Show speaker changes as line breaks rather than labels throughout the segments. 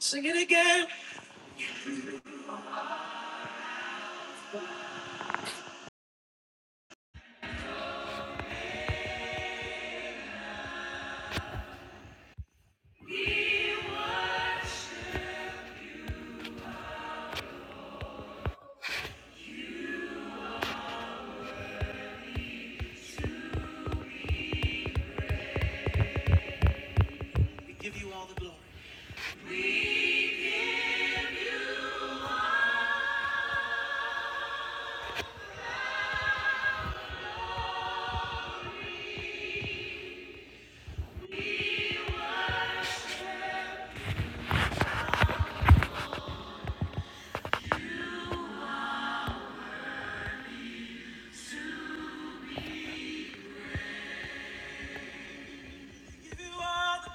Sing it again. We give you all the glory. We give you all the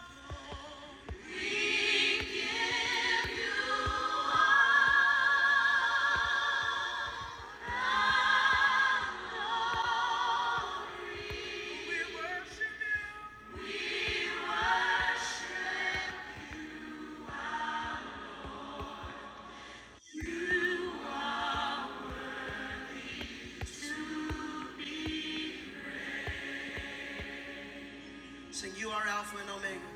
glory. we worship you. Sing you are Alpha and Omega.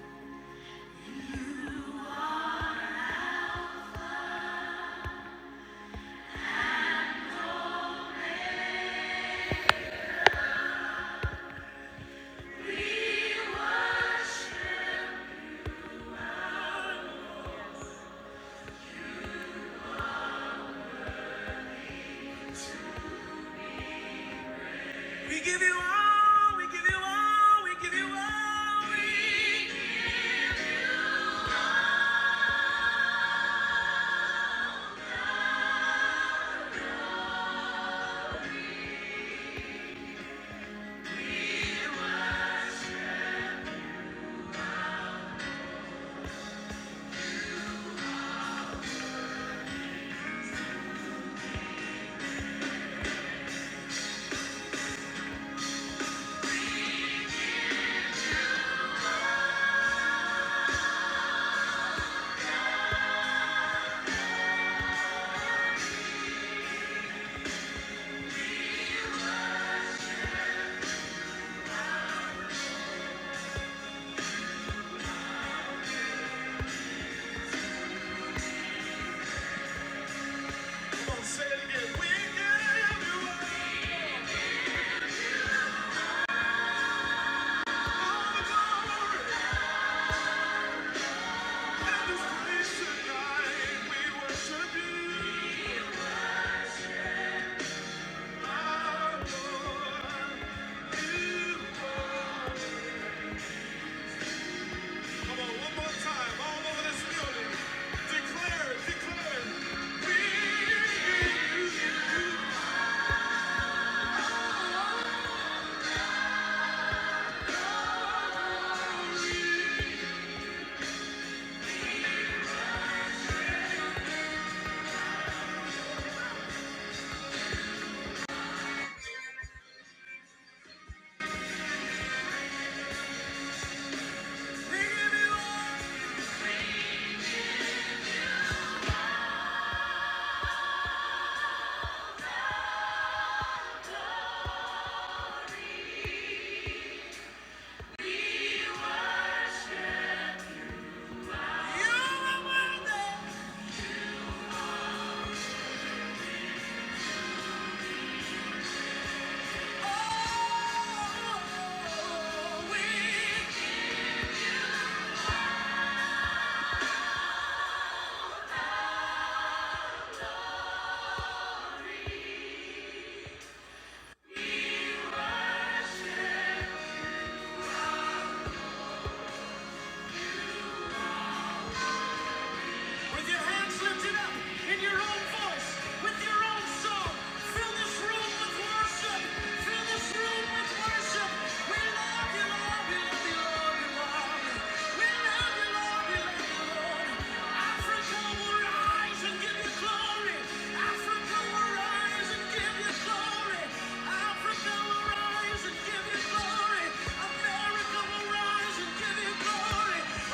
We give you all, we give you all, we give you all. We Come on, say it again. We give you all the glory. And this place tonight, we worship you. Adore you. are. Come on, one more time, all over this building. Declare, declare. We give you, all. You are worthy. Oh, we With your hands lifted up in your own voice, with your own song, fill this room with worship. Fill this room with worship. We love you, Lord. We love you, Lord. We love you. We love you, Lord. We love you, Lord. Africa will rise and give you glory. Africa will rise and give you glory. Africa will rise and give you glory. America will rise and give you glory.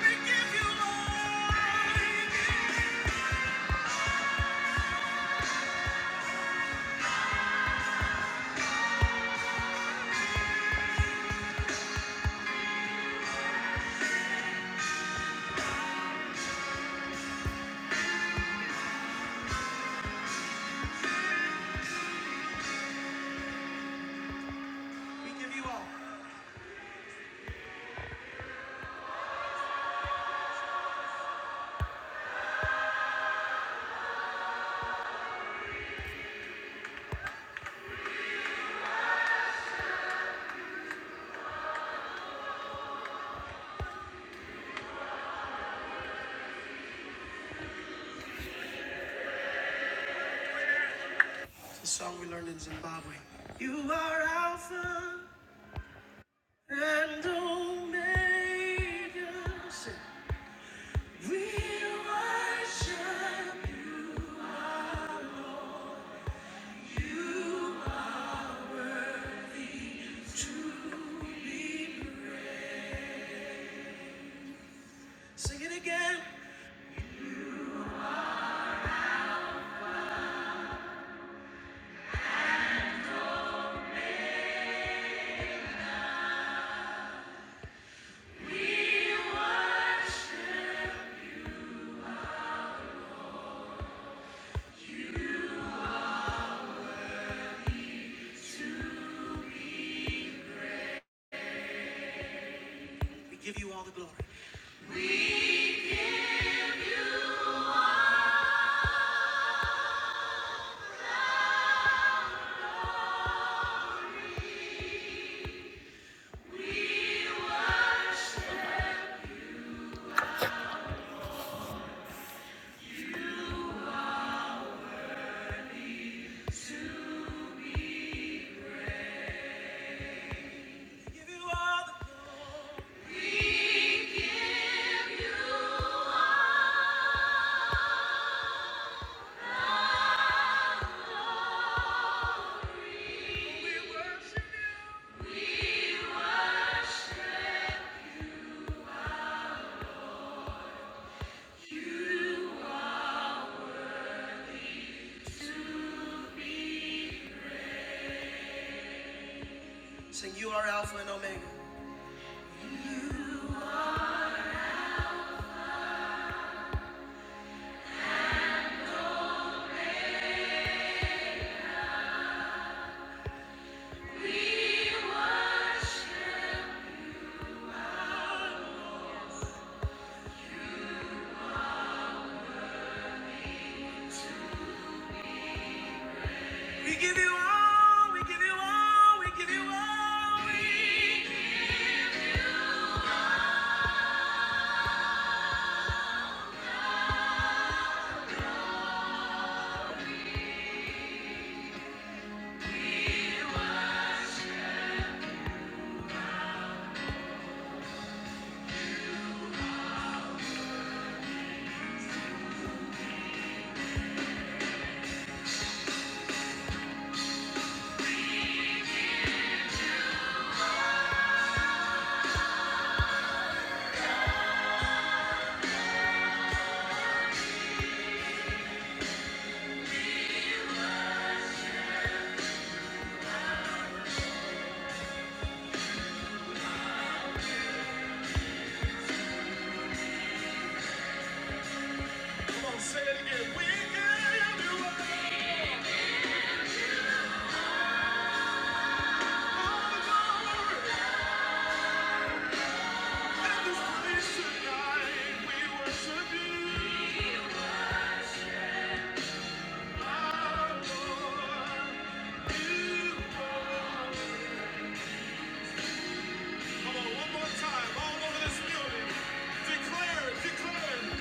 We give you all. We The song we learned in Zimbabwe. You are Alpha and Omega. Sing. We worship. Sing it again. We give you all the glory. We give you all the glory. Sing, you are Alpha and Omega. We give you all, we give you all, we give you all. Come on, say it again. We give you all. At this place tonight, we worship you. One more time, all over this building. Declare, declare.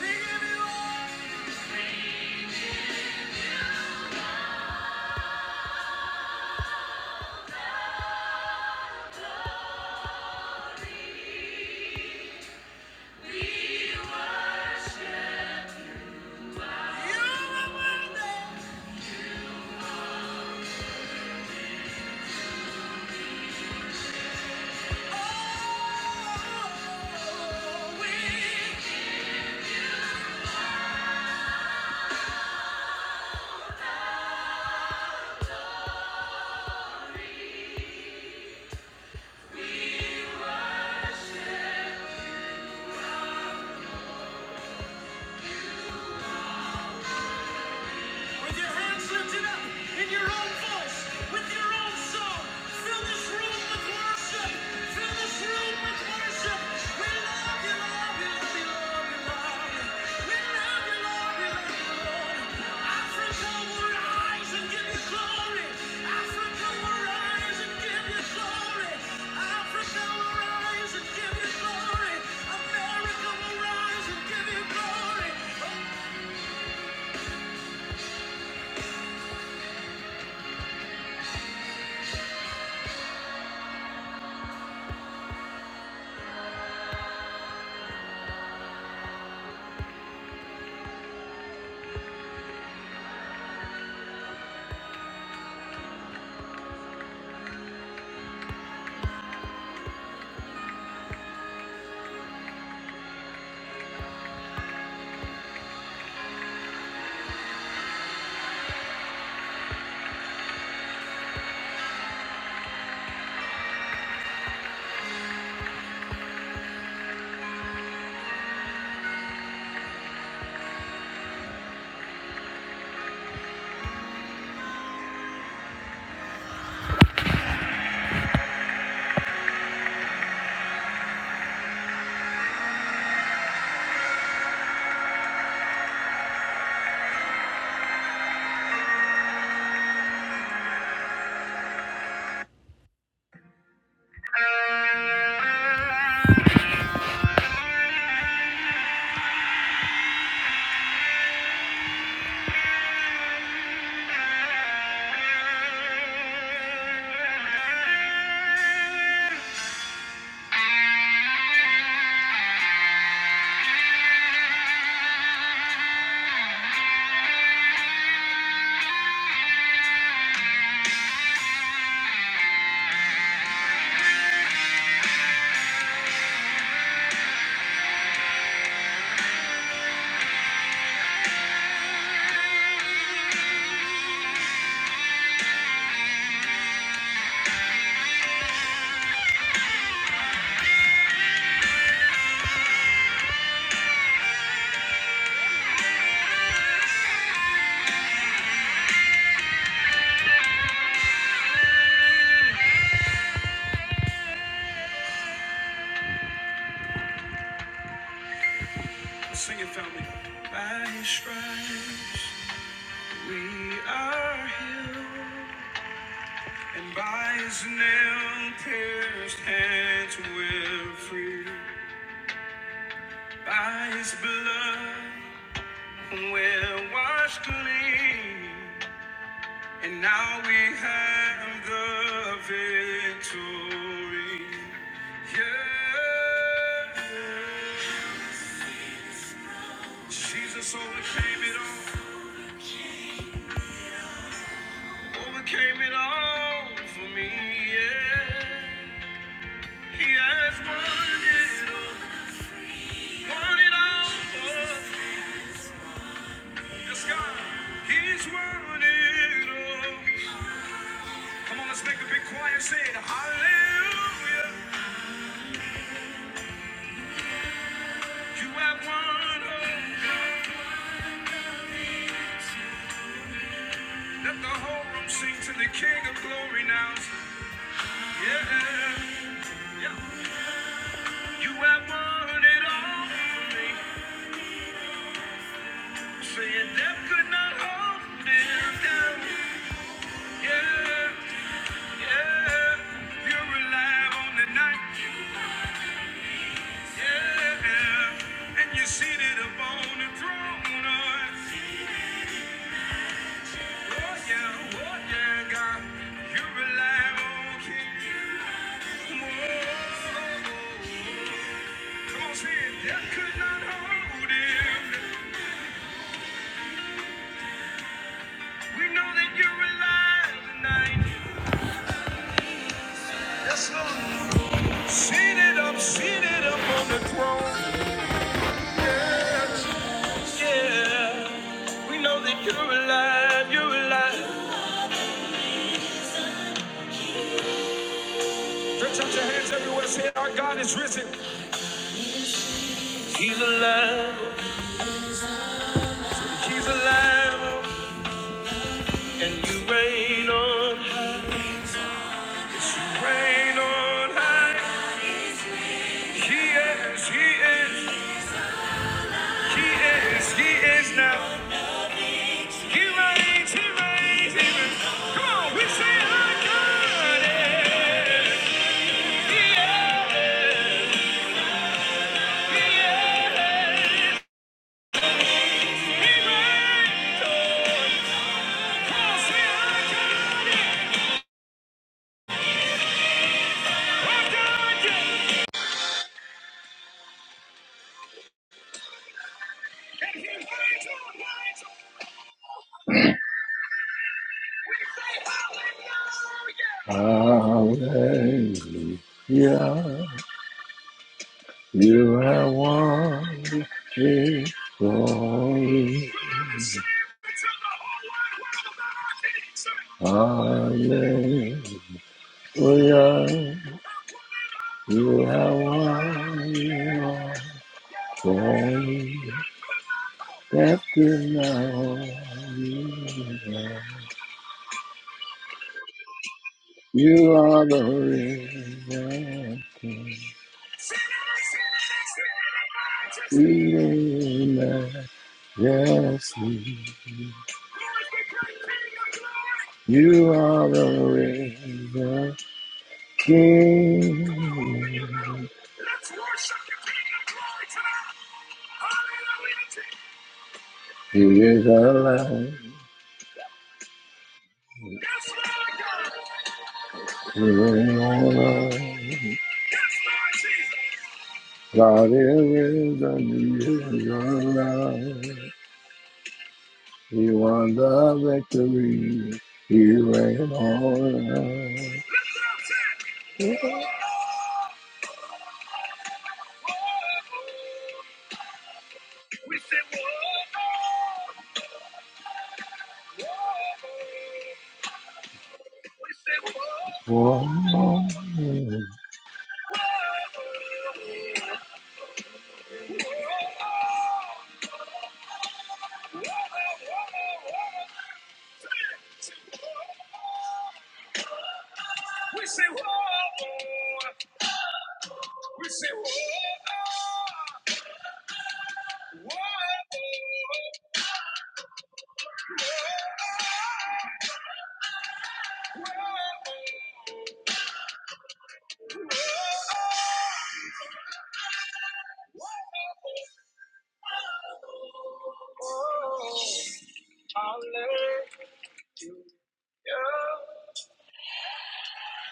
We give you all. You are worthy. Oh, we With your hands lifted up in your own voice, with your own song, fill this room with worship. Fill this room with worship. We love you, love you, love you, love you, love We love you, love you, love you, Lord. Africa will rise and give you glory. Africa will rise and give you glory. Africa will rise and give you glory. America will rise and give you glory. Sing it, family. By his stripes we are healed, and by his nail pierced hands we're free. By his blood we're washed clean, and now we have the victory. Yeah, Jesus overcame it all. Overcame it all for me, yeah. He has won it all, won it all for the sky. He's won it all. Come on, let's make a big choir say it. Hallelujah. You have won all. Let the whole room sing to the King of Glory now. Yeah, yeah. You have won it all for me. Saying death could not hold him down. Yeah. Yeah, You're alive on the night. Yeah. And you're seated upon the throne. Oh, yeah. Oh, yeah, God. You're alive, oh, Oh, Come on, say it. Death could not hold him. We know that you're alive tonight. Seated up, seated up on the throne. Yeah. We know that you're alive, you're alive. Stretch out your hands everywhere. Say, Our God is risen. He's alive. He's alive. And you reign on, reign on high. He is, he is, he is, he is now. He reigns, he reigns, he reigns. Come on, we say, Our God is. Come say, Our God Hallelujah, you have won the glory. Hallelujah. We are, one, you are won for that now. You are the reason we live. Yes, you are the reason. King, He is alive. We God is the reason is He won the victory. He reigns on. One.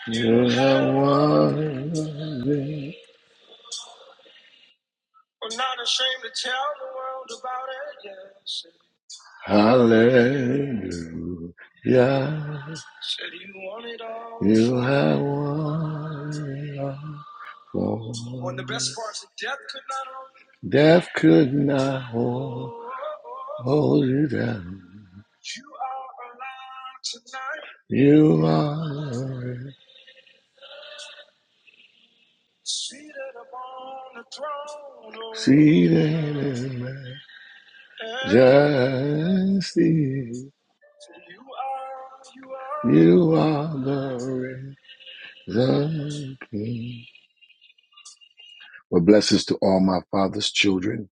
You have won. I'm not ashamed to tell the world about it. Yes. Hallelujah. Said you want it all. You have won. On the best God. parts, of death could not hold you. Death could not hold, Oh, hold you down. You are alive tonight, You are seated upon the throne. Oh, seated in yeah. majesty. You are, you are. You are the risen King. Well, blessings to all my father's children,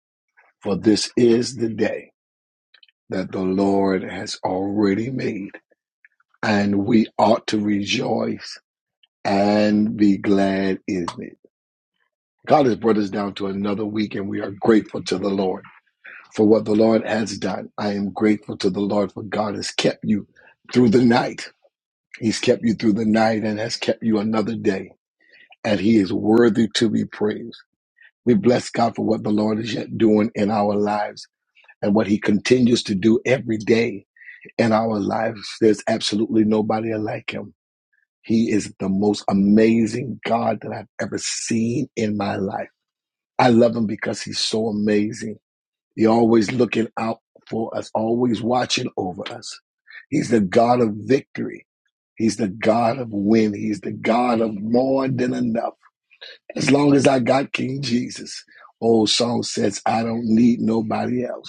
for this is the day. that the Lord has already made, and we ought to rejoice and be glad in it. God has brought us down to another week, and we are grateful to the Lord for what the Lord has done. I am grateful to the Lord for God has kept you through the night. He's kept you through the night and has kept you another day, and He is worthy to be praised. We bless God for what the Lord is yet doing in our lives and what He continues to do every day in our lives, there's absolutely nobody like him. He is the most amazing God that I've ever seen in my life. I love him because he's so amazing. He's always looking out for us, always watching over us. He's the God of victory. He's the God of win. He's the God of more than enough. As long as I got King Jesus, old song says, I don't need nobody else.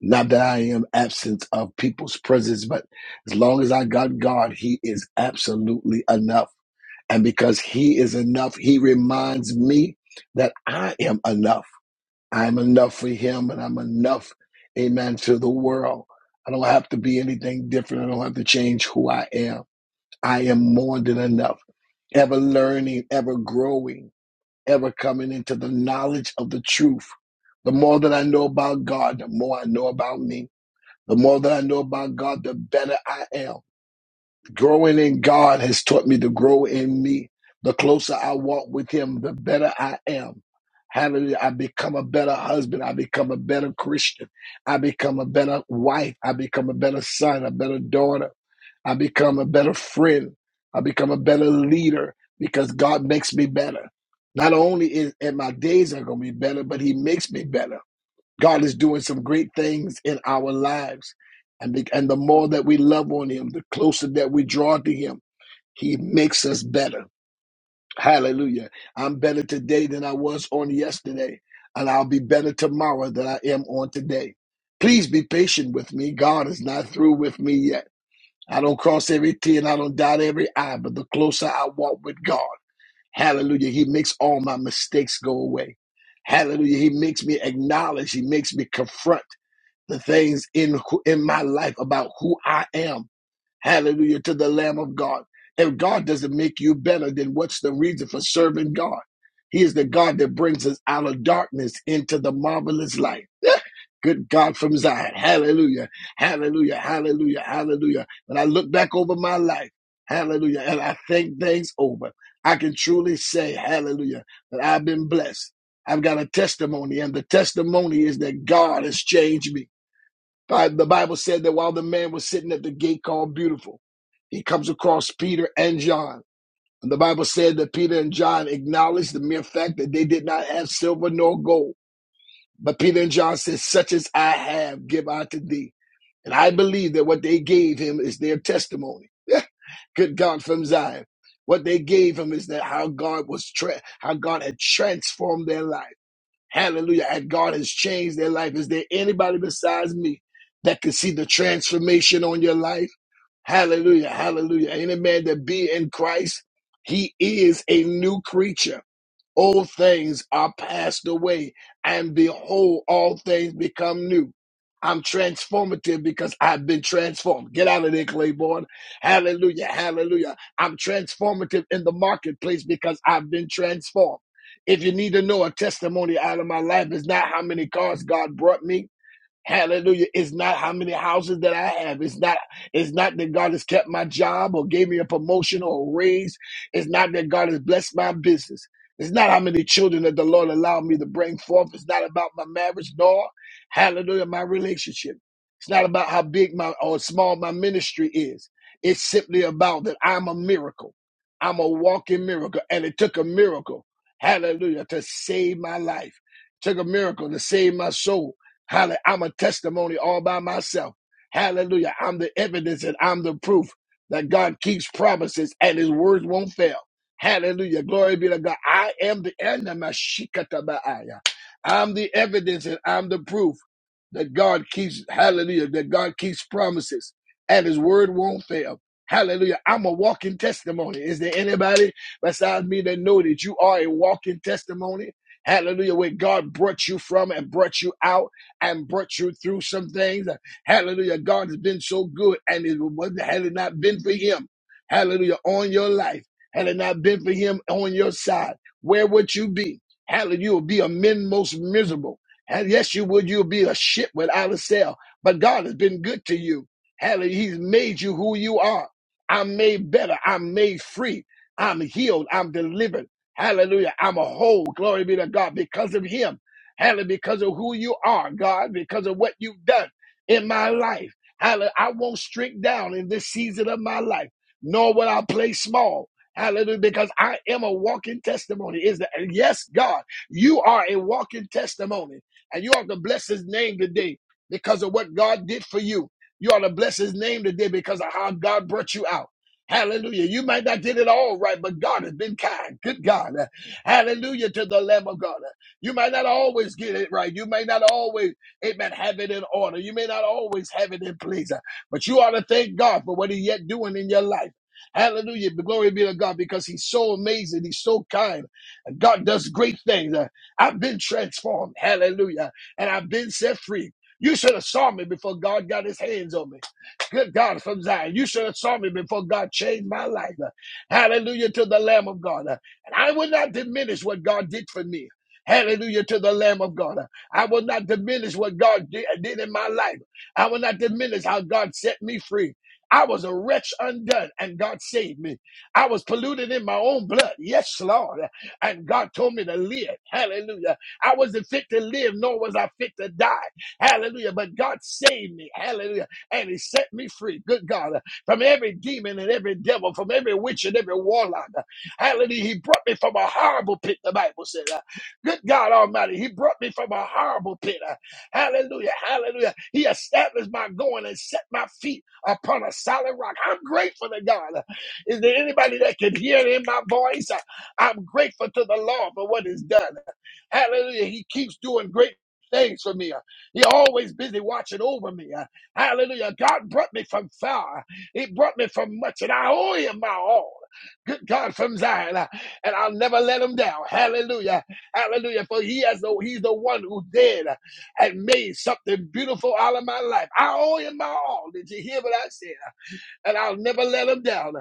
Not that I am absent of people's presence, but as long as I got God, He is absolutely enough. And because He is enough, He reminds me that I am enough. I'm enough for Him and I'm enough, amen, to the world. I don't have to be anything different. I don't have to change who I am. I am more than enough, ever learning, ever growing, ever coming into the knowledge of the truth. The more that I know about God, the more I know about me the more that I know about God, the better I am. Growing in God has taught me to grow in me. The closer I walk with Him, the better I am. Hallelujah. I become a better husband. I become a better Christian. I become a better wife. I become a better son, a better daughter. I become a better friend. I become a better leader because God makes me better. Not only is and my days are going to be better, but He makes me better. God is doing some great things in our lives. And the, and the more that we love on Him, the closer that we draw to Him, He makes us better. Hallelujah. I'm better today than I was on yesterday, and I'll be better tomorrow than I am on today. Please be patient with me. God is not through with me yet. I don't cross every T and I don't dot every I, but the closer I walk with God, hallelujah, He makes all my mistakes go away. Hallelujah. He makes me acknowledge, He makes me confront the things in in my life about who I am. Hallelujah to the Lamb of God. If God doesn't make you better, then what's the reason for serving God? He is the God that brings us out of darkness into the marvelous light. Good God from Zion. Hallelujah. Hallelujah. Hallelujah. Hallelujah. When I look back over my life, hallelujah, and I think things over, I can truly say, hallelujah, that I've been blessed. I've got a testimony, and the testimony is that God has changed me. Bi- The Bible said that while the man was sitting at the gate called Beautiful, he comes across Peter and John. And the Bible said that Peter and John acknowledged the mere fact that they did not have silver nor gold. But Peter and John said, Such as I have, give I to thee. And I believe that what they gave him is their testimony. Good God from Zion. What they gave him is that how God was, tra- how God had transformed their life. Hallelujah. And God has changed their life. Is there anybody besides me that can see the transformation on your life? Hallelujah. Hallelujah. Any man that be in Christ, he is a new creature. Old things are passed away, and behold, all things become new. I'm transformative because I've been transformed. Get out of there, Claiborne. Hallelujah, hallelujah. I'm transformative in the marketplace because I've been transformed. If you need to know a testimony out of my life, it's not how many cars God brought me, Hallelujah. It's not how many houses that I have. It's not, it's not that God has kept my job or gave me a promotion or a raise. It's not that God has blessed my business. It's not how many children that the Lord allowed me to bring forth. It's not about my marriage, nor hallelujah, my relationship. It's not about how big my or small my ministry is. It's simply about that I'm a miracle. I'm a walking miracle. And it took a miracle, hallelujah, to save my life. took a miracle to save my soul Hallelujah. I'm a testimony all by myself. Hallelujah. I'm the evidence and I'm the proof that God keeps promises and his words won't fail. Hallelujah. Glory be to God. I am the end of my shikata ba'aya. I'm the evidence and I'm the proof that God keeps, hallelujah, that God keeps promises and his word won't fail. Hallelujah. I'm a walking testimony. Is there anybody besides me that know that you are a walking testimony? Hallelujah, where God brought you from and brought you out and brought you through some things. Hallelujah. God has been so good and it was had it not been for him. Hallelujah. On your life. Had it not been for him on your side, where would you be? Hallelujah. You would be a men most miserable. And yes, you would. You'll be a ship without a sail. But God has been good to you. Hallelujah. He's made you who you are. I'm made better. I'm made free. I'm healed. I'm delivered. Hallelujah. I'm a whole. Glory be to God because of Him. Hallelujah. Because of who you are, God, because of what you've done in my life. Hallelujah. I won't shrink down in this season of my life, nor will I play small. Hallelujah. Because I am a walking testimony. Is that yes, God, you are a walking testimony. And you ought to bless his name today because of what God did for you. You ought to bless his name today because of how God brought you out. Hallelujah. You might not did it all right, but God has been kind. Good God. Hallelujah to the Lamb of God. You might not always get it right. You may not always, amen, have it in order. You may not always have it in place. But you ought to thank God for what He yet doing in your life. Hallelujah. Glory be to God because He's so amazing. He's so kind. And God does great things. I've been transformed. Hallelujah. And I've been set free. You should have saw me before God got his hands on me. Good God from Zion. You should have saw me before God changed my life. Hallelujah to the Lamb of God. And I will not diminish what God did for me. Hallelujah to the Lamb of God. I will not diminish what God did, did in my life. I will not diminish how God set me free. I was a wretch undone and God saved me. I was polluted in my own blood. Yes, Lord and God told me to live. Hallelujah. I wasn't fit to live, nor was I fit to die. Hallelujah. But God saved me. Hallelujah. And He set me free. Good God. From every demon and every devil, from every witch and every warlock. Hallelujah. He brought me from a horrible pit, the Bible said. Uh, Good God Almighty. He brought me from a horrible pit. Uh, Hallelujah. Hallelujah. He established my going and set my feet upon a solid rock. I'm grateful to God. Is there anybody that can hear it in my voice? I'm grateful to the Lord for what He's done. Hallelujah. He keeps doing great things for me. He always busy watching over me. Hallelujah. God brought me from far. He brought me from much, and I owe him my all. Good God from Zion. And I'll never let him down. Hallelujah. Hallelujah. For he has the he's the one who did and made something beautiful out of my life. I owe him my all. Did you hear what I said? and I'll never let him down.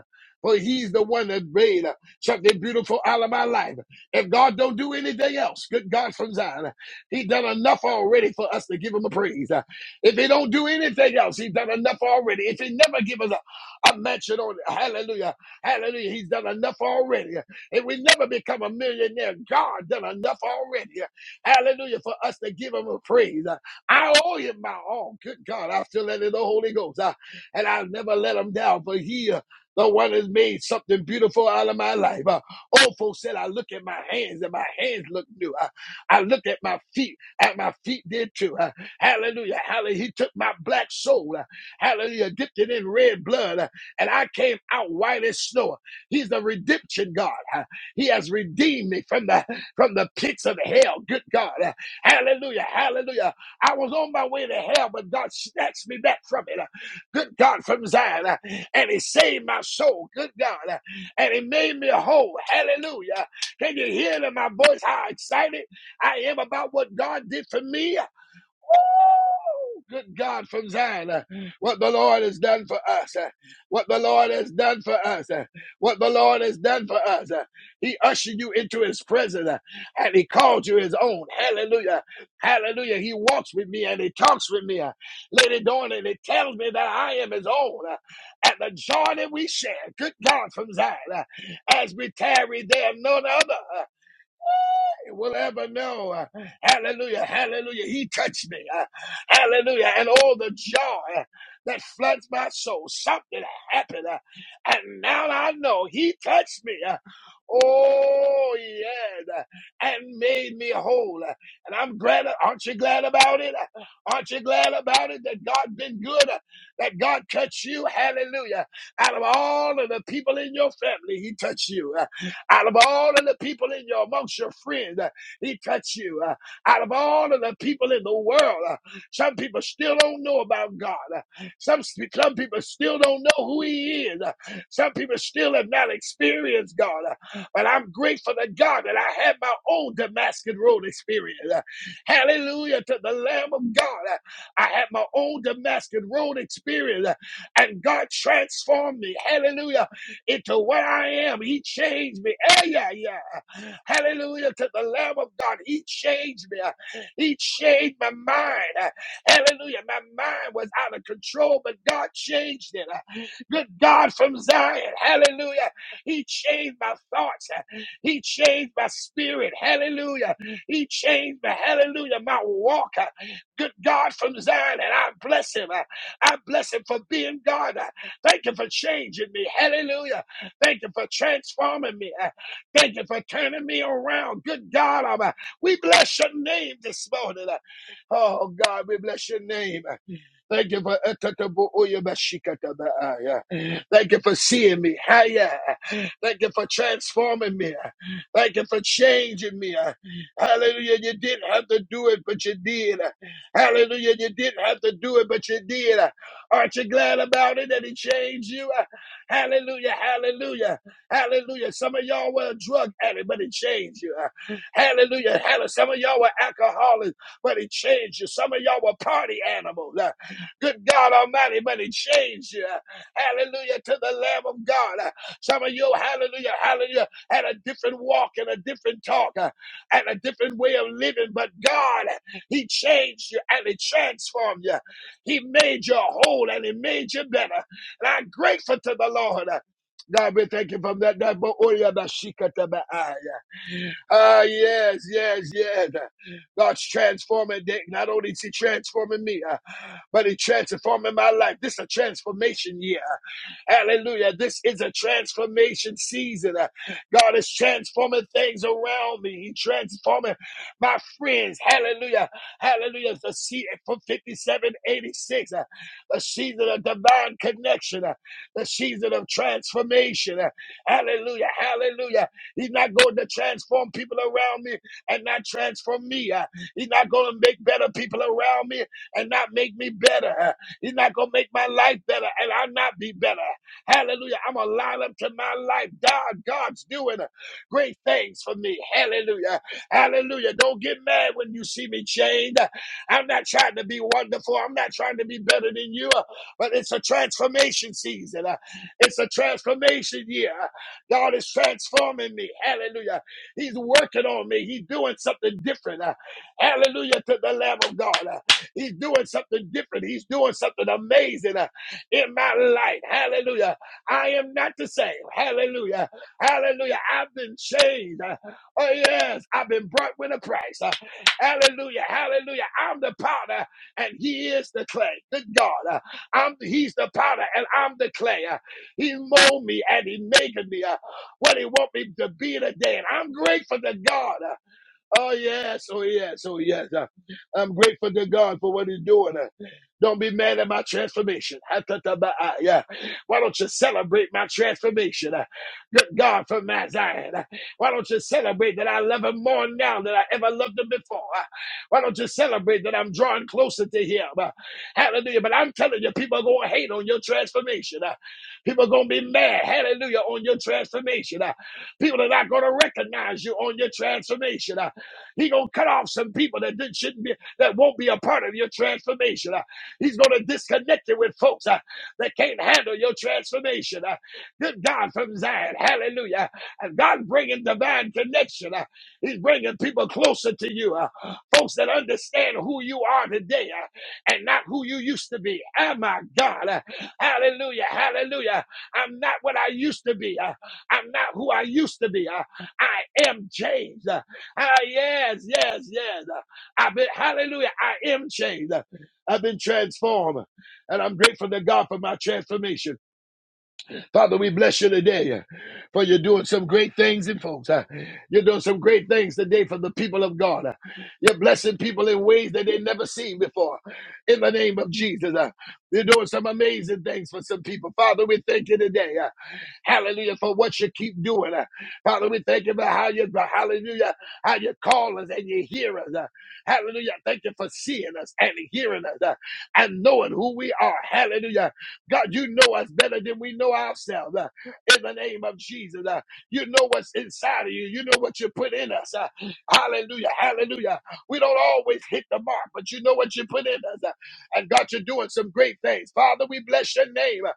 For he's the one that made uh, something beautiful out of my life. If God don't do anything else, good God from Zion, uh, he done enough already for us to give him a praise. Uh, If he don't do anything else, he done enough already. If he never give us a, a mansion on it, hallelujah, hallelujah, he's done enough already. Uh, If we never become a millionaire, God done enough already. Uh, Hallelujah, for us to give him a praise. Uh, I owe him my all. Good God, I feel that in the Holy Ghost. Uh, and I'll never let him down. For he, uh, the one has made something beautiful out of my life. Uh, old folks said, I look at my hands and my hands look new. Uh, I look at my feet and my feet did too. Uh, hallelujah. Hallelujah. He took my black soul. Uh, hallelujah. Dipped it in red blood uh, and I came out white as snow. uh. He's the redemption God. Uh, he has redeemed me from the, from the pits of hell. Good God. Uh, hallelujah. Hallelujah. I was on my way to hell, but God snatched me back from it. Uh, good God, from Zion. uh, And he saved my soul, good God. uh, And he made me whole. Hallelujah. Can you hear it in my voice how excited I am about what God did for me? Woo! Good God from Zion, uh, what the Lord has done for us, uh, what the Lord has done for us, uh, what the Lord has done for us. uh, He ushered you into his presence uh, and he called you his own. Hallelujah. Hallelujah. He walks with me and he talks with me. uh, Lady Dawn, and he tells me that I am his own. uh, And the joy that we share, good God from Zion, uh, as we tarry, there, none other. uh, will ever know. Uh, Hallelujah. Hallelujah. He touched me. Uh, Hallelujah. And all the joy uh, that floods my soul. Something happened. uh, And now I know he touched me. Uh, Oh, yes. Uh, And made me whole. Uh, And I'm glad. Aren't you glad about it? Uh, Aren't you glad about it that God has been good? Uh, That God touched you? Hallelujah. Out of all of the people in your family, he touched you. uh, out of all of the people in your amongst your friends, uh, he touched you. Uh, out of all of the people in the world, uh, some people still don't know about God. Uh, some some people still don't know who He is. Uh, some people still have not experienced God. Uh, but I'm grateful to God that I had my own Damascus Road experience. Uh, hallelujah to the Lamb of God. Uh, I had my own Damascus Road experience, uh, and God transformed me. Hallelujah into what I am. He changed me. Eh, yeah, yeah. Hallelujah to the Lamb of God. He changed me. He changed my mind. Hallelujah. My mind was out of control, but God changed it. Good God from Zion. Hallelujah. He changed my thoughts. He changed my spirit. Hallelujah. He changed my hallelujah, my walk. Good God from Zion. And I bless him. I bless him for being God. Thank you for changing me. Hallelujah. Thank you for transforming me. Uh, Thank you for turning me around. Good God, I'm, uh, we bless your name this morning. Uh, Oh God, we bless your name. Uh, Thank you for Thank you for seeing me. Hiya. Thank you for transforming me. Thank you for changing me. Hallelujah. You didn't have to do it, but you did. Hallelujah. You didn't have to do it, but you did. Aren't you glad about it that he changed you? Uh, Hallelujah, hallelujah, hallelujah. Some of y'all were a drug addict, but it changed you. Uh, Hallelujah, hallelujah. Some of y'all were alcoholics, but it changed you. Some of y'all were party animals. Uh, Good God Almighty, but it changed you. Uh, Hallelujah to the Lamb of God. Uh, Some of you, hallelujah, hallelujah, had a different walk and a different talk uh, and a different way of living, but God, He changed you and He transformed you. He made you whole and he made you better. And I'm grateful to the Lord. God, we thank you from that. that bo- oh, yeah, ba- shika ta ba- ah, yeah. Ah, yes, yes, yes. God's transforming. day. Not only is He transforming me, uh, but He transforming my life. This is a transformation year. Hallelujah. This is a transformation season. Uh, God is transforming things around me. He transforming my friends. Hallelujah. Hallelujah. The season from 5786. Uh, the season of divine connection. Uh, the season of transformation. Uh, hallelujah. Hallelujah. He's not going to transform people around me and not transform me. Uh, he's not going to make better people around me and not make me better. Uh, He's not gonna make my life better, and I'll not be better. Hallelujah. I'm going to line up to my life. God, God's doing great things for me. Hallelujah. Hallelujah. Don't get mad when you see me chained. I'm not trying to be wonderful. I'm not trying to be better than you, but it's a transformation season. It's a transformation year. God is transforming me. Hallelujah. He's working on me. He's doing something different. Hallelujah to the Lamb of God. He's doing something different. He's doing something amazing in my life. Hallelujah. I am not the same. Hallelujah. Hallelujah. I've been changed. Oh, yes. I've been brought with a price. Hallelujah. Hallelujah. I'm the powder and he is the clay. Good God. Uh, I'm he's the powder and I'm the clay. Uh, He molded me and he made me uh, what he want me to be today. And I'm grateful to God. Uh, Oh yes, oh yes, oh yes. Uh, I'm grateful to God for what He's doing. Uh, Don't be mad at my transformation. Ha-ta-ta-ba-ah, Yeah. Why don't you celebrate my transformation? Uh, Good God from Mount Zion. Uh, Why don't you celebrate that I love Him more now than I ever loved Him before? Uh, Why don't you celebrate that I'm drawing closer to Him? Uh, Hallelujah. But I'm telling you, people are going to hate on your transformation. Uh, People are going to be mad. Hallelujah on your transformation. Uh, People are not going to recognize you on your transformation. Uh, he gonna cut off some people that didn't, shouldn't be, that won't be a part of your transformation. Uh, He's gonna disconnect you with folks uh, that can't handle your transformation. Uh, Good God from Zion, Hallelujah! And God bringing divine connection. Uh, He's bringing people closer to you. Uh, folks that understand who you are today uh, and not who you used to be. Oh my God. Uh, hallelujah. Hallelujah. I'm not what I used to be. Uh, I'm not who I used to be. Uh, I am changed. Uh, Ah, yes, yes, yes. I've been, hallelujah, I am changed. I've been transformed. And I'm grateful to God for my transformation. Father, we bless you today uh, for you're doing some great things in folks. huh? You're doing some great things today for the people of God. huh? You're blessing people in ways that they never seen before. In the name of Jesus, huh? you're doing some amazing things for some people. Father, we thank you today. huh? Hallelujah for what you keep doing. uh. Father, we thank you for how you, for hallelujah, how you call us and you hear us. uh. Hallelujah. Thank you for seeing us and hearing us uh, and knowing who we are. Hallelujah. God, you know us better than we know ourselves. uh, in the name of Jesus, uh, you know what's inside of you. You know what you put in us. uh, hallelujah. Hallelujah. We don't always hit the mark, but you know what you put in us. uh, and God, you're doing some great things. Father, we bless your name. uh,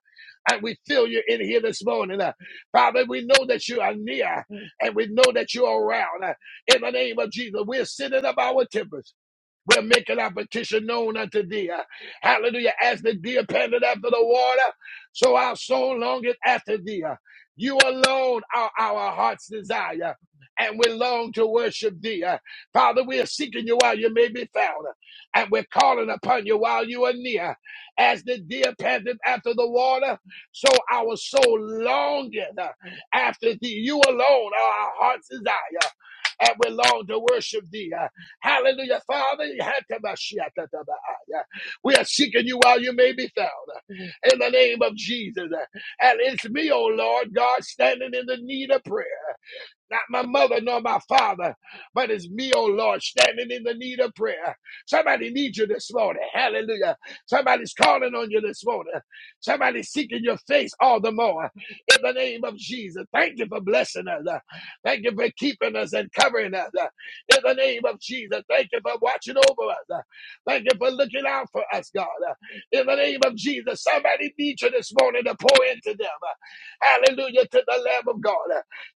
and we feel you in here this morning. uh, Father, we know that you are near and we know that you are around. uh, in the name of Jesus, we're sitting up our tempers. We're making our petition known unto thee. Uh, Hallelujah. As the deer panted after the water, so our soul longeth after thee. Uh, You alone are our heart's desire, and we long to worship thee. Uh, Father, we are seeking you while you may be found, uh, and we're calling upon you while you are near. As the deer panteth after the water, so our soul longeth uh, after thee. You alone are our heart's desire, and we long to worship thee. Uh, Hallelujah, Father. Yatabashiatatabaya. We are seeking you while you may be found. In the name of Jesus. And it's me, oh Lord God, standing in the need of prayer. Not my mother nor my father, but it's me, oh Lord, standing in the need of prayer. Somebody needs you this morning. Hallelujah. Somebody's calling on you this morning. Somebody's seeking your face all the more. In the name of Jesus, thank you for blessing us. Thank you for keeping us and covering us. In the name of Jesus, thank you for watching over us. Thank you for looking out for us, God. In the name of Jesus, somebody needs you this morning to pour into them. Hallelujah to the Lamb of God.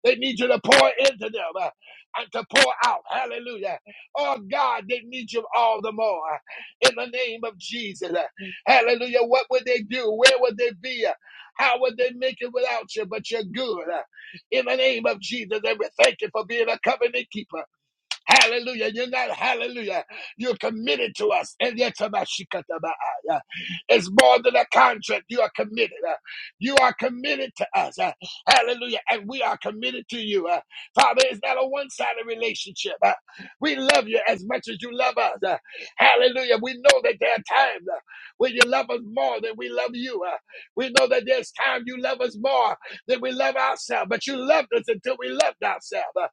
They need you to pour into them uh, and to pour out. Hallelujah. Oh God, they need you all the more. uh, In the name of Jesus. Uh, Hallelujah. What would they do? Where would they be? Uh, How would they make it without you? But you're good. Uh, In the name of Jesus, and we thank you for being a covenant keeper. Hallelujah. You're not, hallelujah. You're committed to us. And yet, Tabashikatabaaya. it's more than a contract. You are committed. Uh, You are committed to us. Uh, Hallelujah. And we are committed to you. Uh, Father, it's not a one sided relationship. Uh, We love you as much as you love us. Uh, Hallelujah. We know that there are times uh, when you love us more than we love you. Uh, We know that there's time you love us more than we love ourselves. But you loved us until we loved ourselves. Uh,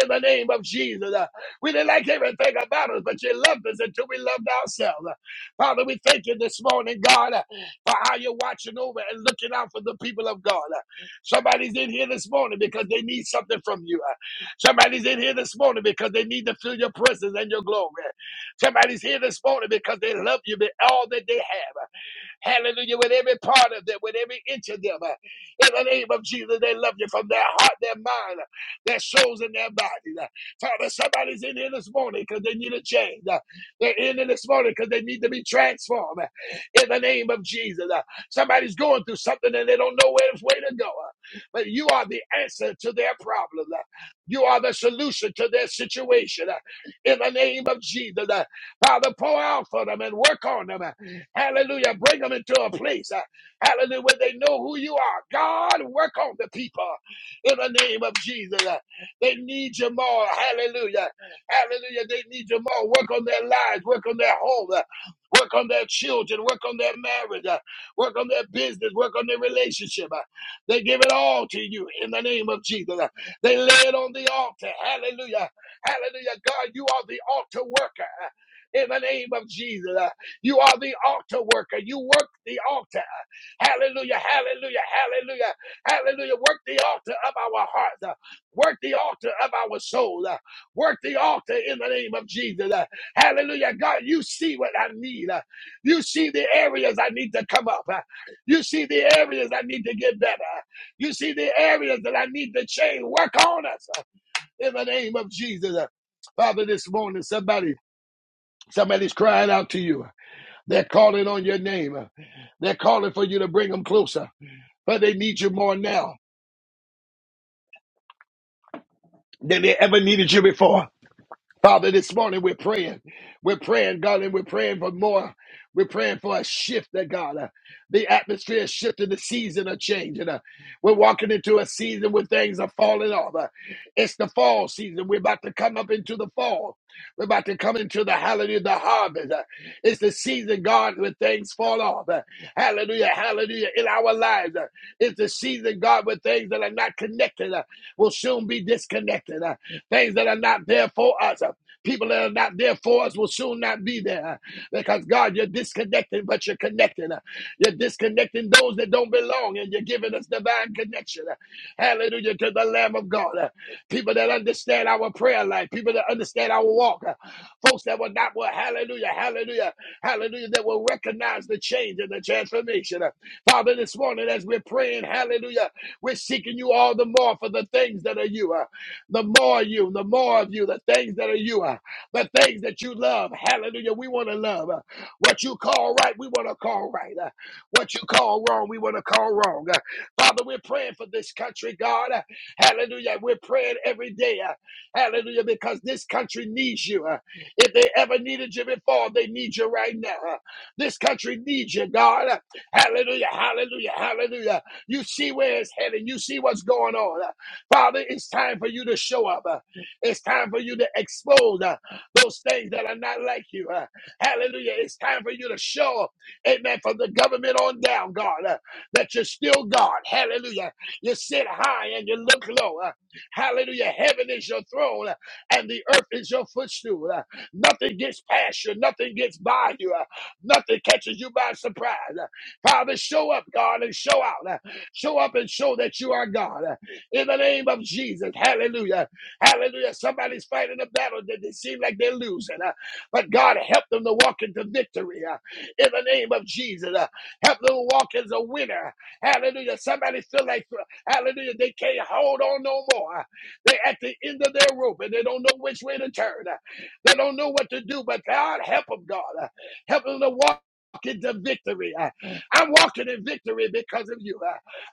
in the name of Jesus. Uh, we didn't like everything about us, but you loved us until we loved ourselves. Father, we thank you this morning, God, for how you're watching over and looking out for the people of God. Somebody's in here this morning because they need something from you. Somebody's in here this morning because they need to feel your presence and your glory. Somebody's here this morning because they love you with all that they have. Hallelujah. With every part of them, with every inch of them. uh, In the name of Jesus, they love you from their heart, their mind, uh, their souls, and their bodies. uh. Father, somebody's in here this morning because they need a change. uh. They're in here this morning because they need to be transformed. uh, In the name of Jesus. uh. Somebody's going through something and they don't know where way to go. uh. But you are the answer to their problem. uh. You are the solution to their situation. uh, In the name of Jesus. uh. Father, pour out for them and work on them. uh. Hallelujah. Bring them into a place. uh, Hallelujah. Where they know who you are. God, work on the people in the name of Jesus. Uh, They need you more. Hallelujah. Hallelujah. They need you more. Work on their lives. Work on their home. uh, Work on their children. Work on their marriage. uh, Work on their business. Work on their relationship. uh, They give it all to you in the name of Jesus. Uh, They lay it on the altar. Hallelujah. Hallelujah. God, you are the altar worker. uh, In the name of Jesus. Uh, you are the altar worker. You work the altar. Hallelujah, hallelujah, hallelujah, hallelujah. Work the altar of our hearts. uh, Work the altar of our soul. uh, Work the altar in the name of Jesus. uh, Hallelujah. God, you see what I need. uh, You see the areas I need to come up. uh, You see the areas I need to get better. uh, You see the areas that I need to change. Work on us uh, in the name of Jesus. uh. Father, this morning, somebody, somebody's crying out to you. They're calling on your name. They're calling for you to bring them closer, but they need you more now than they ever needed you before. Father, this morning we're praying. We're praying, God, and we're praying for more. We're praying for a shift, that God. uh, the atmosphere is shifting, the season are changing. uh, we're walking into a season where things are falling off. uh, it's the fall season. We're about to come up into the fall. We're about to come into the hallelujah, the harvest. uh, it's the season, God, when things fall off. uh, hallelujah, hallelujah, in our lives. uh, it's the season, God, with things that are not connected. Uh, will soon be disconnected. Uh, Things that are not there for us, uh, people that are not there for us will soon not be there uh, because God, you're disconnecting, but you're connecting. uh, You're disconnecting those that don't belong, and you're giving us divine connection. uh, Hallelujah to the Lamb of God. uh, People that understand our prayer life, people that understand our walk, uh, folks that will not, well, hallelujah, hallelujah, hallelujah, that will recognize the change and the transformation. uh, Father, this morning as we're praying, hallelujah. We're seeking you all the more for the things that are you. uh, the more you, the more of you, the things that are you. uh, the things that you love. Hallelujah. We want to love. uh, what you call right, we want to call right. uh, what you call wrong, we want to call wrong. uh. Father, we're praying for this country, God. uh, hallelujah. We're praying every day. uh, hallelujah. Because this country needs you. uh, if they ever needed you before, they need you right now. uh. this country needs you, God. uh, hallelujah. Hallelujah. Hallelujah. You see where it's heading. You see what's going on. Uh, Father, it's time for you to show up. Uh, It's time for you to expose uh, those things that are not like you. Uh, Hallelujah. It's time for you to show, amen, from the government on down, God, uh, that you're still God. Hallelujah. You sit high and you look low. Uh, Hallelujah. Heaven is your throne uh, and the earth is your footstool. Uh, Nothing gets past you. Nothing gets by you. Uh, Nothing catches you by surprise. Uh, Father, show up, God, and show out. Show up and show that you are God. In the name of Jesus. Hallelujah. Hallelujah. Somebody's fighting a battle that they seem like they're losing. uh, But God help them to walk into victory. uh, In the name of Jesus. Uh, Help them walk as a winner. Hallelujah. Somebody feel like hallelujah. They can't hold on no more. They're at the end of their rope and they don't know which way to turn. They don't know what to do, but God help them, God. Help them to walk. Into victory. I'm walking in victory because of you.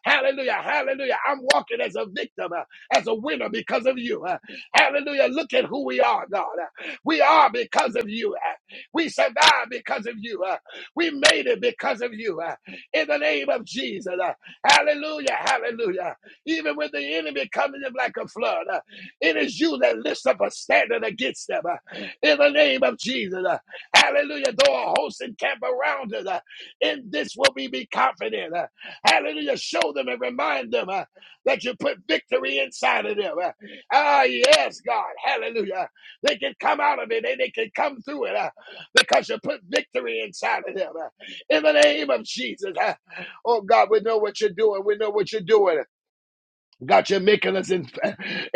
Hallelujah. Hallelujah. I'm walking as a victim, uh, as a winner because of you. uh, Hallelujah. Look at who we are, God. uh, We are because of you. uh, We survived because of you. uh, We made it because of you. uh, In the name of Jesus. uh, Hallelujah. Hallelujah. Even when the enemy comes in like a flood, uh, it is you that lifts up a standard against them. uh, In the name of Jesus. uh, Hallelujah. Though a host encamp around us, uh, in this will we be confident. uh, Hallelujah. Show them and remind them uh, that you put victory inside of them. Uh, Ah, yes, God. Hallelujah. They can come out of it and they can come through it uh, because you put victory inside of them. Uh, in the name of Jesus. uh, oh, God, we know what you're doing. We know what you're doing. God, you're making us in-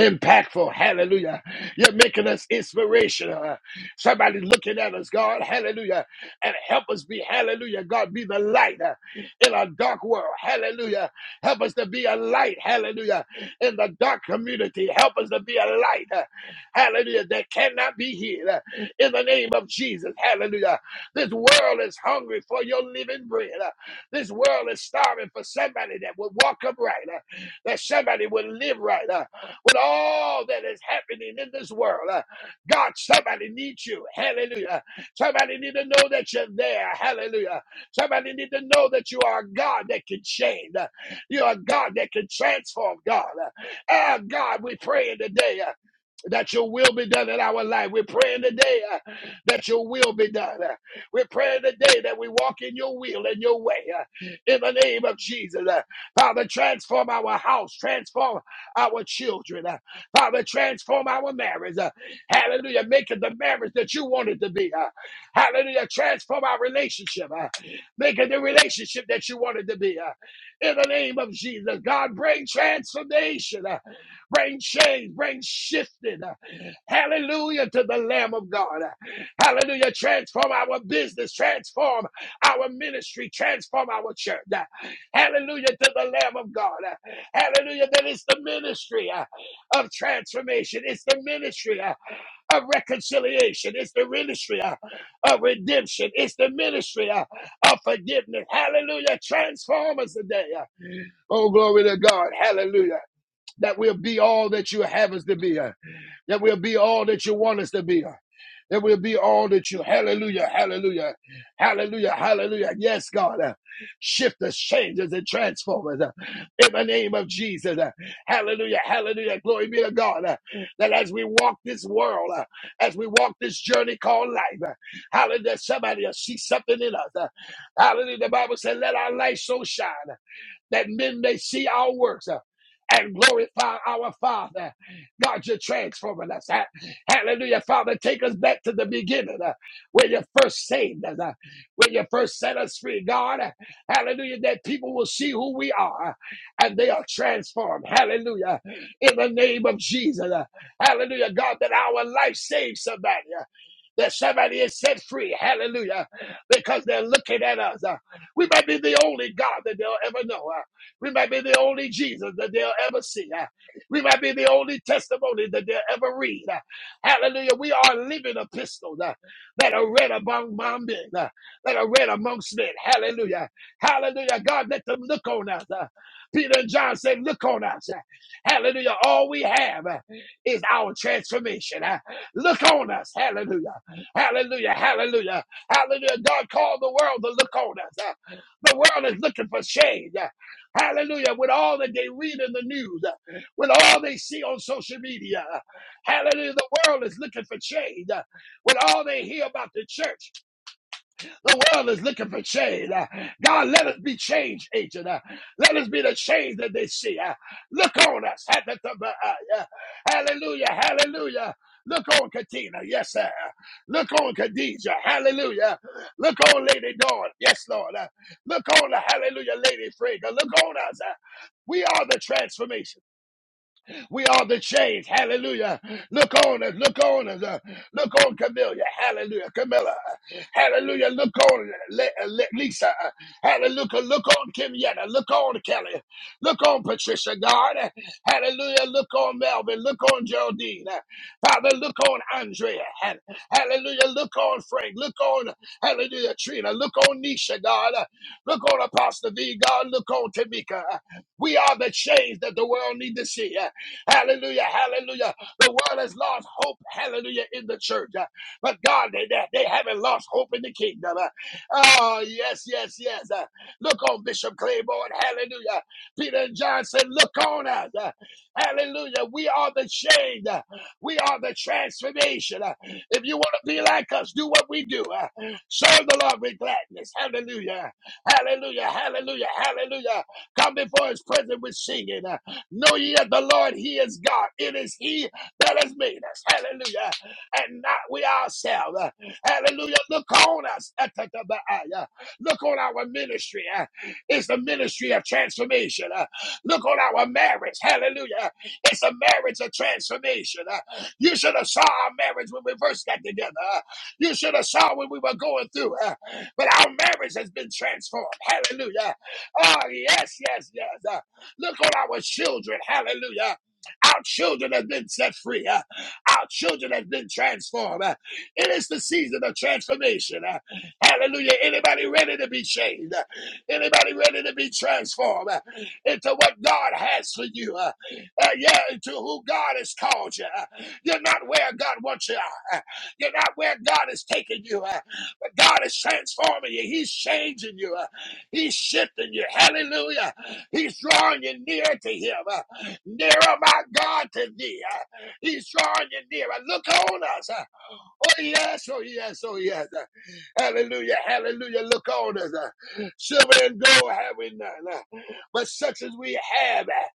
impactful. Hallelujah. You're making us inspirational. Somebody's looking at us, God. Hallelujah. And help us be, hallelujah. God, be the light uh, in a dark world. Hallelujah. Help us to be a light. Hallelujah. In the dark community. Help us to be a light. uh, Hallelujah. That cannot be hid. uh, In the name of Jesus. Hallelujah. This world is hungry for your living bread. uh, This world is starving for somebody that would walk upright. uh, that somebody would live right uh, with all that is happening in this world. uh. God, somebody needs you. Hallelujah. Somebody need to know that you're there. Hallelujah. Somebody need to know that you are a God that can change. uh. You are a God that can transform God. uh. Ah, God, we pray today. uh, that your will be done in our life. We're praying today uh, that your will be done. Uh, we're praying today that we walk in your will and your way uh, in the name of Jesus. Uh, Father, transform our house, transform our children. Uh, Father, transform our marriage. Uh, Hallelujah. Make it the marriage that you want it to be. Uh, Hallelujah. Transform our relationship. Uh, Make it the relationship that you want it to be. Uh, In the name of Jesus, God, bring transformation. Uh, Bring change. Bring shifting. Uh, Hallelujah to the Lamb of God. Uh, Hallelujah. Transform our business. Transform our ministry. Transform our church. Uh, Hallelujah to the Lamb of God. Uh, Hallelujah. That is the ministry uh, of transformation. It's the ministry uh, of reconciliation. It's the ministry uh, of redemption. It's the ministry uh, of forgiveness. Hallelujah. Transform us today. uh. Oh, glory to God. Hallelujah. That we'll be all that you have us to be. uh that we'll be all that you want us to be. That we'll be all that you. Hallelujah, hallelujah, hallelujah, hallelujah. Yes, God. uh, Shift us, change us, and transform us. uh, In the name of Jesus. uh, Hallelujah, hallelujah. Glory be to God. uh, That as we walk this world, uh, as we walk this journey called life, uh, hallelujah, somebody will see something in us. uh, Hallelujah. The Bible said, let our light so shine that men may see our works. uh, And glorify our Father. God, you're transforming us. uh, Hallelujah. Father, take us back to the beginning uh, where you first saved us, uh, where you first set us free. God, uh, hallelujah, that people will see who we are uh, and they are transformed. Hallelujah. In the name of Jesus. uh, Hallelujah. God, that our life saves somebody that somebody is set free. Hallelujah. Because they're looking at us. Uh, We might be the only God that they'll ever know. Uh, We might be the only Jesus that they'll ever see. Uh, We might be the only testimony that they'll ever read. Uh, Hallelujah. We are living epistles uh, that are read among among men, uh, that are read amongst men. Hallelujah. Hallelujah. God, let them look on us. Uh, Peter and John said, Look on us. Uh, Hallelujah. All we have uh, is our transformation. Uh, Look on us. Hallelujah. Hallelujah. Hallelujah. Hallelujah. God called the world to look on us. Uh, The world is looking for shade. Uh, Hallelujah. With all that they read in the news, uh, with all they see on social media. uh, Hallelujah. The world is looking for shade. Uh, With all they hear about the church. The world is looking for change. Uh, God, let us be change agent. Uh, Let us be the change that they see. Uh, Look on us. ah, yeah. Hallelujah. Hallelujah. Look on Katina. Yes, sir. Look on Khadijah. Hallelujah. Look on Lady Dawn. Yes, Lord. Uh, Look on the Hallelujah Lady Frigga. Look on us. Uh, We are the transformation. We are the change. Hallelujah. Look on us. Look on us. uh, Look on Camilla, Hallelujah. Camilla. Hallelujah. Look on Le- Le- Lisa. Hallelujah. Look on Kimietta. Look on Kelly. Look on Patricia God. Hallelujah. Look on Melvin. Look on Geraldine. Father, look on Andrea. Hall- Hallelujah. Look on Frank. Look on, hallelujah, Trina. Look on Nisha, God. Look on Apostle V, God. Look on Tamika. We are the change that the world needs to see. Hallelujah. Hallelujah. The world has lost hope. Hallelujah. In the church. Uh, But God, they, they they haven't lost hope in the kingdom. Uh, Oh, yes, yes, yes. Uh, Look on Bishop Claiborne. Hallelujah. Peter and John said, Look on us. Uh, Hallelujah. We are the change. Uh, We are the transformation. Uh, If you want to be like us, do what we do. Uh, Serve the Lord with gladness. Hallelujah. Hallelujah. Hallelujah. Hallelujah. Come before his presence with singing. uh. Know ye that the Lord, He is God. It is He that has made us. Hallelujah. And not we ourselves. Hallelujah. Look on us. Atatabaaya. Look on our ministry. Uh, It's the ministry of transformation. Uh, Look on our marriage. Hallelujah. It's a marriage of transformation. Uh, You should have saw our marriage when we first got together. Uh, You should have saw when we were going through. Uh, But our marriage has been transformed. Hallelujah. Oh, yes, yes, yes. Look on our children. Hallelujah. Our children have been set free. uh, Our children have been transformed. uh, It is the season of transformation. uh, Hallelujah. Anybody ready to be changed? uh, Anybody ready to be transformed uh, into what God has for you? uh, uh, Yeah, into who God has called you. uh, You're not where God wants you. uh, uh, You're not where God is taking you. uh, But God is transforming you. He's changing you. uh, He's shifting you. Hallelujah. He's drawing you near to him. Uh, Nearer, my God, to thee. Uh, He's drawing you nearer. Look on us. Oh, yes, oh, yes, oh, yes. Hallelujah, hallelujah. Look on us. uh, Silver and gold have we none, uh, but such as we have, uh,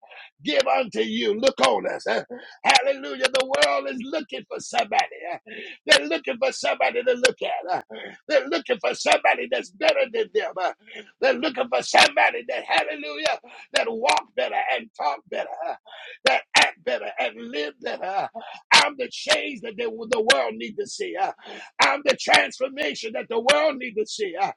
give unto you. Look on us. uh, Hallelujah. The world is looking for somebody. uh, They're looking for somebody to look at. uh, They're looking for somebody that's better than them. uh, They're looking for somebody that, hallelujah, that walk better and talk better, uh, that act better and live better. I'm the change that they, the world need to see. Uh, I'm the transformation that the world need to see. Uh,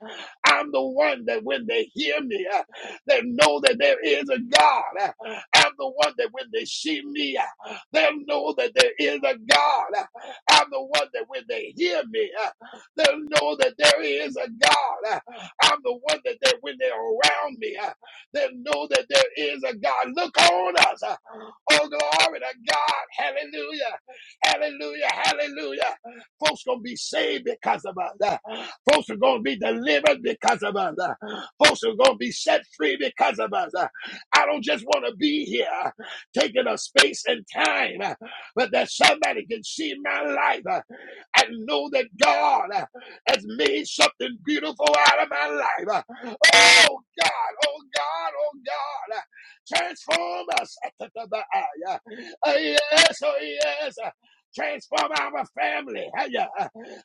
I'm the one that when they hear me, uh, they know that there is a God. Uh, I'm the one that when they see me, uh, they'll know that there is a God. Uh, I'm the one that when they hear me, uh, they'll know that there is a God. Uh, I'm the one that they, when they're around me, uh, they'll know that there is a God. Look on us. Uh, Oh, glory to God. Hallelujah. Hallelujah. Hallelujah. Folks gonna be saved because of us. Folks are gonna be delivered because of us. Folks are gonna be set free because of us. I don't just want to be here taking a space and time, but that somebody can see my life uh, and know that God uh, has made something beautiful out of my life. Uh, Oh God, oh God, oh God, uh, transform us. Uh, Yes, oh yes. Transform our family. Hallelujah.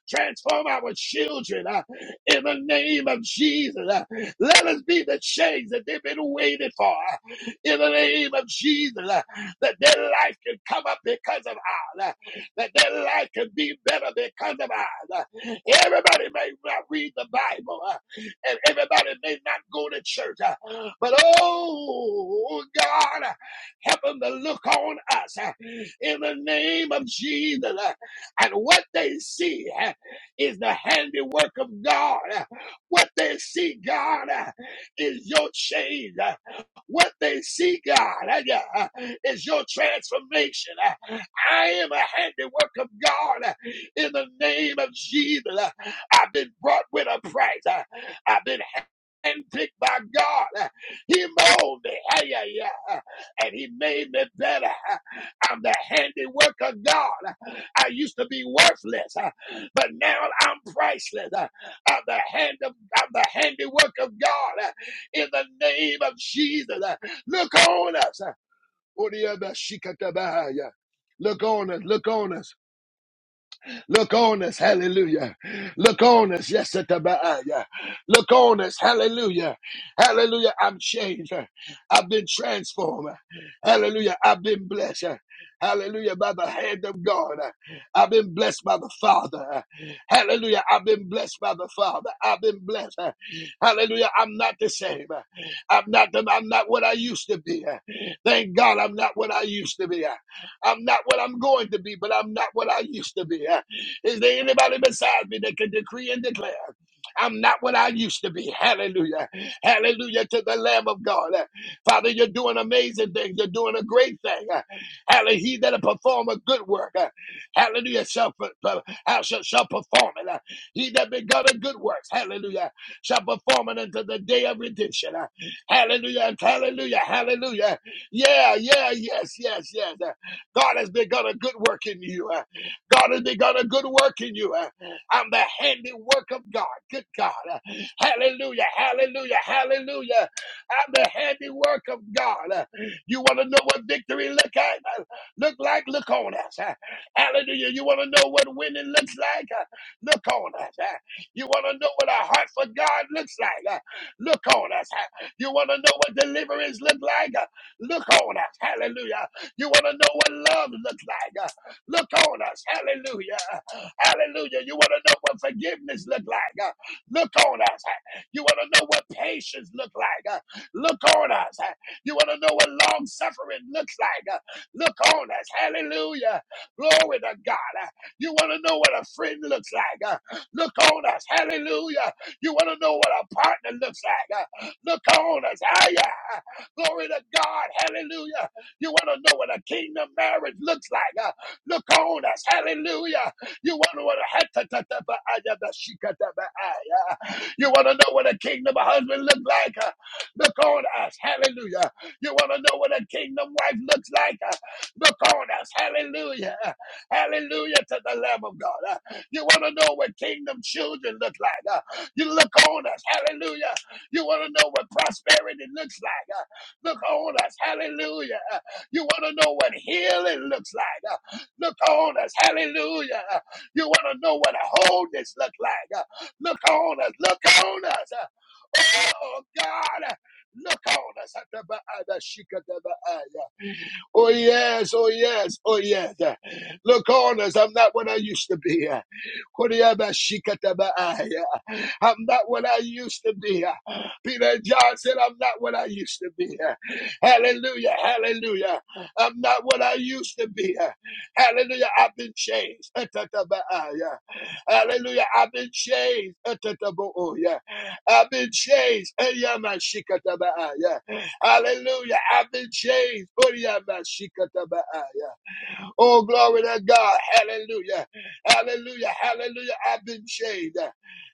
Transform our children uh, in the name of Jesus. Uh, Let us be the change that they've been waiting for uh, in the name of Jesus. uh, That their life can come up because of ours. uh, That their life can be better because of ours. uh. Everybody may not read the Bible uh, and everybody may not go to church. uh, But oh, God, uh, help them to look on us. uh, in the name of Jesus. And what they see uh, is the handiwork of God. What they see, God, uh, is your change. What they see, God, uh, yeah, uh, is your transformation. I am a handiwork of God in the name of Jesus. I've been bought with a price. I've been handpicked by God. He molded me, hey, yeah, yeah, and He made me better. I'm the handiwork of God. I used to be worthless, uh, but now I'm priceless. Uh, I'm the hand of I'm the handiwork of God. uh, In the name of Jesus, Uh, look on us. Uh, Look on us. Look on us. Look on us. Look on us, hallelujah. Look on us, yes, at the Baaya. Look on us, hallelujah. Hallelujah, I'm changed. I've been transformed. Hallelujah, I've been blessed. Hallelujah, by the hand of God. I've been blessed by the Father. Hallelujah, I've been blessed by the Father. I've been blessed. Hallelujah, I'm not the same. I'm not the, I'm not what I used to be. Thank God I'm not what I used to be. I'm not what I'm going to be, but I'm not what I used to be. Is there anybody besides me that can decree and declare? I'm not what I used to be. Hallelujah. Hallelujah to the Lamb of God. Uh, Father, you're doing amazing things. You're doing a great thing. Uh, Hallelujah. He that perform a good work. uh, Hallelujah. Shall, per- per- how shall, shall perform it. Uh, He that begun a good works. Hallelujah. Shall perform it until the day of redemption. Uh, Hallelujah. Hallelujah. Hallelujah. Yeah, yeah, yes, yes, yes. Uh, God has begun a good work in you. God has begun a good work in you. Uh, I'm the handiwork of God. Good God. Uh, Hallelujah. Hallelujah. Hallelujah. I'm the handiwork of God. Uh, You want to know what victory look at? Uh, Look like? Look on us. Uh, Hallelujah. You want to know what winning looks like? Uh, Look on us. Uh, You want to know what a heart for God looks like? Uh, Look on us. Uh, You want to know what deliverance look like? Uh, Look on us. Hallelujah. You want to know what love looks like? Uh, Look on us. Hallelujah. Hallelujah. You want to know what forgiveness look like? Uh, Look on us. You want to know what patience look like? Uh, Look on us. You want to know what long suffering looks like? Uh, Look on us. Hallelujah. Glory to God. Uh, You want to know what a friend looks like? Uh, Look on us. Hallelujah. You want to know what a partner looks like? Uh, Look on us. Ah, yeah. Glory to God. Hallelujah. You want to know what a kingdom marriage looks like? Uh, Look on us. Hallelujah. You want to you want to know what a kingdom husband looks like? Uh, Look on us. Hallelujah. You want to know what a kingdom wife looks like? Uh, Look on us. Hallelujah. Hallelujah to the Lamb of God. Uh, You want to know what kingdom children look like? Uh, You look on us. Hallelujah. You want to know what prosperity looks like? Uh, Look on us. Hallelujah. Uh, You want to know what healing looks like? uh. Look on us. Hallelujah. You want to know what a wholeness look like. Uh, Look on us. Look on us. Uh, Oh, God. Look on us. Oh, yes. Oh, yes. Oh, yes. Look on us. I'm not what I used to be. I'm not what I used to be. Peter and John said, I'm not what I used to be. Hallelujah, hallelujah. I'm not what I used to be. Hallelujah, I've been changed. Hallelujah, I've been changed. Atataboya. I've been changed. Hallelujah, I've been changed. Oh, glory to God. Hallelujah. Hallelujah. Hallelujah. I've been shaved.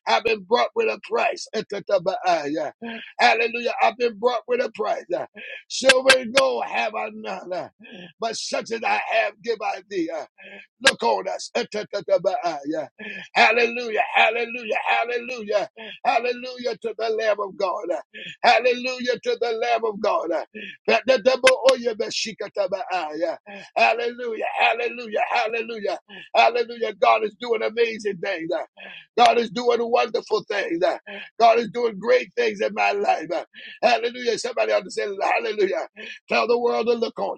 I've been brought with a price. Atatabaaya. Hallelujah. I've been brought with a price. Silver and gold have I none. But such as I have give I thee. Look on us. Atatatabaya. Hallelujah. Hallelujah. Hallelujah. Hallelujah to the Lamb of God. Hallelujah to the Lamb of God. Patataboyabashikatabaya. Hallelujah. Hallelujah. Hallelujah. Hallelujah. God is doing amazing things. God is doing wonderful things. God is doing great things in my life. Hallelujah. Somebody ought to say hallelujah. Tell the world to look on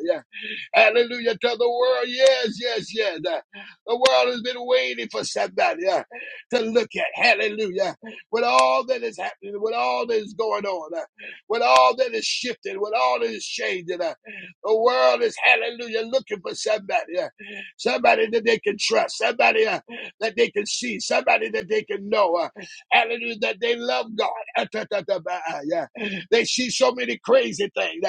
you. Hallelujah to the world. Yes, yes, yes. The world has been waiting for somebody uh, to look at. Hallelujah. With all that is happening, with all that is going on, uh, with all that is shifting, with all that is changing, uh, the world is, hallelujah, looking for somebody. uh, somebody that they can trust, somebody uh, that they can see, somebody that they can know. Uh, hallelujah, that they love God. Uh, ta, ta, ta, ba, uh, yeah. They see so many crazy things. uh,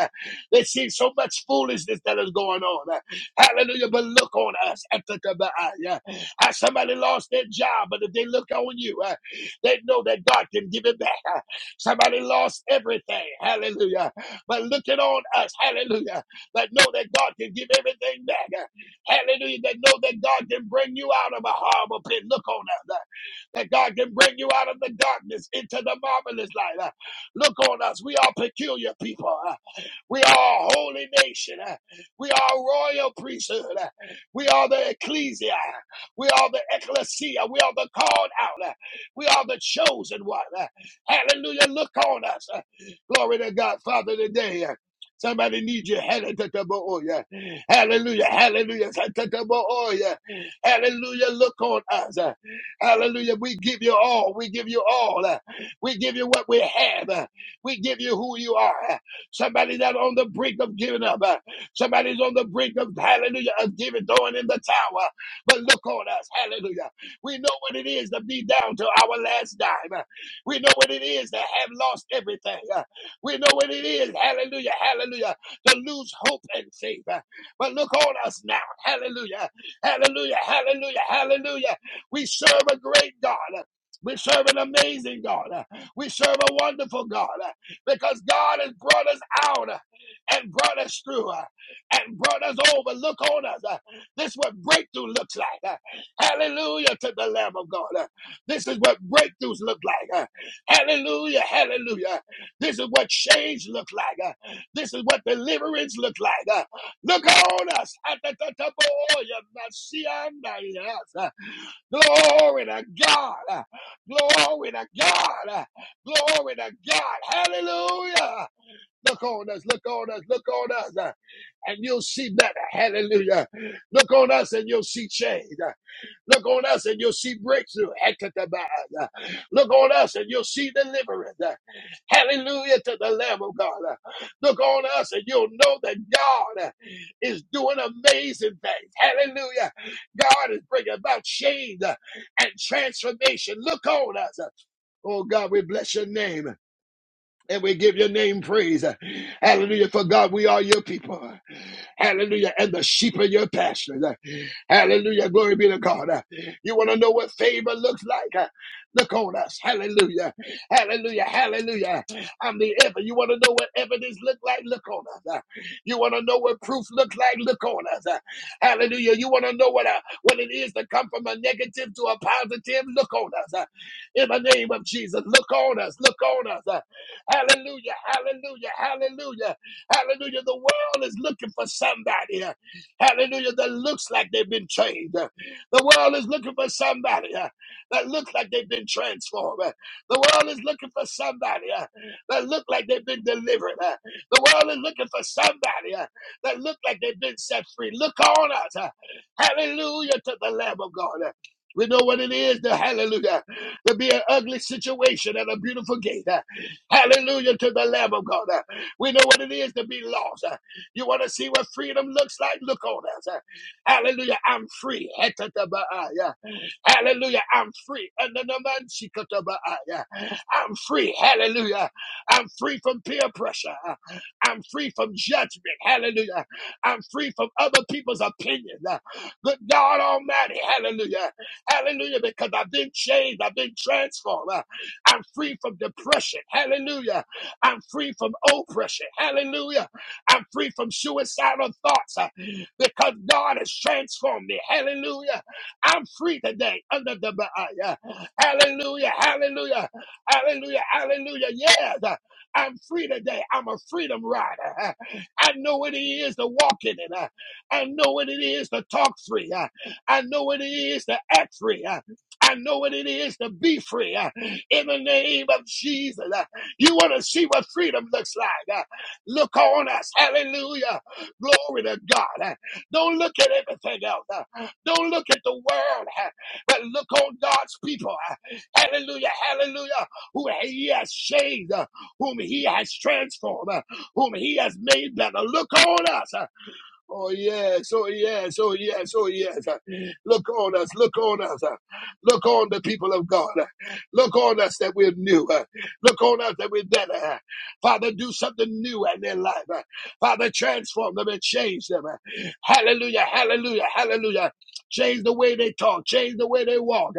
they see so much foolishness that is going on. Hallelujah. But look on us. Atakabaaya. Ah, Somebody lost their job, but if they look on you, uh, they know that God can give it back. Uh, Somebody lost everything. Hallelujah. But looking on us. Hallelujah. That know that God can give everything back. Uh, Hallelujah. That know that God can bring you out of a horrible pit. Look on us. Uh, That God can bring you out of the darkness into the marvelous light. Uh, Look on us. We are peculiar people. Uh, we are a holy nation. uh, We are a royal priesthood. uh, We are the ecclesia. We are the ecclesia. We are the called out. uh, We are the chosen one. uh, Hallelujah. Look on us. uh, Glory to God, Father, today. uh, Somebody needs you. Hallelujah. Hallelujah. Hallelujah. Hallelujah. Hallelujah. Look on us. uh, Hallelujah. We give you all. We give you all. uh, We give you what we have. uh, We give you who you are. Somebody that on the brink of giving up. uh, Somebody's on the brink of hallelujah of giving, throwing in the tower. But look on us, hallelujah. We know what it is to be down to our last dime. uh, We know what it is to have lost everything. uh, We know what it is, hallelujah, hallelujah, to lose hope and faith. uh, But look on us now, hallelujah, hallelujah, hallelujah, hallelujah. We serve a great God. uh, We serve an amazing God. uh, We serve a wonderful God because God has brought us out uh, and brought us through uh, and brought us over. Look on us. uh, This is what breakthrough looks like. uh, Hallelujah to the Lamb of God. uh, This is what breakthroughs look like. uh, Hallelujah. Hallelujah. This is what change looks like. uh, This is what deliverance looks like. uh, Look on us. yes, uh, Glory to God. Glory to God. Glory to God. Hallelujah. Look on us, look on us, look on us, and you'll see better. Hallelujah. Look on us and you'll see change. Look on us and you'll see breakthrough. Ekatabah. Look on us and you'll see deliverance. Hallelujah to the Lamb of God. Look on us and you'll know that God is doing amazing things. Hallelujah. God is bringing about change and transformation. Look on us. Oh God, we bless your name and we give your name praise. Hallelujah. For God, we are your people. Hallelujah. And the sheep of your pastures. Hallelujah. Glory be to God. You want to know what favor looks like? Look on us. Hallelujah. Hallelujah. Hallelujah. I'm the evidence. You want to know what evidence look like? Look on us. You want to know what proof looks like? Look on us. Hallelujah. You want to know what, uh, what it is to come from a negative to a positive? Look on us. In the name of Jesus, look on us. Look on us. Hallelujah, hallelujah, hallelujah, hallelujah. The world is looking for somebody, uh, hallelujah, that looks like they've been changed. Uh, The world is looking for somebody uh, that looks like they've been transformed. Uh, The world is looking for somebody uh, that look like they've been delivered. Uh, The world is looking for somebody uh, that look like they've been set free. Look on us. uh, Hallelujah to the Lamb of God. Uh, We know what it is, the hallelujah, to be an ugly situation and a beautiful gate. Hallelujah to the Lamb of God. We know what it is to be lost. You want to see what freedom looks like? Look on us. Hallelujah. I'm free. Hallelujah. I'm free. I'm free. Hallelujah. I'm free from peer pressure. I'm free from judgment. Hallelujah. I'm free from other people's opinions. Good God Almighty. Hallelujah. Hallelujah. Because I've been changed. I've been transformed. I'm free from depression. Hallelujah. I'm free from oppression. Hallelujah. I'm free from suicidal thoughts uh, because God has transformed me. Hallelujah. I'm free today under the Baaya. Hallelujah, hallelujah, hallelujah, hallelujah. Yes, uh, I'm free today. I'm a freedom rider. Uh, I know what it is to walk in it. Uh, I know what it is to talk free. Uh, I know what it is to act free. Uh, I know what it is to be free Uh, in the name of Jesus. uh, You want to see what freedom looks like? Uh, Look on us. Hallelujah. Glory to God. Uh, Don't look at everything else. Uh, don't look at the world, but look on God's people. Hallelujah, hallelujah. Who he has changed, whom he has transformed, uh, whom he has made better. Look on us. uh, Oh yes, oh yes, oh yes, oh yes. Look on us, look on us. Look on the people of God. Look on us that we're new. Look on us that we're better. Father, do something new in their life. Father, transform them and change them. Hallelujah, hallelujah, hallelujah. Change the way they talk, change the way they walk,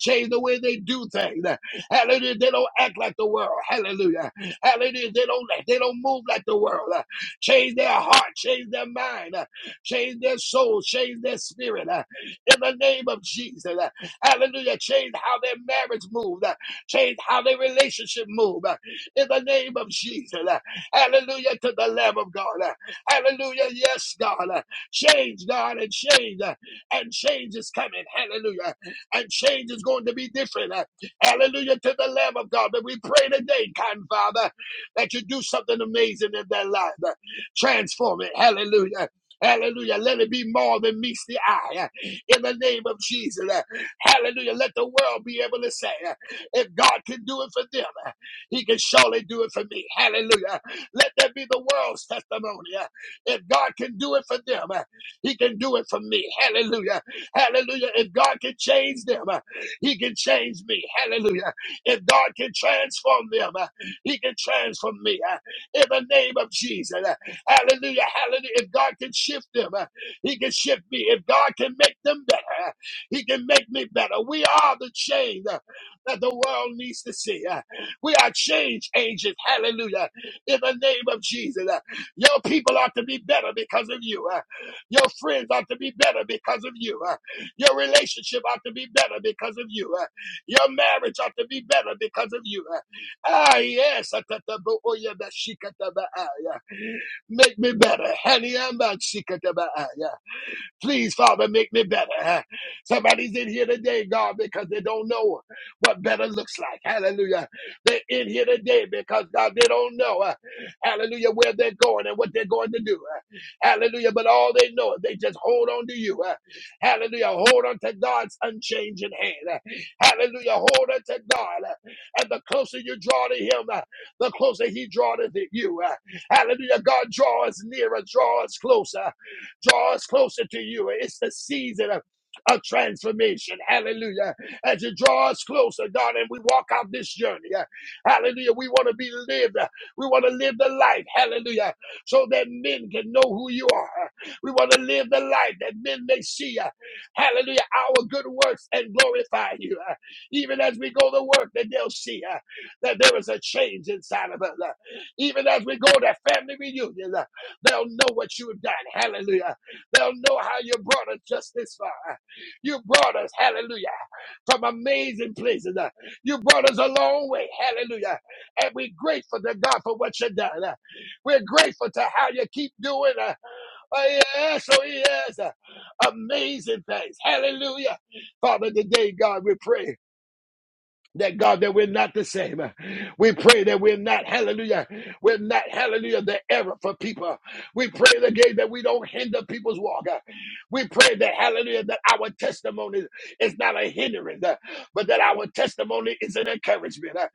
change the way they do things. Hallelujah, they don't act like the world. Hallelujah, hallelujah, they don't they don't move like the world. Change their heart, change their mind, uh, change their soul, change their spirit. uh, In the name of Jesus. Uh, Hallelujah. Change how their marriage moves, uh, change how their relationship moves. Uh, In the name of Jesus. Uh, Hallelujah to the Lamb of God. Uh, Hallelujah. Yes, God. Uh, Change, God, and change. uh, And change is coming. Hallelujah. And change is going to be different. Uh, Hallelujah to the Lamb of God. That we pray today, kind Father, that you do something amazing in their life. Transform it. Hallelujah. Hallelujah. Let it be more than meets the eye. uh, In the name of Jesus. Uh, Hallelujah. Let the world be able to say, uh, if God can do it for them, uh, he can surely do it for me. Hallelujah. Let that be the world's testimony. uh, If God can do it for them, uh, he can do it for me. Hallelujah. Hallelujah. If God can change them, uh, he can change me. Hallelujah. If God can transform them, uh, he can transform me. uh, In the name of Jesus. Hallelujah. Hallelujah. If God can shift them, uh, He can shift me. If God can make them better, uh, He can make me better. We are the change uh, that the world needs to see. uh. We are change agents. Hallelujah. In the name of Jesus. uh. Your people ought to be better because of you. uh. Your friends ought to be better because of you. uh. Your relationship ought to be better because of you. uh. Your marriage ought to be better because of you. uh. Ah, yes. Ah, ta- ta- bo- oh, yeah, ba- she- ka- ta- ba- ah, yeah. Make me better. Haniamba Sikatabaaya. Please, Father, make me better. huh? Somebody's in here today, God, because they don't know what better looks like. Hallelujah. They're in here today because, God, they don't know, uh, hallelujah, where they're going and what they're going to do. uh, Hallelujah. But all they know is they just hold on to you. uh, Hallelujah. Hold on to God's unchanging hand. uh, Hallelujah. Hold on to God. uh, And the closer you draw to Him, uh, the closer He draws to you. uh, Hallelujah. God, draw us nearer, draw us closer. Draw us closer to you. It's the season of a transformation. Hallelujah. As you draw us closer, God, and we walk out this journey. uh, Hallelujah. We want to be lived. uh, We want to live the life. Hallelujah. So that men can know who you are. Uh, We want to live the life that men may see. uh, Hallelujah. Our good works and glorify you. uh, Even as we go to work, that they'll see uh, that there is a change inside of us. uh, Even as we go to family reunions, uh, they'll know what you have done. Hallelujah. They'll know how you brought us just this far. You brought us, hallelujah, from amazing places. Uh, You brought us a long way, hallelujah. And we're grateful to God for what you done. Uh, We're grateful to how you keep doing. uh, Oh, yes, oh, yes. uh, Amazing things, hallelujah. Father, today, God, we pray that God, that we're not the same. We pray that we're not, hallelujah, we're not, hallelujah, the error for people. We pray the again that we don't hinder people's walk. We pray that, hallelujah, that our testimony is not a hindrance, uh, but that our testimony is an encouragement. uh,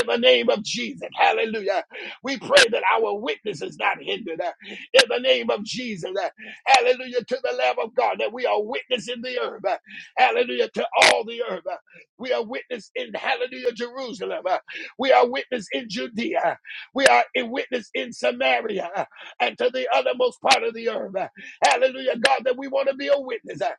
In the name of Jesus, hallelujah. We pray that our witness is not hindered. uh, In the name of Jesus, uh, hallelujah, to the Lamb of God, that we are witnessing the earth. uh, Hallelujah, to all the earth. We are witness in Hallelujah, Jerusalem. Uh, We are witness in Judea. Uh, We are a witness in Samaria uh, and to the othermost part of the earth. Uh, Hallelujah, God, that we want to be a witness uh,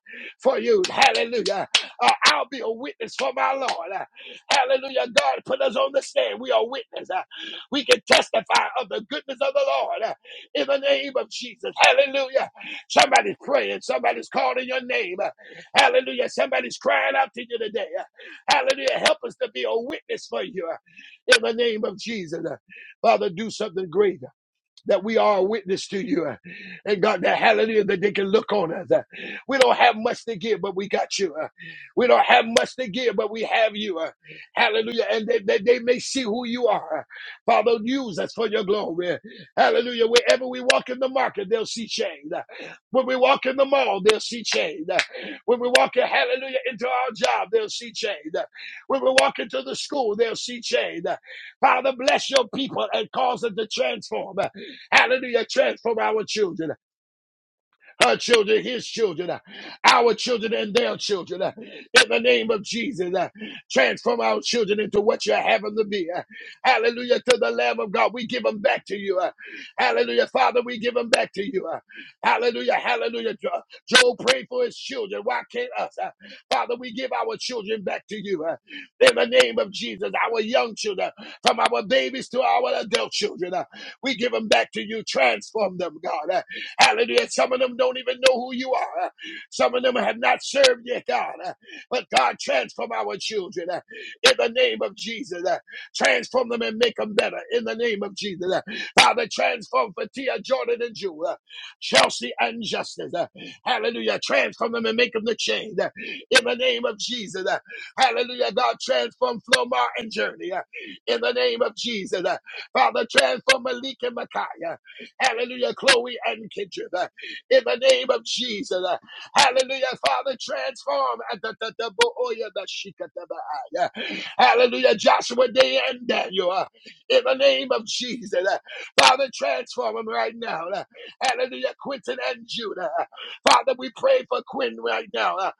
for you. Hallelujah. Uh, I'll be a witness for my Lord. Uh, Hallelujah, God, put us on the stand. We are witness. Uh, We can testify of the goodness of the Lord uh, in the name of Jesus. Hallelujah. Somebody's praying. Somebody's calling your name. Uh, Hallelujah. Somebody's crying out to you today. Uh, Hallelujah. Help us to be a witness for you in the name of Jesus. Father, do something great that we are a witness to you. uh, And God, that hallelujah, that they can look on us. uh, We don't have much to give, but we got you. uh, We don't have much to give, but we have you. uh, Hallelujah. And that they, they they may see who you are. Uh, Father, use us for your glory. Uh, Hallelujah. Wherever we walk in the market, they'll see change. Uh, When we walk in the mall, they'll see change. Uh, When we walk in, hallelujah, into our job, they'll see change. Uh, When we walk into the school, they'll see change. Uh, Father, bless your people and cause them to transform. Uh, Hallelujah. Transform our children her children, his children, uh, our children, and their children. uh, In the name of Jesus, uh, transform our children into what you have them to be. uh, Hallelujah to the Lamb of God. We give them back to you. uh, Hallelujah, Father. We give them back to you. uh, Hallelujah, hallelujah. Jo- Job prayed for his children. Why can't us? uh, Father, we give our children back to you. uh, in the name of Jesus, our young children, from our babies to our adult children. uh, we give them back to you. Transform them, God. Uh, Hallelujah. Some of them don't even know who you are. Some of them have not served yet, God. But God, transform our children uh, in the name of Jesus. uh, Transform them and make them better in the name of Jesus. uh, Father, transform Fatia, Jordan, and Jew, uh, Chelsea, and Justice. uh, Hallelujah. Transform them and make them the change uh, in the name of Jesus. uh, Hallelujah. God, transform Flomar and Journey uh, in the name of Jesus. uh, Father, transform Malik and Micaiah Hallelujah, Chloe and Kindred. uh, In the name of Jesus. uh, Hallelujah, Father, transform. uh, da- da- da- bo- oh, yeah, she- ka- da- ba- ah, yeah. Hallelujah, Joshua, Day, and Daniel. uh, In the name of Jesus. uh, Father, transform them right now. uh, Hallelujah, Quentin and Judah. uh, Father, we pray for Quinn right now. uh,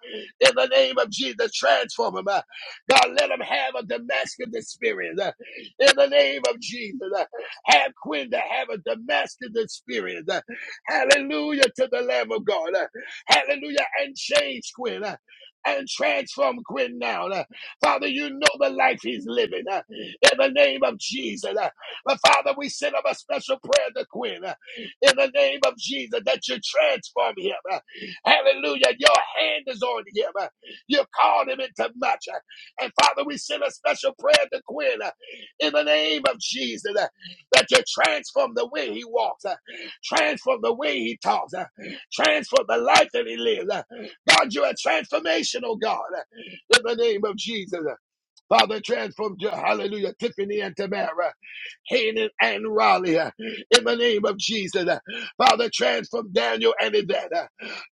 In the name of Jesus, transform him. uh, God, let him have a Damascus experience. uh, in the name of Jesus have Quinn, uh, have a Damascus experience. uh, Hallelujah to the Lamb of God. uh, Hallelujah and change Quinn. uh, And transform Quinn now. uh, Father, you know the life he's living uh, in the name of Jesus. uh, But Father, we send up a special prayer to Quinn uh, in the name of Jesus that you transform him. uh, Hallelujah. Your hand is on him. uh, You called him into much. uh, And Father, we send a special prayer to Quinn uh, in the name of Jesus. Uh, that you transform the way he walks, uh, transform the way he talks, uh, transform the life that he lives. uh. God, you're a transformational God uh, in the name of Jesus. uh. Father, transform, hallelujah, Tiffany and Tamara. Hanan, and Raleigh. uh, In the name of Jesus, uh, Father, transform Daniel and Yvette, uh,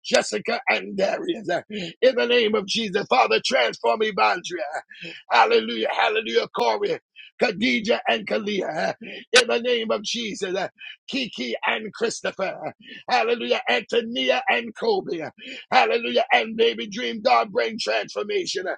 Jessica and Darius. uh, In the name of Jesus, Father, transform Evandria. uh, Hallelujah, hallelujah, Corey. Khadija and Kalia, uh, in the name of Jesus, uh, Kiki and Christopher, uh, hallelujah, Antonia and Kobe, uh, hallelujah, and baby dream, God bring transformation uh,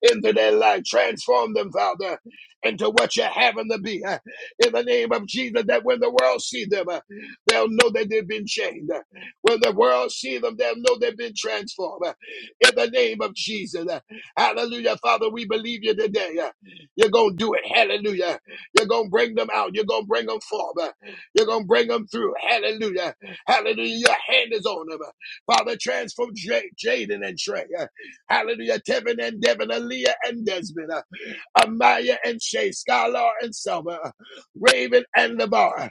into their life, transform them, Father, into what you have them to be. uh, in the name of Jesus that when the world see them, uh, they'll know that they've been changed. Uh, When the world see them, they'll know they've been transformed. Uh, In the name of Jesus. Uh, Hallelujah. Father, we believe you today. Uh, You're going to do it. Hallelujah. You're going to bring them out. You're going to bring them forth. Uh, You're going to bring them through. Hallelujah. Hallelujah. Your hand is on them. Uh, Father, transform J- Jaden and Trey. Uh, Hallelujah. Tevin and Devin, Aaliyah and Desmond. Uh, Amaya and Shay, Skylar and Selma, Raven and Lavar,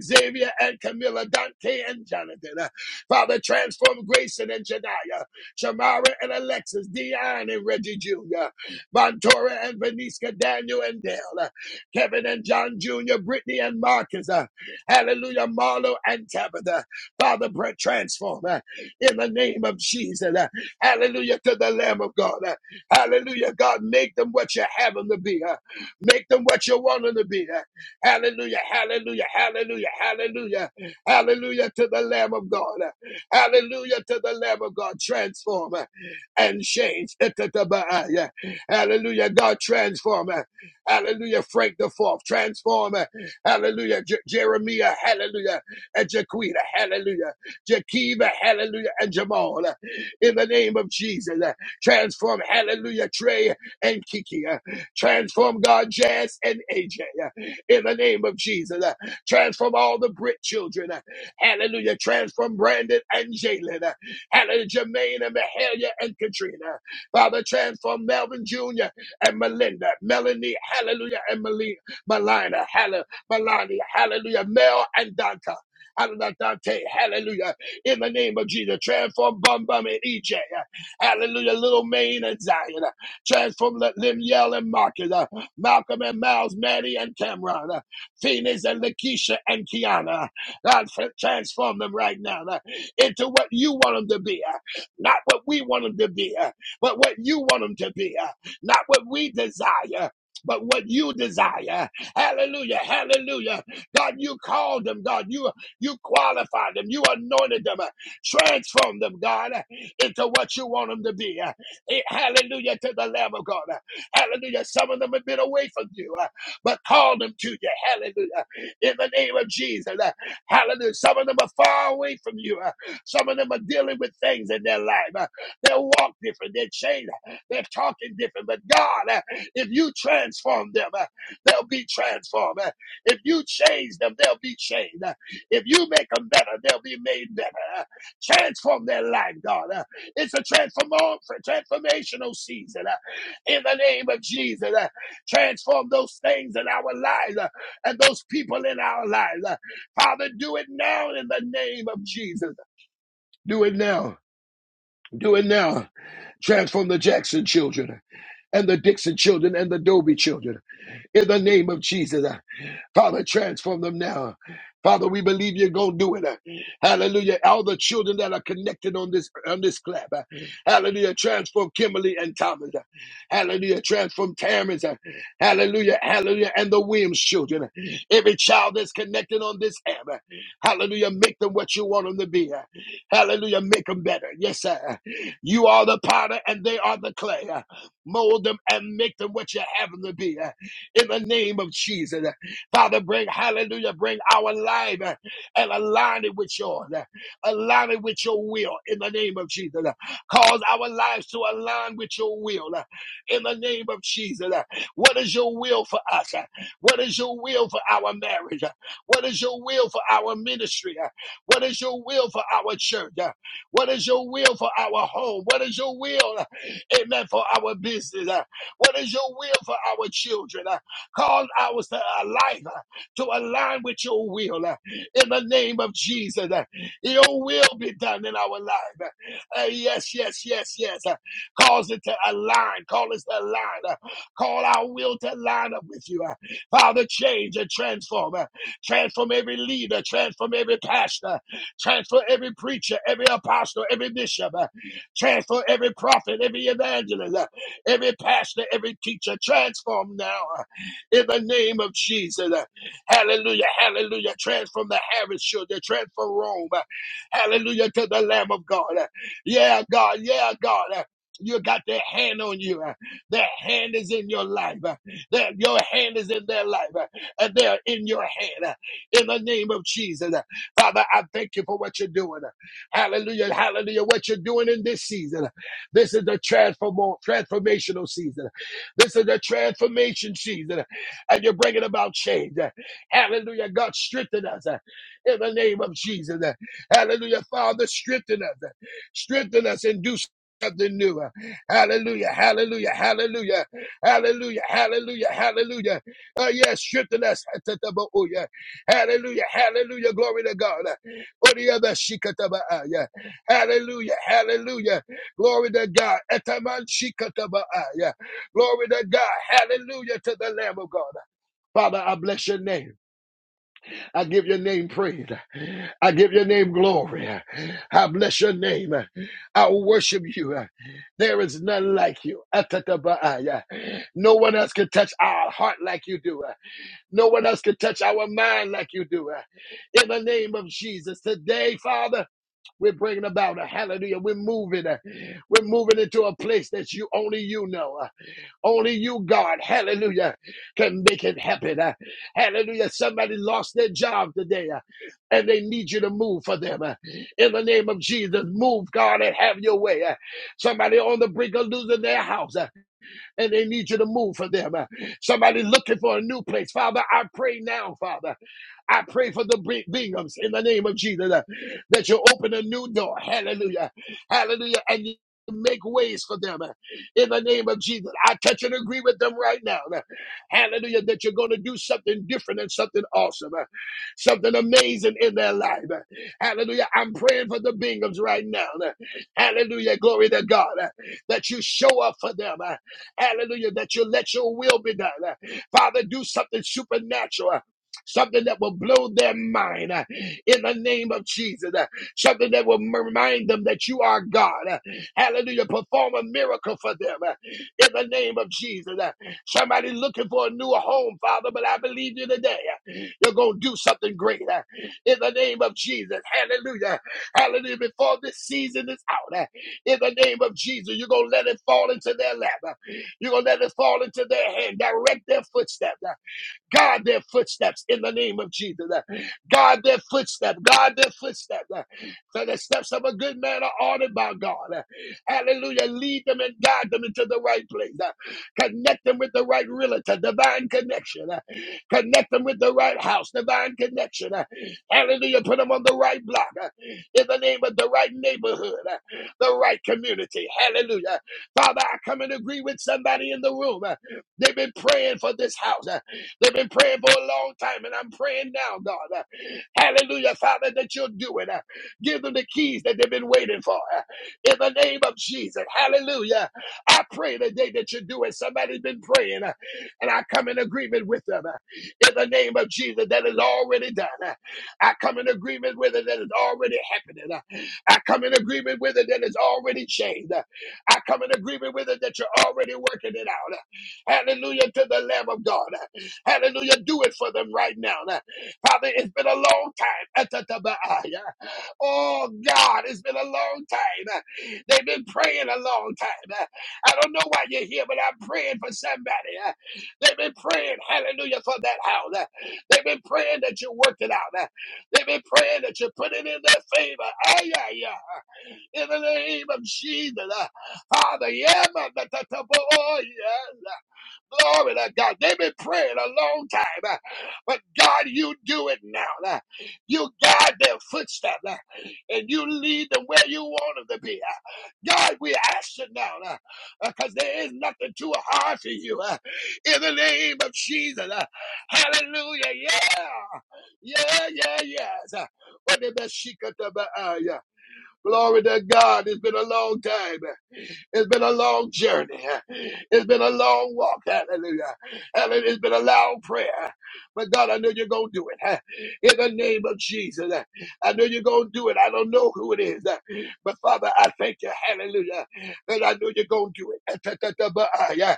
Xavier and Camilla, Dante and Jonathan. Father, transform Grayson and Janaya, Shamara and Alexis, Dion and Reggie Jr., Montora and Veniska, Daniel and Dale, Kevin and John Jr., Brittany and Marcus, uh, Hallelujah, Marlo and Tabitha. Father, transform uh, in the name of Jesus. uh, Hallelujah to the Lamb of God. Hallelujah. God, make them what you have them to be. huh? Make them what you want them to be. huh? Hallelujah. Hallelujah. Hallelujah. Hallelujah. Hallelujah to the Lamb of God. huh? Hallelujah to the Lamb of God. Transform huh, and change. Itatabaya. Hallelujah. God, transform. huh? Hallelujah. Frank the Fourth. Transform. huh? Hallelujah. Je- Jeremiah. Hallelujah. And Jaquita. Hallelujah. Jakiva. Hallelujah. And Jamal. huh, In the name of Jesus. huh? Transform, hallelujah, Trey and Kiki. uh, Transform God, Jazz and AJ. uh, In the name of Jesus. uh, Transform all the Brit children. uh, Hallelujah. Transform Brandon and Jalen. uh, Hallelujah, Jermaine and Mahalia and Katrina. Father, transform Melvin Jr. and Melinda. Melanie, hallelujah, and Melina. Melina, hallelujah. Melania, hallelujah, Mel and Dante. Hallelujah, Dante, hallelujah. In the name of Jesus, transform Bum Bum and EJ. Hallelujah. Little Maine and Zion. Uh, Transform Li- Limiel and Marcus. Uh, Malcolm and Miles, Maddie and Cameron. Uh, Phoenix and Lakeisha and Kiana. God, fr- transform them right now uh, into what you want them to be. uh, Not what we want them to be, uh, but what you want them to be. uh, Not what we desire. But what you desire, Hallelujah, Hallelujah, God, you called them, God, you you qualified them, you anointed them, uh, transform them, God into what you want them to be. Uh, eh, Hallelujah to the Lamb of God. Uh, Hallelujah. Some of them have been away from you, uh, but call them to you. Hallelujah. In the name of Jesus. Uh, Hallelujah. Some of them are far away from you. Uh, Some of them are dealing with things in their life. Uh, They walk different. They're changed. They're talking different. But God, uh, if you transform them, uh, they'll be transformed. Uh, If you change them, they'll be changed. Uh, If you make them better, they'll be made better. Uh, Transform their life, God. Uh, it's a transform, transformational season uh, in the name of Jesus. uh, transform those things in our lives uh, and those people in our lives. uh. Father, do it now in the name of Jesus. Do it now. Do it now. Transform the Jackson children and the Dixon children and the Dobie children in the name of Jesus. uh, Father, transform them now. Father, we believe you're going to do it. uh, Hallelujah. All the children that are connected on this on this club. Hallelujah. Transform Kimberly and Thomas. uh, Hallelujah. Transform Tamers. Hallelujah. Hallelujah. And the Williams children. uh, Every child that's connected on this app. uh, Hallelujah. Make them what you want them to be. uh, Hallelujah. Make them better. Yes, sir. You are the potter and they are the clay. Mold them and make them what you have them to be. uh, In the name of Jesus. Father, bring, hallelujah, bring our life uh, and align it with yours. uh, Align it with your will in the name of Jesus. uh, Cause our lives to align with your will uh, in the name of Jesus. uh, What is your will for us? uh, What is your will for our marriage? uh, What is your will for our ministry? uh, What is your will for our church? uh? What is your will for our home? What is your will, amen, for our business? Uh, What is your will for our children? Uh, Cause our uh, life uh, to align with your will uh, in the name of Jesus. Uh, Your will be done in our life. Uh, uh, Yes, yes, yes, yes. Uh, Cause it to align. Call us to align. Uh, Call our will to line up with you. Uh, Father, change and transform. Uh, Transform every leader. Transform every pastor. Transfer every preacher, every apostle, every bishop. uh, Transfer every prophet, every evangelist, uh, every pastor, every teacher. Transform now uh, in the name of Jesus. uh, Hallelujah. Hallelujah. Transform the Harris children. Transform Rome. uh, Hallelujah to the Lamb of God. uh, Yeah, God. Yeah, God. uh, You got their hand on you. uh, Their hand is in your life. uh, Their, your hand is in their life. uh, And they're in your hand. uh, in the name of Jesus. uh, Father, I thank you for what you're doing. Hallelujah. Hallelujah. What you're doing in this season. This is the transform- transformational season. This is the transformation season. And you're bringing about change. Hallelujah. God, strengthen us uh, in the name of Jesus. Uh, Hallelujah. Father, strengthen us. uh, Strengthen us and do something new. Uh, Hallelujah. Hallelujah. Hallelujah. Hallelujah. Hallelujah. Hallelujah. Uh, yes, strengthen us. Hallelujah. Hallelujah. Glory to God. Oriaba shikatabaa. Yeah. Hallelujah. Hallelujah. Glory to God. Etaman shikatabaa. Yeah. Glory to God. Hallelujah to the Lamb of God. Father, I bless your name. I give your name praise. I give your name glory. I bless your name. I worship you. There is none like you. Atatabaaya. No one else can touch our heart like you do. No one else can touch our mind like you do. uh, In the name of Jesus. Today, Father, we're bringing about a hallelujah. We're moving. uh, We're moving into a place that you only you know. uh, Only you, God, hallelujah, can make it happen. uh, Hallelujah. Somebody lost their job today uh, and they need you to move for them. uh, In the name of Jesus, move, God, and have your way. uh, Somebody on the brink of losing their house. Uh, and they need you to move for them. Uh, Somebody looking for a new place. Father, I pray now, Father. I pray for the Bing- Binghams in the name of Jesus uh, that you open a new door. Hallelujah. Hallelujah. And you make ways for them uh, in the name of Jesus. I touch and agree with them right now. uh, Hallelujah. That you're going to do something different and something awesome, uh, something amazing in their life. uh, Hallelujah. I'm praying for the Binghams right now. uh, Hallelujah. Glory to God. uh, That you show up for them. uh, Hallelujah. That you let your will be done. Father, do something supernatural. Something that will blow their mind uh, in the name of Jesus. uh, Something that will m- remind them that you are God. uh, Hallelujah. Perform a miracle for them uh, in the name of Jesus. uh, Somebody looking for a new home, Father, but I believe you today. uh, You're going to do something great uh, in the name of Jesus. Hallelujah. Hallelujah. Before this season is out, uh, in the name of Jesus, you're going to let it fall into their lap. Uh, you're going to let it fall into their hand, direct their footsteps. God, their footsteps in the name of Jesus. God, their footsteps. God, their footsteps. For the steps of a good man are ordered by God. Hallelujah. Lead them and guide them into the right place. Connect them with the right realtor, divine connection. Connect them with the right house, divine connection. Hallelujah. Put them on the right block in the name of the right neighborhood, the right community. Hallelujah. Father, I come and agree with somebody in the room. They've been praying for this house. They've been praying for a long time, and I'm praying now, God. Uh, Hallelujah, Father, that you'll do it. Uh, Give them the keys that they've been waiting for. Uh, In the name of Jesus, hallelujah. I pray today that you do it. Somebody's been praying, uh, and I come in agreement with them. Uh, In the name of Jesus, that is already done. Uh, I come in agreement with it that is already happening. Uh, I come in agreement with it that is already changed. Uh, I come in agreement with it that you're already working it out. Uh, Hallelujah to the Lamb of God. Hallelujah. Do it for them right now. Now, Father, it's been a long time. Atatabaaya. Oh, God, it's been a long time. They've been praying a long time. I don't know why you're here, but I'm praying for somebody. They've been praying, hallelujah, for that house. They've been praying that you work it out. They've been praying that you put it in their favor. Ay, ay, ay. In the name of Jesus. Father, yeah, man. that- that- that- oh, yeah. Glory to God. They've been praying a long time, uh, but God, you do it now. uh, You guide their footsteps uh, and you lead them where you want them to be. uh. God, we ask you now because there is nothing too hard for you. uh, In the name of Jesus. uh, Hallelujah. Yeah. Yeah, yeah, yes. Uh, what the best she could uh, uh, yeah. Glory to God. It's been a long time. It's been a long journey. It's been a long walk. Hallelujah. Hallelujah. It's been a loud prayer. But God, I know you're going to do it. In the name of Jesus. I know you're going to do it. I don't know who it is. But Father, I thank you. Hallelujah. And I know you're going to do it. Hallelujah.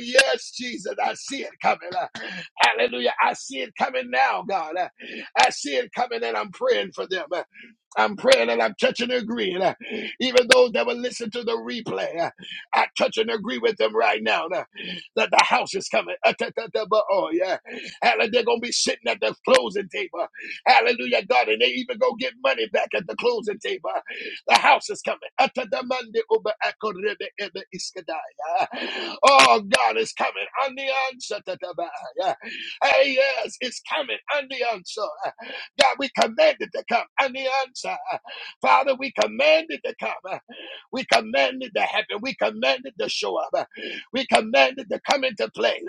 Yes, Jesus. I see it coming. Hallelujah. I see it coming now, God. I see it coming and I'm praying for them. I'm praying and I'm touching and agreeing. uh, Even those that will listen to the replay, uh, I touch and agree with them right now uh, that the house is coming. Uh, ta- ta- ta- ba- Oh, yeah. Hallelujah. They're going to be sitting at the closing table. Hallelujah, God. And they even go get money back at the closing table. The house is coming. Uh, ta- ta- mande uba akorebe ebe iskadaya. Oh, God is coming. On the answer. ta- ta- ba- yeah. Hey, yes, it's coming. On the answer. God, we command it to come on the answer. Father, we command it to come. We command it to happen. We command it to show up. We command it to come into play.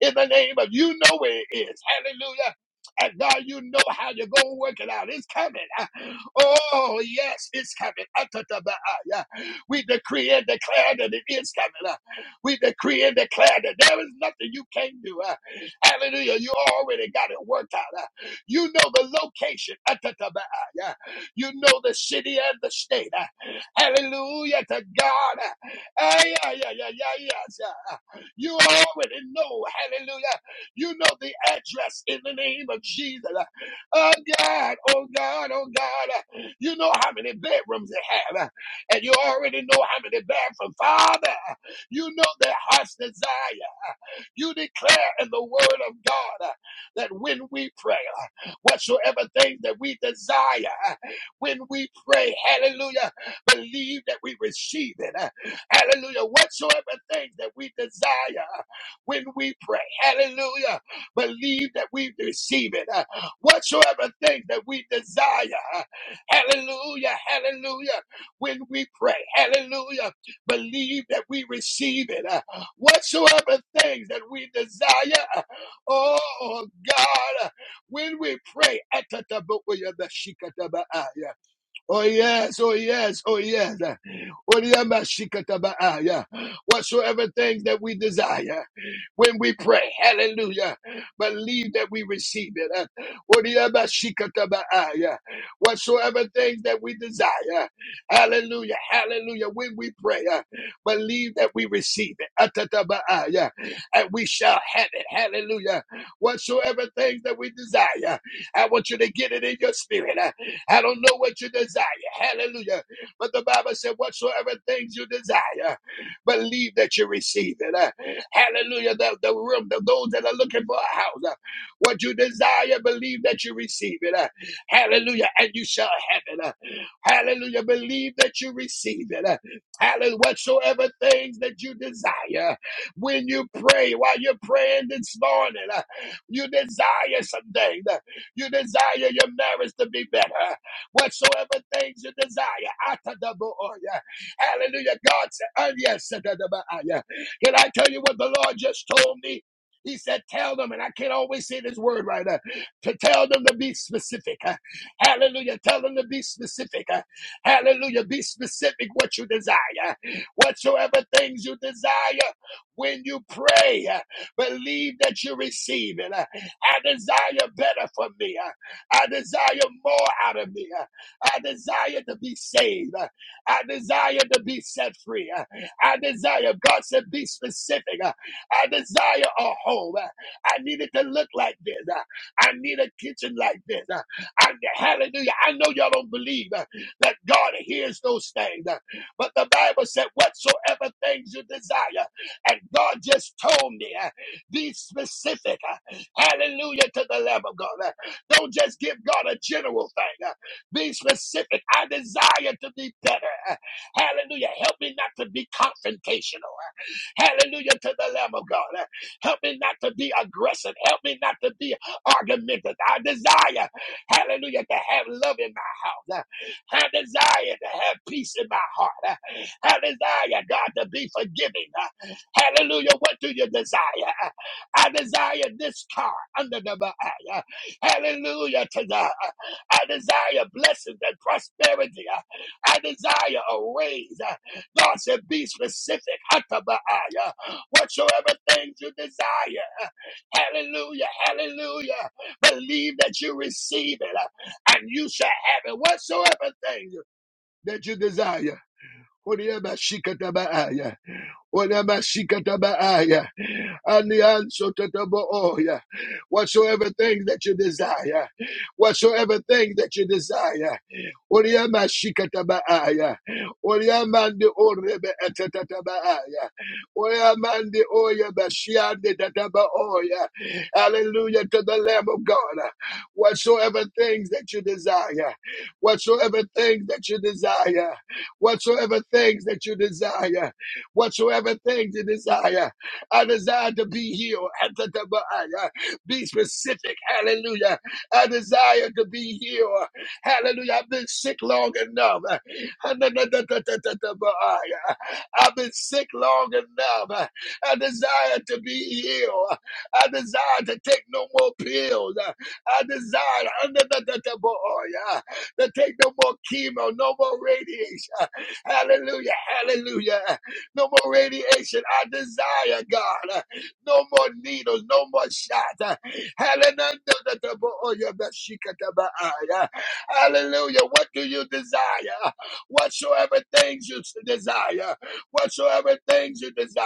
In the name of you know where it is. Hallelujah. And God, you know how you're going to work it out. It's coming. Oh, yes, it's coming. Atatabaaya. We decree and declare that it is coming. We decree and declare that there is nothing you can't do. Hallelujah. You already got it worked out. You know the location. You know the city and the state. uh. Hallelujah to God. Ay, ay, ay, ay, ay, yes. uh, uh. You already know. Hallelujah. You know the address in the name of Jesus. uh. Oh God, oh God, oh God. uh. You know how many bedrooms it have. uh. And you already know how many bathrooms. Father, uh, you know their heart's desire. You declare in the word of God uh, that when we pray, uh, whatsoever things that we desire, uh, when we pray, hallelujah, believe that we receive it. uh, Hallelujah. Whatsoever things that we desire, uh, when we pray, hallelujah, believe that we receive it. uh, Whatsoever things that we desire, uh, hallelujah, hallelujah, when we pray, hallelujah, believe that we receive it. Uh, whatsoever things that we desire. Oh God, when we pray, Oh yes, oh yes, oh yes. Whatsoever things that we desire when we pray, hallelujah. Believe that we receive it. Whatsoever things that we desire, hallelujah, hallelujah. When we pray, uh, believe that we receive it. Atatabaya. And we shall have it. Hallelujah. Whatsoever things that we desire, I want you to get it in your spirit. Uh, I don't know what you desire. Hallelujah. But the Bible said, whatsoever things you desire, believe that you receive it. Uh, hallelujah. The, the room, the, those that are looking for a house, uh, what you desire, believe that you receive it. Uh, hallelujah. And you shall have it. Uh, hallelujah. Believe that you receive it. Uh, hallelujah. Whatsoever things that you desire, when you pray, while you're praying this morning, uh, you desire something. you desire your marriage to be better whatsoever things you desire. Atadabooya. Hallelujah. God said, "Oh yes. atadabaaya. Can I tell you what the Lord just told me? He said, Tell them, and I can't always say this word right, uh, to tell them to be specific. uh, hallelujah. Tell them to be specific. uh, hallelujah. Be specific what you desire. Whatsoever things you desire when you pray, uh, believe that you receive it. uh, I desire better for me. uh, I desire more out of me. Uh, I desire to be saved. I desire to be set free. I desire, God said, be specific. I desire a home. I need it to look like this. I need a kitchen like this. I, hallelujah. I know y'all don't believe that God hears those things, but the Bible said, whatsoever things you desire. And God just told me, be specific. Hallelujah to the Lamb of God. Don't just give God a general thing. Be specific. I desire to be better. Hallelujah. Help me not to be confrontational. Hallelujah to the Lamb of God. Help me not to be aggressive. Help me not to be argumentative. I desire, hallelujah, to have love in my house. I desire to have peace in my heart. I desire, God, to be forgiving. Hallelujah. What do you desire? I desire this car under the Messiah. Hallelujah to God. I desire blessings and prosperity. I desire a raise. God said, be specific. Hataba'aya. Whatsoever things you desire. Hallelujah. Hallelujah. Believe that you receive it and you shall have it. Whatsoever things that you desire. Onamashikatabaaya. And the answer to the Booya. Whatsoever thing that you desire, whatsoever thing that you desire. Oriamashikatabaaya. Oriamande orebe etatatabaaya. Oriamande oyabashiande tatabaoya. Hallelujah to the Lamb of God. Whatsoever things that you desire, whatsoever things that you desire, whatsoever things that you desire whatsoever things you desire. I desire to be healed. Atatabaaya. Be specific. Hallelujah. I desire to be healed. Hallelujah. I've been sick long enough. Hananatatatabaya. I've been sick long enough. I desire to be healed. I desire to take no more pills. I desire hananatataboya, to take no more chemo, no more radiation. Hallelujah. Hallelujah. No more radiation. I desire, God. No more needles. No more shots. Hallelujah. What do you desire? Whatsoever things you desire. Whatsoever things you desire.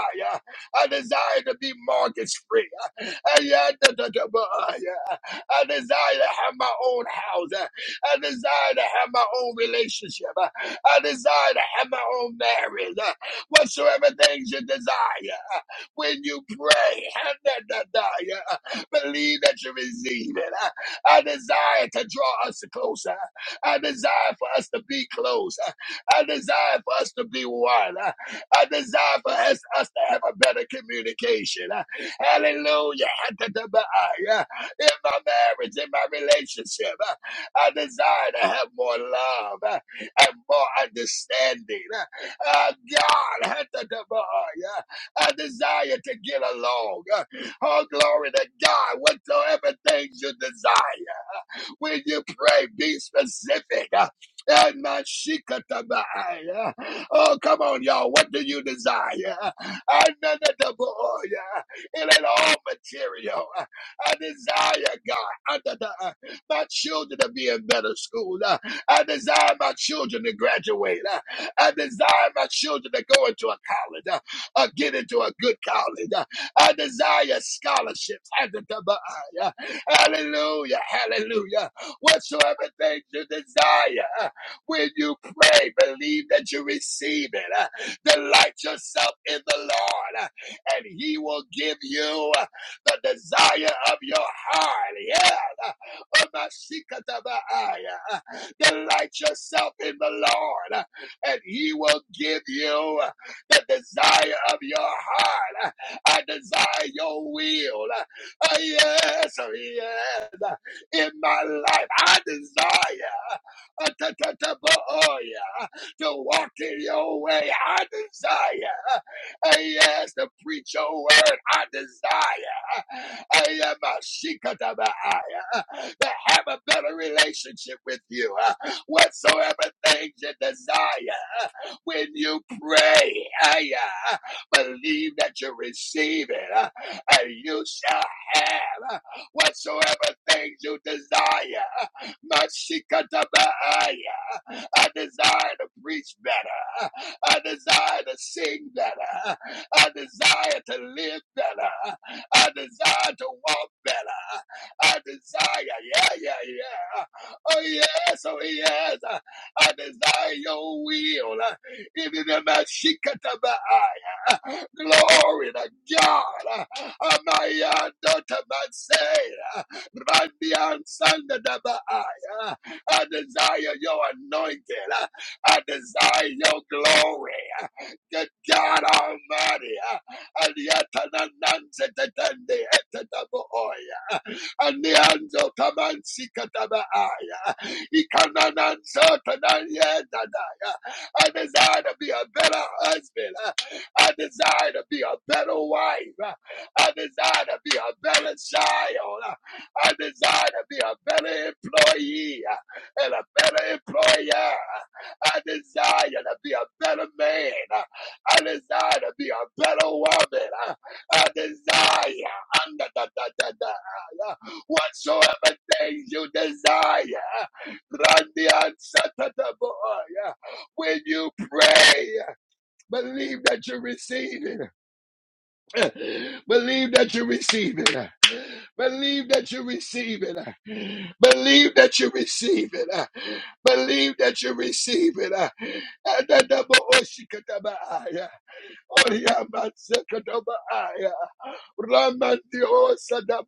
I desire to be mortgage free. I desire to have my own house. I desire to have my own relationship. I desire to have my own marriage whatsoever things you desire. When you pray, believe that you receive it. I desire to draw us closer. I desire for us to be close. I desire for us to be one. I desire for us, us to have a better communication. Hallelujah. In my marriage, in my relationship, I desire to have more love and more understanding. Uh, God, hatadabaaya. I desire to get along. Uh, Oh, glory to God, whatsoever things you desire. When you pray, be specific. Uh, Oh, come on, y'all. What do you desire? I know that the boy, uh, It ain't all material. Ah, I desire, God, under the, uh, my children to be in better school. Uh, I desire my children to graduate. Uh, I desire my children to go into a college uh, or get into a good college. Uh, I desire scholarships. uh, Hallelujah, hallelujah whatsoever things you desire. When you pray, believe that you receive it. Uh, Delight yourself in the Lord, uh, and He will give you uh, the desire of your heart. Yeah. Uh, Omashikatabaaya. Uh, Delight yourself in the Lord, uh, and He will give you uh, the desire of your heart. Uh, I desire your will. Oh yes, oh, yes in my life. I desire uh, oh, yeah, to walk in your way. I desire. Hey, Yes, to preach your word. I desire. I am a shikatabaaya, to have a better relationship with you. Whatsoever things you desire, when you pray, I believe that you receive it, and you shall have whatsoever things you desire. Mashikatabaaya. I desire to preach better. I desire to sing better. I desire to live better. I desire to walk better. I desire, yeah, yeah, yeah. Oh, yes, oh, yes. I desire your will. Even In the Mashikatabai. Glory to God. Amaya daughter Mansay. Randian Sandadabai. I desire your anointing. I desire your glory. Good God Almighty. Aliatanananzetetende etetabo Anianzo tamansi katabaaya. Ikanananzo tanayedadaya. I desire to be a better husband. I desire to be a better wife. I desire to be a better child. I desire to be a better employee and a better employer. I desire to be a better man. I desire to be a better woman. I desire whatsoever things you desire. Randy and Satataboya. When you pray, believe that you receive it. Believe that you receive it. Believe that you receive it. Believe that you receive it. Believe that you receive it. Atataboshikatabaya. Oriamatsekataboaya. Ramandio Sadabaaya,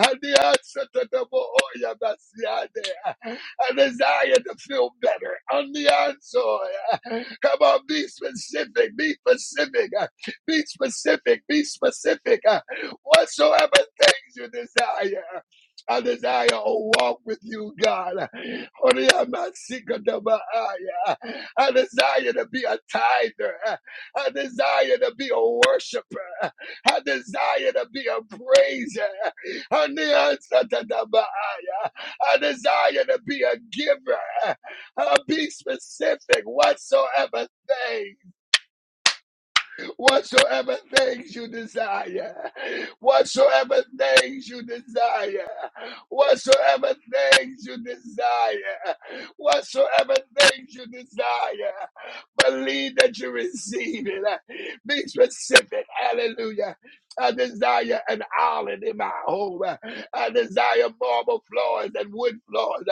Adiasa Tataboya Basiade, a desire to feel better. On the answer, come on, be specific, be specific, be specific, be specific. Whatsoever things you desire. I desire a walk with you, God. Oriamasikadabaaya. I desire to be a tither. I desire to be a worshiper. I desire to be a praiser. And the answer to the Baha'i, I desire to be a giver. Uh, be specific whatsoever thing whatsoever things you desire, whatsoever things you desire, whatsoever things you desire, whatsoever things you desire, believe that you receive it. Be specific. Hallelujah. I desire an island in my home. I desire marble floors and wood floors.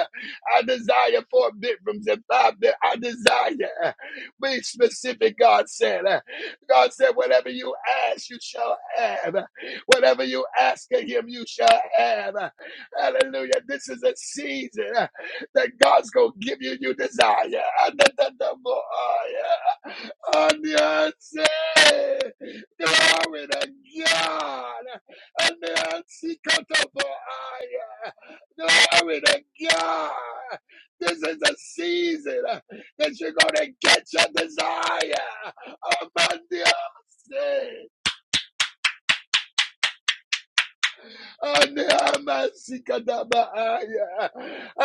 I desire four bedrooms and five bed. I desire. Be specific, God said. God said, whatever you ask, you shall have. Whatever you ask of him, you shall have. Hallelujah. This is a season uh, that God's going to give you your desire. Ah, da, da, da, bo- ah, yeah. On the answer. Glory to God. On the answer, cut up, bo- ah, yeah. Glory to God. This is a season uh, that you're going to get your desire. Amandia say, and I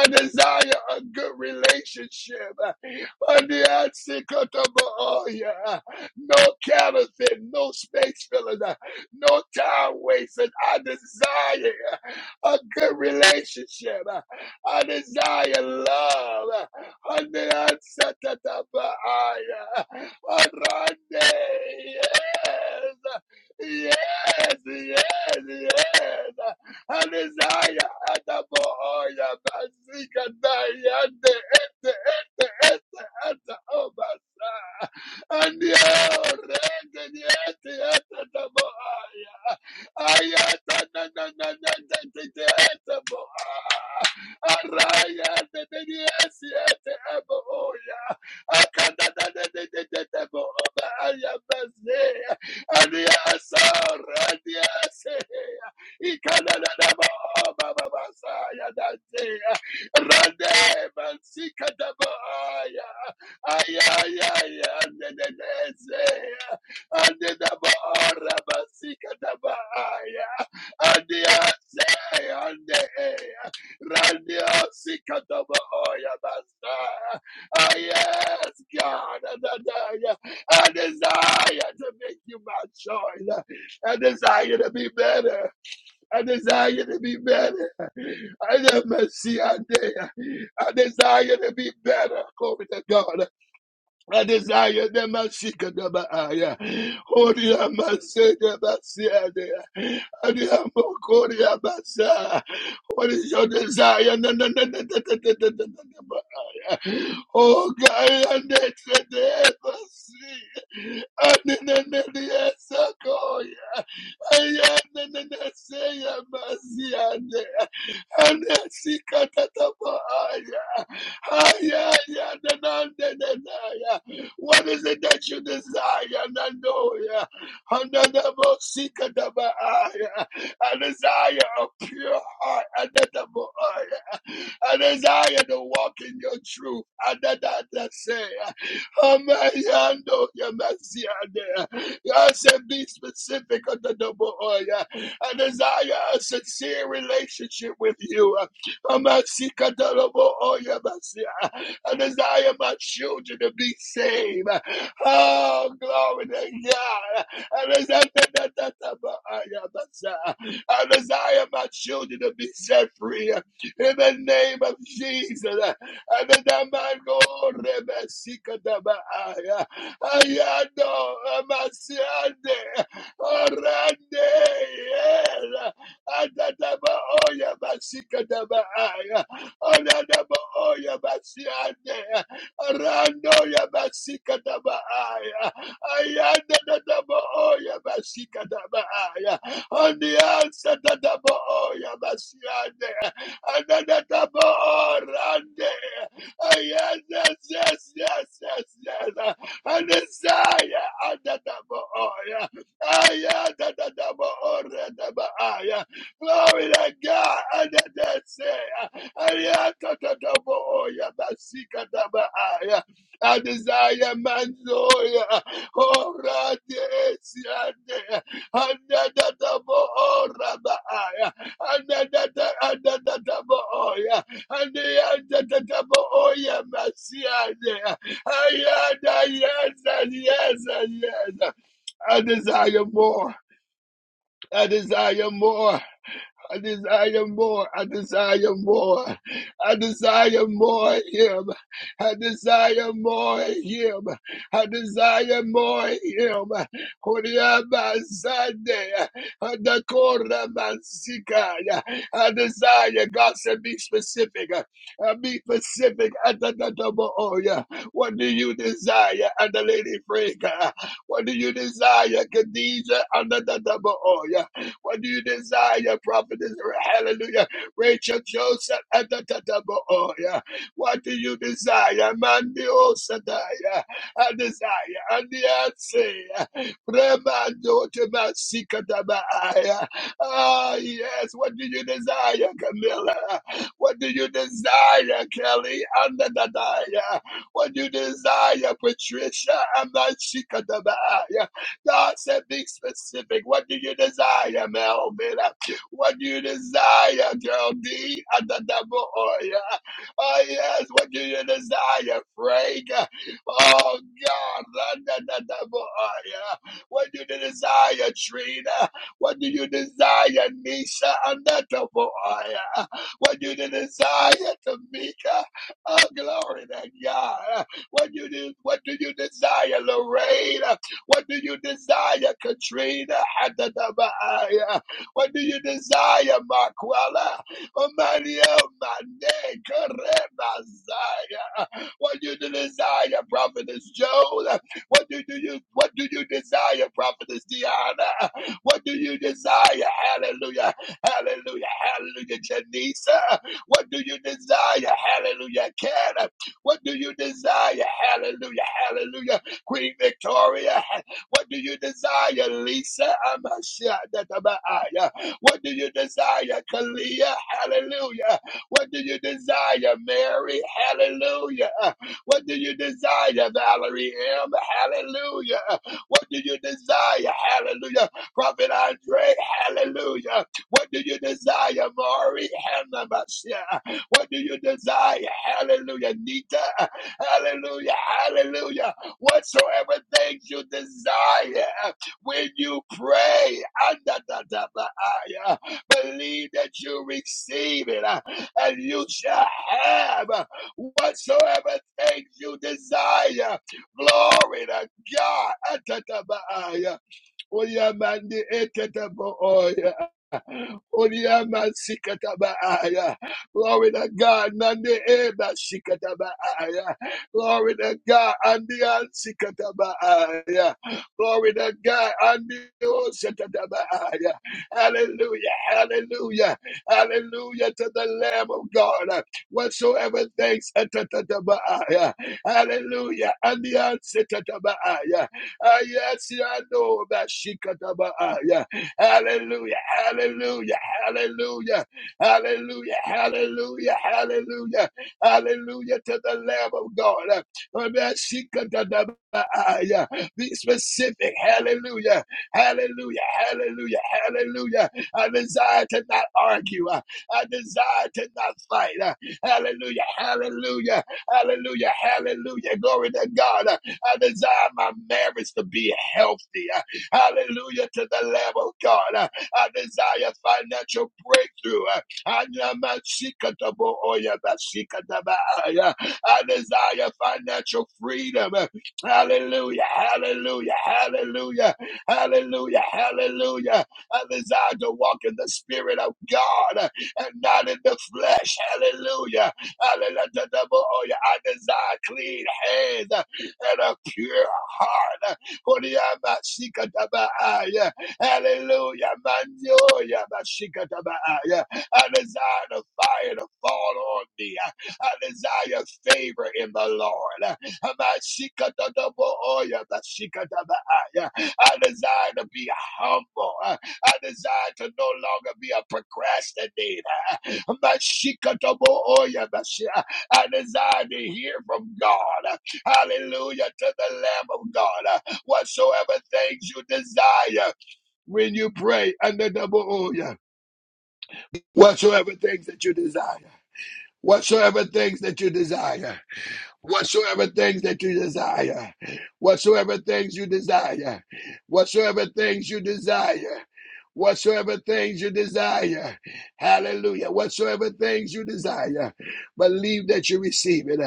desire a good relationship. And the Ansikotoboya, no counterfeit, no space fillers, no time wasted. I desire a good relationship. I desire love. And the Ansikotoboya, Arande, yes. Yes, yes, yes. Alizaya Adamoya Basika Dayande Ete Ete Ete Ete Obas. And your Regen Yeti Ete Adamoya. Ayaya, Ande daba ora basika daba aya. Ande ase ande aya. Rande asika daba oya basa. Ah, yes, God. I desire to make you my choice. I desire to be better. I desire to be better. I never see a day. I desire to be better. Glory to God. I desire the Masika Dabaya. Horia Masika Basiade. Adia Mokoria Basa. What is your desire? Na- na- na- na- na- na- na- na- na- na- na- na- Oh, God, I need to never see. I need to never see. What is it that you desire? Nandoya. Ananabosikatabaaya. A desire of pure heart. Anataboaya. A desire to walk in your truth. Ananadasea. Amayando Yamasiade. God said, be specific on the double oil. I desire a sincere relationship with you. Amasika double oil, Yamasia. I desire my children to be saved. Oh, glory to God. I desire, I desire my children to be set free in the name of Jesus. Anadamago rebesikadabaaya. Ayado amasiande. Orande. yera. Adadaba oya basikadabaaya. Anadaba oya basiande. Orando ya basikadabaaya. Ayadadadaba oya basikadabaaya on the answer that the boy Yamasiande, and that the boy Rande. Yes, yes, yes, yes, yes, yes. And the desire and that the boy. I am that the boy and the boy. Glory to God and that say. I am that the boy and the sick and the boy. I desire man's oil. Oh, right, yes, yes. Yes, yes, yes. I desire more. I desire more. I desire more. I desire more. I desire more of Him. I desire more of Him. I desire more of Him. Kuriaba Sunday. Adakora Mansikaya. I desire, God said, be specific. Uh, Be specific. Atatatabooya. What do you desire? And the lady Freka. What do you desire? Khadija. Atatatabooya. What do you desire, prophetess? Hallelujah. Rachel Joseph. ah, ta, ta, ta, bo, oh, yeah. What do you desire? Mandi Osadaya. I desire. And the answer. Remando to Masikatabaya. Ah, yes. What do you desire, Camilla? What do you desire, Kelly? And the Dadaya. What do you desire, Patricia? And the God said, be specific. What do you desire, Mel? What do you desire, girl D? At the double oil. Oh, yeah. Oh, yes. What do you desire, Frank? Oh, God. At the double oil. What do you desire, Trina? What do you desire, Nisha? At the double oil. What do you desire, Tamika? Oh, glory to God. What do you, what do you desire, Lorraine? What do you desire, Katrina? Adadabaaya. What do you desire, Makwala? Omalia Mane Karemazaya. What do you desire, Prophetess Joan? What do, you what do you desire, Prophetess Diana? What do you desire? Hallelujah. Hallelujah. Hallelujah. Janisa. What do you desire? Hallelujah. Canada. What do you desire? Hallelujah. Hallelujah. Queen Victoria. What do you desire, Lisa? Amashadatabaya. What do you desire, Kalia? Hallelujah. What do you desire, Mary? Hallelujah. What do you desire, Valerie M? Hallelujah. What do you desire? Hallelujah. Prophet Andre, hallelujah. What do you desire, Maury? Hanamashia. What do you desire? Hallelujah. Nita, hallelujah. Hallelujah whatsoever things you desire when you pray. Believe that you receive it uh, and you shall have uh, whatsoever things you desire. Glory to God. Odiama sikatabaaya. Glory to God. Nande eba sikatabaaya. Glory to God. Andian sikatabaaya. Glory to God. Andio sikatabaaya. Hallelujah. Hallelujah. Hallelujah to the Lamb of God. Whatsoever thanks. atatatabaya. Hallelujah. Andian sikatabaaya. Ah, Yes, I know that sikatabaaya. Hallelujah. Hallelujah. Hallelujah. Hallelujah. Hallelujah. Hallelujah. Hallelujah to the Lamb of God. Be specific. Hallelujah. Hallelujah. Hallelujah. Hallelujah. I desire to not argue. I desire to not fight. Hallelujah. Hallelujah. Hallelujah. Hallelujah. Glory to God. I desire my marriage to be healthy. Hallelujah to the Lamb of God. Uh, I desire financial breakthrough. Uh, I desire financial freedom. Uh, Hallelujah, hallelujah, hallelujah, hallelujah, hallelujah. I desire to walk in the Spirit of God uh, and not in the flesh. Hallelujah, hallelujah. I desire clean hands uh, and a pure heart. Koriaba Sikatabaaya. Hallelujah. Mandio Yabashikatabaaya. I desire the fire to fall on me. I desire favor in the Lord. Hamashikataboya Bashikatabaaya. I desire to be humble. I desire to no longer be a procrastinator. Hamashikataboya Bashi- I desire to hear from God. Hallelujah to the Lamb of God whatsoever things you desire when you pray under double O, yeah. whatsoever things that you desire, whatsoever things that you desire whatsoever things that you desire, whatsoever things you desire, whatsoever things you desire. Whatsoever things you desire, hallelujah. Whatsoever things you desire, believe that you receive it.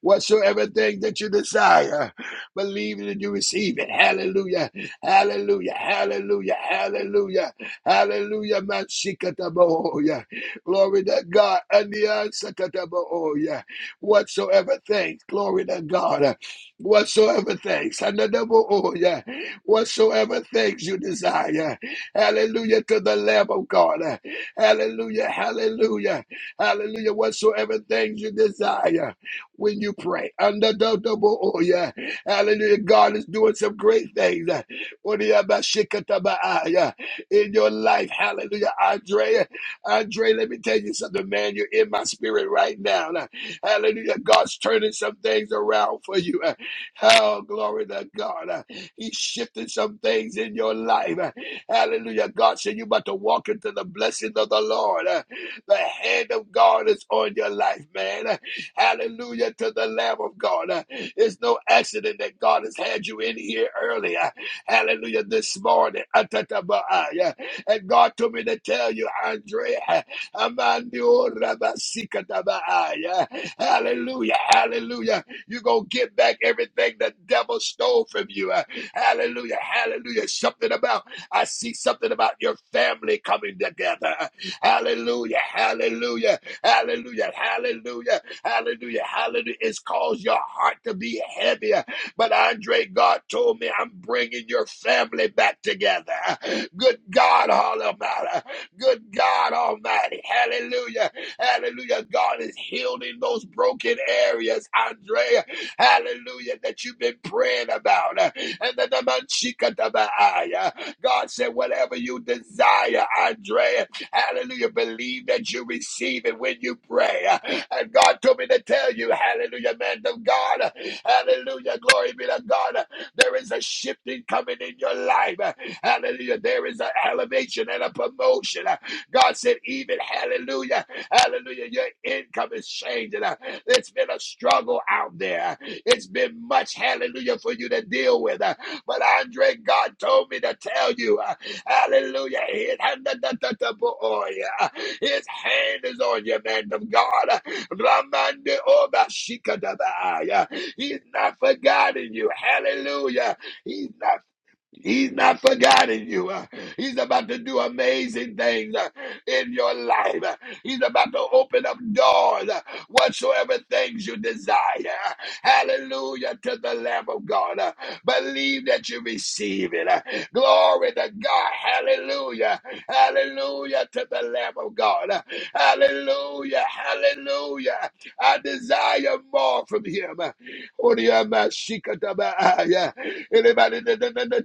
Whatsoever things that you desire, believe that you receive it. Hallelujah, hallelujah, hallelujah, hallelujah, hallelujah. Matsikataboya. Glory to God. and the Andiansakataboya whatsoever things. Glory to God. Whatsoever things. And the devil, oh yeah. Whatsoever things you desire. Hallelujah to the Lamb of God. Hallelujah. Hallelujah. Hallelujah. Whatsoever things you desire when you pray. Under the double, oh yeah. Hallelujah. God is doing some great things. Oh, yeah, ba- shikata ba- ah, yeah. In your life. Hallelujah. Andrea. Andre, let me tell you something, man. You're in my spirit right now. Hallelujah. God's turning some things around for you. Oh, glory to God. Uh, He's shifting some things in your life. Uh, Hallelujah. God said you're about to walk into the blessing of the Lord. Uh, The hand of God is on your life, man. Uh, Hallelujah to the Lamb of God. Uh, It's no accident that God has had you in here earlier. Hallelujah. This morning. Yeah. And God told me to tell you, Andre. Amandio rabasikatabaaya. Hallelujah. Hallelujah. You're going to get back everything the devil stole from you. Uh, Hallelujah. Hallelujah. Something about, I see something about your family coming together. Hallelujah. Hallelujah. Hallelujah. Hallelujah. Hallelujah. Hallelujah. It's caused your heart to be heavier. But Andre, God told me I'm bringing your family back together. Good God, Hallelujah. Good God Almighty. Hallelujah. Hallelujah. God is healed in those broken areas, Andrea. Hallelujah. That you've been praying about. And the Namanchikatabaaya. God said, whatever you desire, Andrea. Hallelujah. Believe that you receive it when you pray. And God told me to tell you, hallelujah, man of God. Hallelujah. Glory be to God. There is a shifting coming in your life. Hallelujah. There is an elevation and a promotion. God said, even hallelujah, hallelujah, your income is changing. It's been a struggle out there. It's been much hallelujah for you to deal with. But Andre, God told me to tell you, hallelujah, his hand, is on you, man of God. He's not forgotten you. Hallelujah. He's not He's not forgotten you. Uh, He's about to do amazing things uh, in your life. Uh, He's about to open up doors, uh, whatsoever things you desire. Hallelujah to the Lamb of God. Uh, Believe that you receive it. Uh, Glory to God. Hallelujah. Hallelujah to the Lamb of God. Uh, Hallelujah. Hallelujah. I desire more from Him. Uh, Oriyamashikataba, yeah. Anybody da- da- da- da-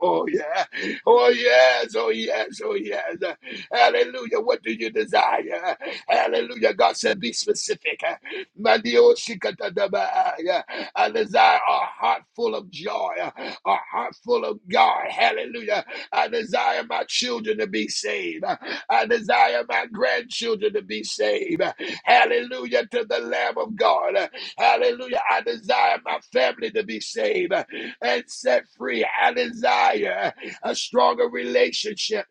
Oh yeah. Oh yes. Oh yes. Oh yes. Hallelujah. What do you desire? Hallelujah. God said, be specific. Mandio shikatadaba, yeah. I desire a heart full of joy, a heart full of God. Hallelujah. I desire my children to be saved. I desire my grandchildren to be saved. Hallelujah to the Lamb of God. Hallelujah. I desire my family to be saved and set free. I desire a stronger relationship.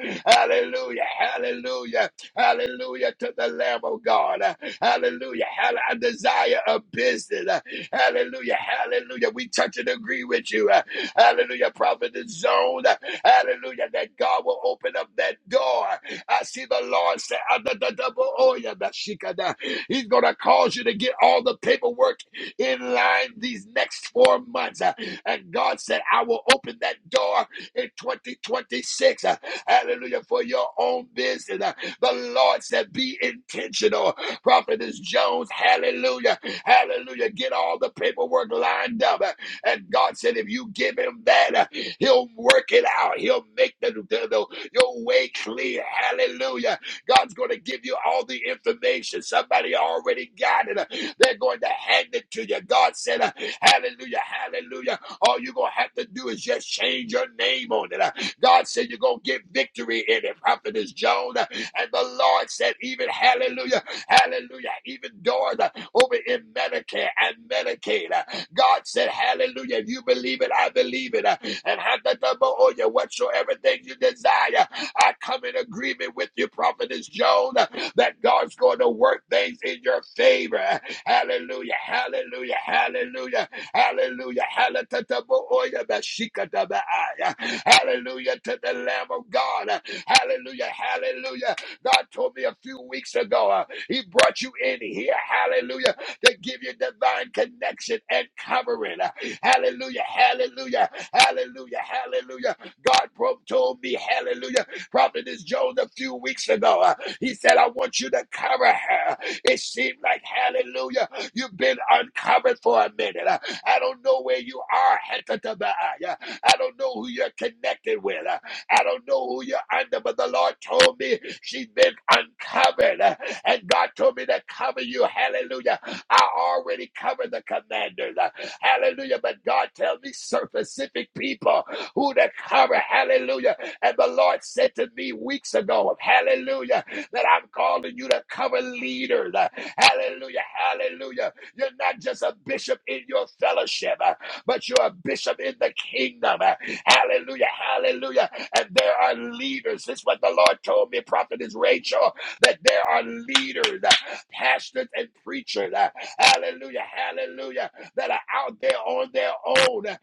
Hallelujah. Hallelujah. Hallelujah to the Lamb of God. Hallelujah. Hall- I desire a business. Hallelujah. Hallelujah. We touch and agree with you. Hallelujah. Prophet is zone. Hallelujah. That God will open up that door. I see the Lord say, "Ah, da, da, da, bo- oh, yeah, da, shika, da." He's going to cause you to get all the paperwork in line these next four months. Uh, And God said, I will open that door in 2026. Uh, Hallelujah. For your own business. Uh, The Lord said, Be intentional. Prophetess Jones, hallelujah. Hallelujah. Get all the paperwork lined up. Uh, And God said, If you give him that, uh, he'll work it out. He'll make the, the, the your way clear. Hallelujah. God's going to give you all the information. Somebody already got it. They're going to hand it to you. God said, uh, Hallelujah, hallelujah. All you're going to have to do is just change your name on it. Uh, God said, You're going to get victory in it. Prophetess Joan. uh, And the Lord said, Even hallelujah, hallelujah, even doors uh, over in Medicare and Medicaid. God said, Hallelujah. If you believe it, I believe it. Uh, And have the double on you, whatsoever thing you desire. I come in agreement with you, Prophetess Joan, uh, that God's going to work things in your favor. Hallelujah. Hallelujah. Hallelujah. Hallelujah. Hallelujah. Bashikatabaaya. Hallelujah to the Lamb of God. Uh, Hallelujah. Hallelujah. God told me a few weeks ago, uh, He brought you in here. Hallelujah to give you divine connection and covering. Hallelujah, hallelujah, hallelujah, hallelujah. God pro- told me, hallelujah, Prophetess Jones a few weeks ago, uh, he said, I want you to cover her. It seemed like, hallelujah, you've been uncovered for a minute. Uh, I don't know where you are. Hekatabaaya. I don't know who you're connected with. Uh, I don't know who you're under, but the Lord told me she's been uncovered. Uh, And God told me to cover you. Hallelujah I already covered the commanders. Uh, Hallelujah. But God tells me certain specific people who to cover. Hallelujah. And the Lord said to me weeks ago, hallelujah, that I'm calling you to cover leaders. Uh, Hallelujah. Hallelujah. You're not just a bishop in your fellowship, uh, but you're a bishop in the kingdom. Uh, Hallelujah. Hallelujah. And there are leaders. This is what the Lord told me, Prophetess Rachel, that there are leaders pastors and preachers, uh, hallelujah, hallelujah, that are out there on their own, uh,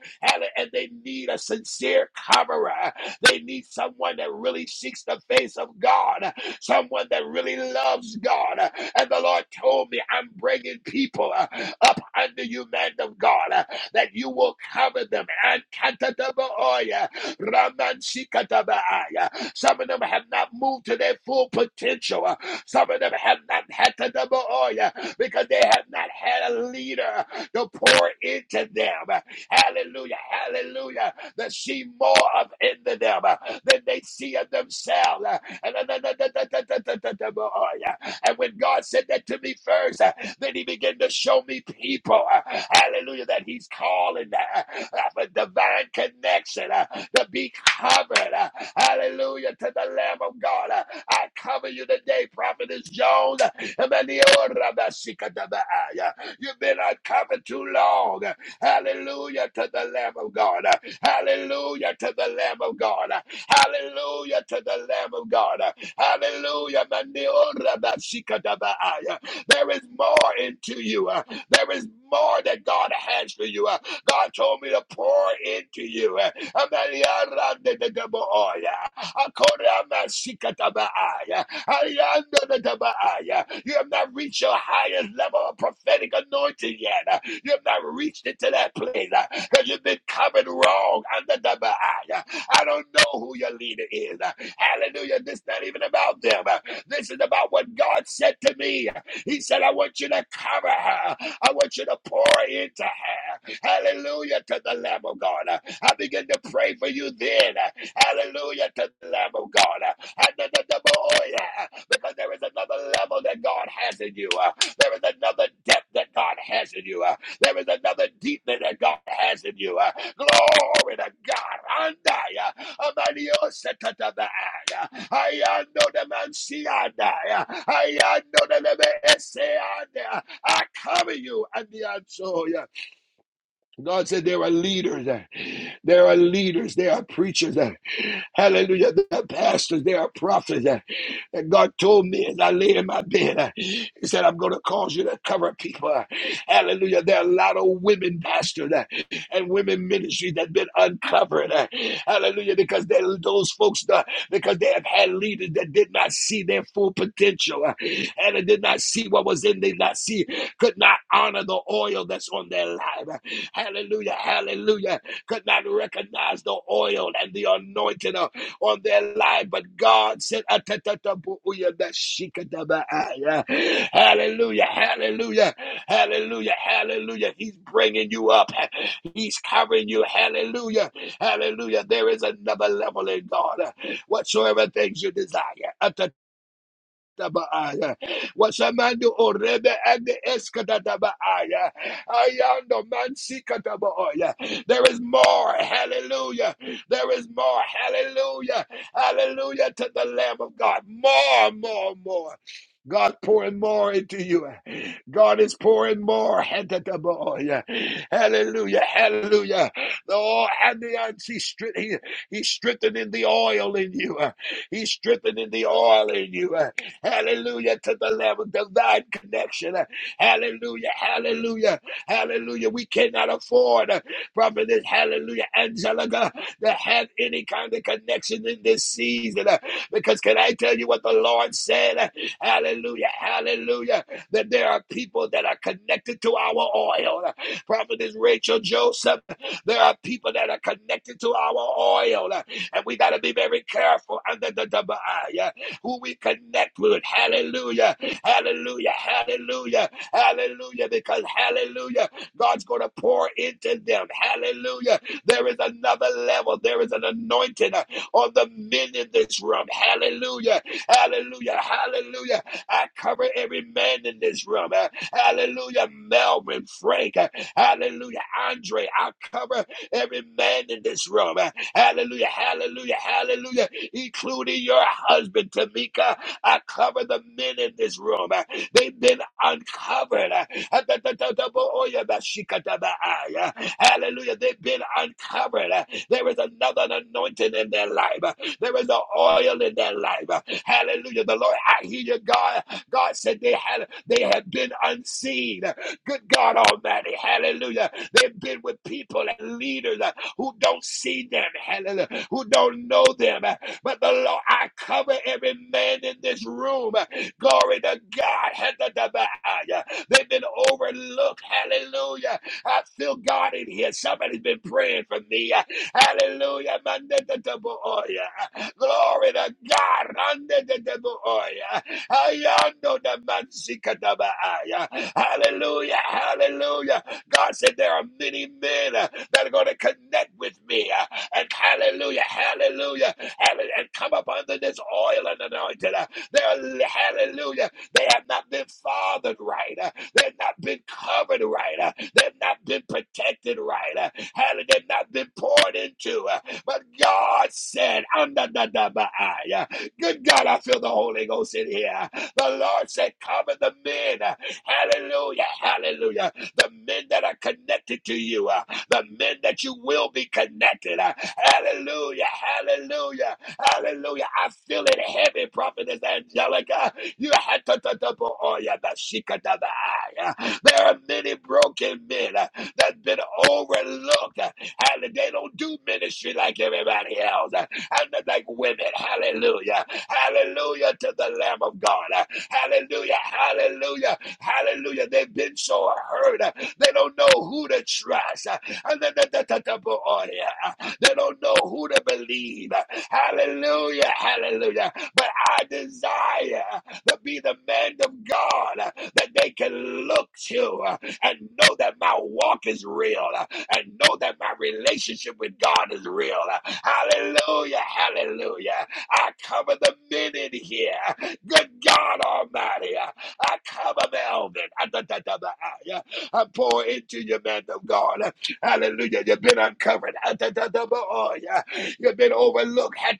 and they need a sincere coverer. Uh, They need someone that really seeks the face of God, uh, someone that really loves God. Uh, And the Lord told me, I'm bringing people uh, up under you, man of God, uh, that you will cover them. And Some of them have not moved to their full potential. uh, some of them have not had the double oil because they have not had a leader to pour into them. Hallelujah. Hallelujah. They see more of into them than they see of themselves. And when God said that to me first, then he began to show me people. Hallelujah. That he's calling uh, uh, for divine connection. uh, to be covered. Uh, Hallelujah to the Lamb of God. Uh, I cover you today, Prophetess Jones. Uh, You've been uncovered too long. Uh, Hallelujah to the Lamb of God. Uh, Hallelujah to the Lamb of God. Uh, Hallelujah to the Lamb of God. Uh, Hallelujah. There is more into you. There is more that God has for you. Uh, God told me to pour into you. Uh, you have not reached your highest level of prophetic anointing yet. Uh, You have not reached it to that place because uh, you've been covered wrong under the Baal. I don't know who your leader is. Uh, Hallelujah. This is not even about them. Uh, This is about what God said to me. He said, I want you to cover her. I want you to pour into her. Hallelujah to the Lamb of God. I begin to pray for you then. Hallelujah to the Lamb of God. oh yeah, because there is another level that God has in you. There is another depth that God has in you. There is another deepness that God has in you. Glory to God. Andaya. Amanio Sekatabaya. I know the man Siada. I die. I know the Lebe Esseada. I die. I cover you and the answer. God said there are leaders, uh, there are leaders, there are preachers, uh, hallelujah, there are pastors, there are prophets. uh, And God told me as I lay in my bed, uh, He said, I'm going to cause you to cover people. uh, Hallelujah. There are a lot of women pastors uh, and women ministries that have been uncovered. uh, Hallelujah. Because they're those folks, uh, because they have had leaders that did not see their full potential uh, and they did not see what was in, they did not see could not honor the oil that's on their life. Hallelujah, hallelujah. Could not recognize the oil and the anointing uh, on their life. But God said, Hallelujah, hallelujah, hallelujah, hallelujah. He's bringing you up, He's covering you. Hallelujah, hallelujah. There is another level in God. Whatsoever things you desire. Tabaaya. Wasamando orebe and the eskatatabaaya. Ayando mansikatabaaya. There is more. Hallelujah. There is more. Hallelujah. Hallelujah to the Lamb of God. More, more, more. God pouring more into you. God is pouring more. Hallelujah. Hallelujah. The oil and the he stri- he, he's strengthening the oil in you. He's strengthening the oil in you. Hallelujah. To the level of divine connection. Hallelujah. Hallelujah. Hallelujah. We cannot afford, uh, prophetess, hallelujah, Angelica, to have any kind of connection in this season. uh, Because can I tell you what the Lord said? Hallelujah. Hallelujah. That there are people that are connected to our oil. Prophetess Rachel Joseph, there are people that are connected to our oil. And we got to be very careful under the double eye who we connect with. Hallelujah. Hallelujah. Hallelujah. Hallelujah. Because hallelujah, God's going to pour into them. Hallelujah. There is another level. There is an anointing uh, on the men in this room. Hallelujah. Hallelujah. Hallelujah. I cover every man in this room. Uh, Hallelujah. Melvin, Frank. uh, Hallelujah. Andre. I cover every man in this room. Uh, Hallelujah. Hallelujah. Hallelujah. Including your husband, Tamika. I cover the men in this room. Uh, They've been uncovered. Uh, Hallelujah. They've been uncovered. There is another anointing in their life. There is an oil in their life. Hallelujah. The Lord, I hear you, God. God said they had they have been unseen. Good God Almighty. Hallelujah. They've been with people and leaders who don't see them. Hallelujah. Who don't know them. But the Lord, I cover every man in this room. Glory to God. They've been overlooked. Hallelujah. I feel God in here. Somebody's been praying for me. Hallelujah. Mandataboya. Glory to God. Mandataboya. Ayando da mansikatabaaya. Hallelujah. Hallelujah. God said there are many men uh, that are going to connect with me. uh, and hallelujah. Hallelujah. hallelujah and come up under this oil and anointing. Uh, There, are, hallelujah. They have not been fathered right. Uh, They've not been covered right. Uh, They've not been protected right. Uh, Hallelujah. They've not been poured into. Uh, But God said, I'm the the- Uh, Good God, I feel the Holy Ghost in here. The Lord said, Cover the men. Uh, Hallelujah. Hallelujah. The men that are connected to you. Uh, The men that you will be connected. Uh, Hallelujah. Hallelujah. Hallelujah. I feel it heavy, Prophetess Angelica. You had to to- to- bo- oh, yeah, but she could have, ah, yeah. There are many broken men uh, that's been overlooked. uh, Hallelujah. They don't do ministry like everybody else. uh, And they're like women. Hallelujah. Hallelujah to the Lamb of God. uh, Hallelujah. Hallelujah. Hallelujah. They've been so hurt. uh, They don't know who to trust. uh, And then the, the, the, the, oh, yeah. uh, They don't know who to believe. uh, Hallelujah. Hallelujah. But I desire to be the man of God uh, that they can look to uh, and know that my walk is real uh, and know that my relationship with God is real. uh, Hallelujah, hallelujah. I cover the men in here. Good God Almighty. uh, I cover Melvin. Ah, ah, yeah. I pour into you, man of God. Hallelujah. You've been uncovered. Ah, oh, yeah. You've been overlooked. Ah,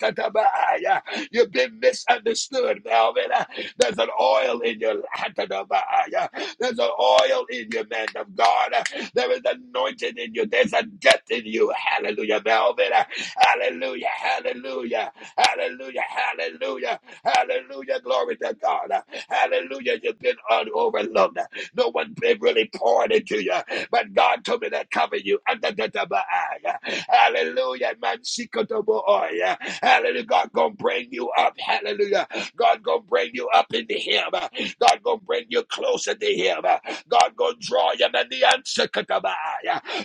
ah, yeah. You've been misunderstood, Melvin. There's an oil in your Hatadabaaya. There's an oil in you, man of God. There is anointing in you. There's a depth in you. Hallelujah, Melvin. Hallelujah, hallelujah, hallelujah, hallelujah, hallelujah. Glory to God. Hallelujah. You've been un- overlooked. No one really poured into you, but God told me to cover you. Hallelujah. Man, Hallelujah. God gonna bring you up. Hallelujah. God gonna bring you up into him. God gonna bring you closer to him. God gonna draw you to the answer.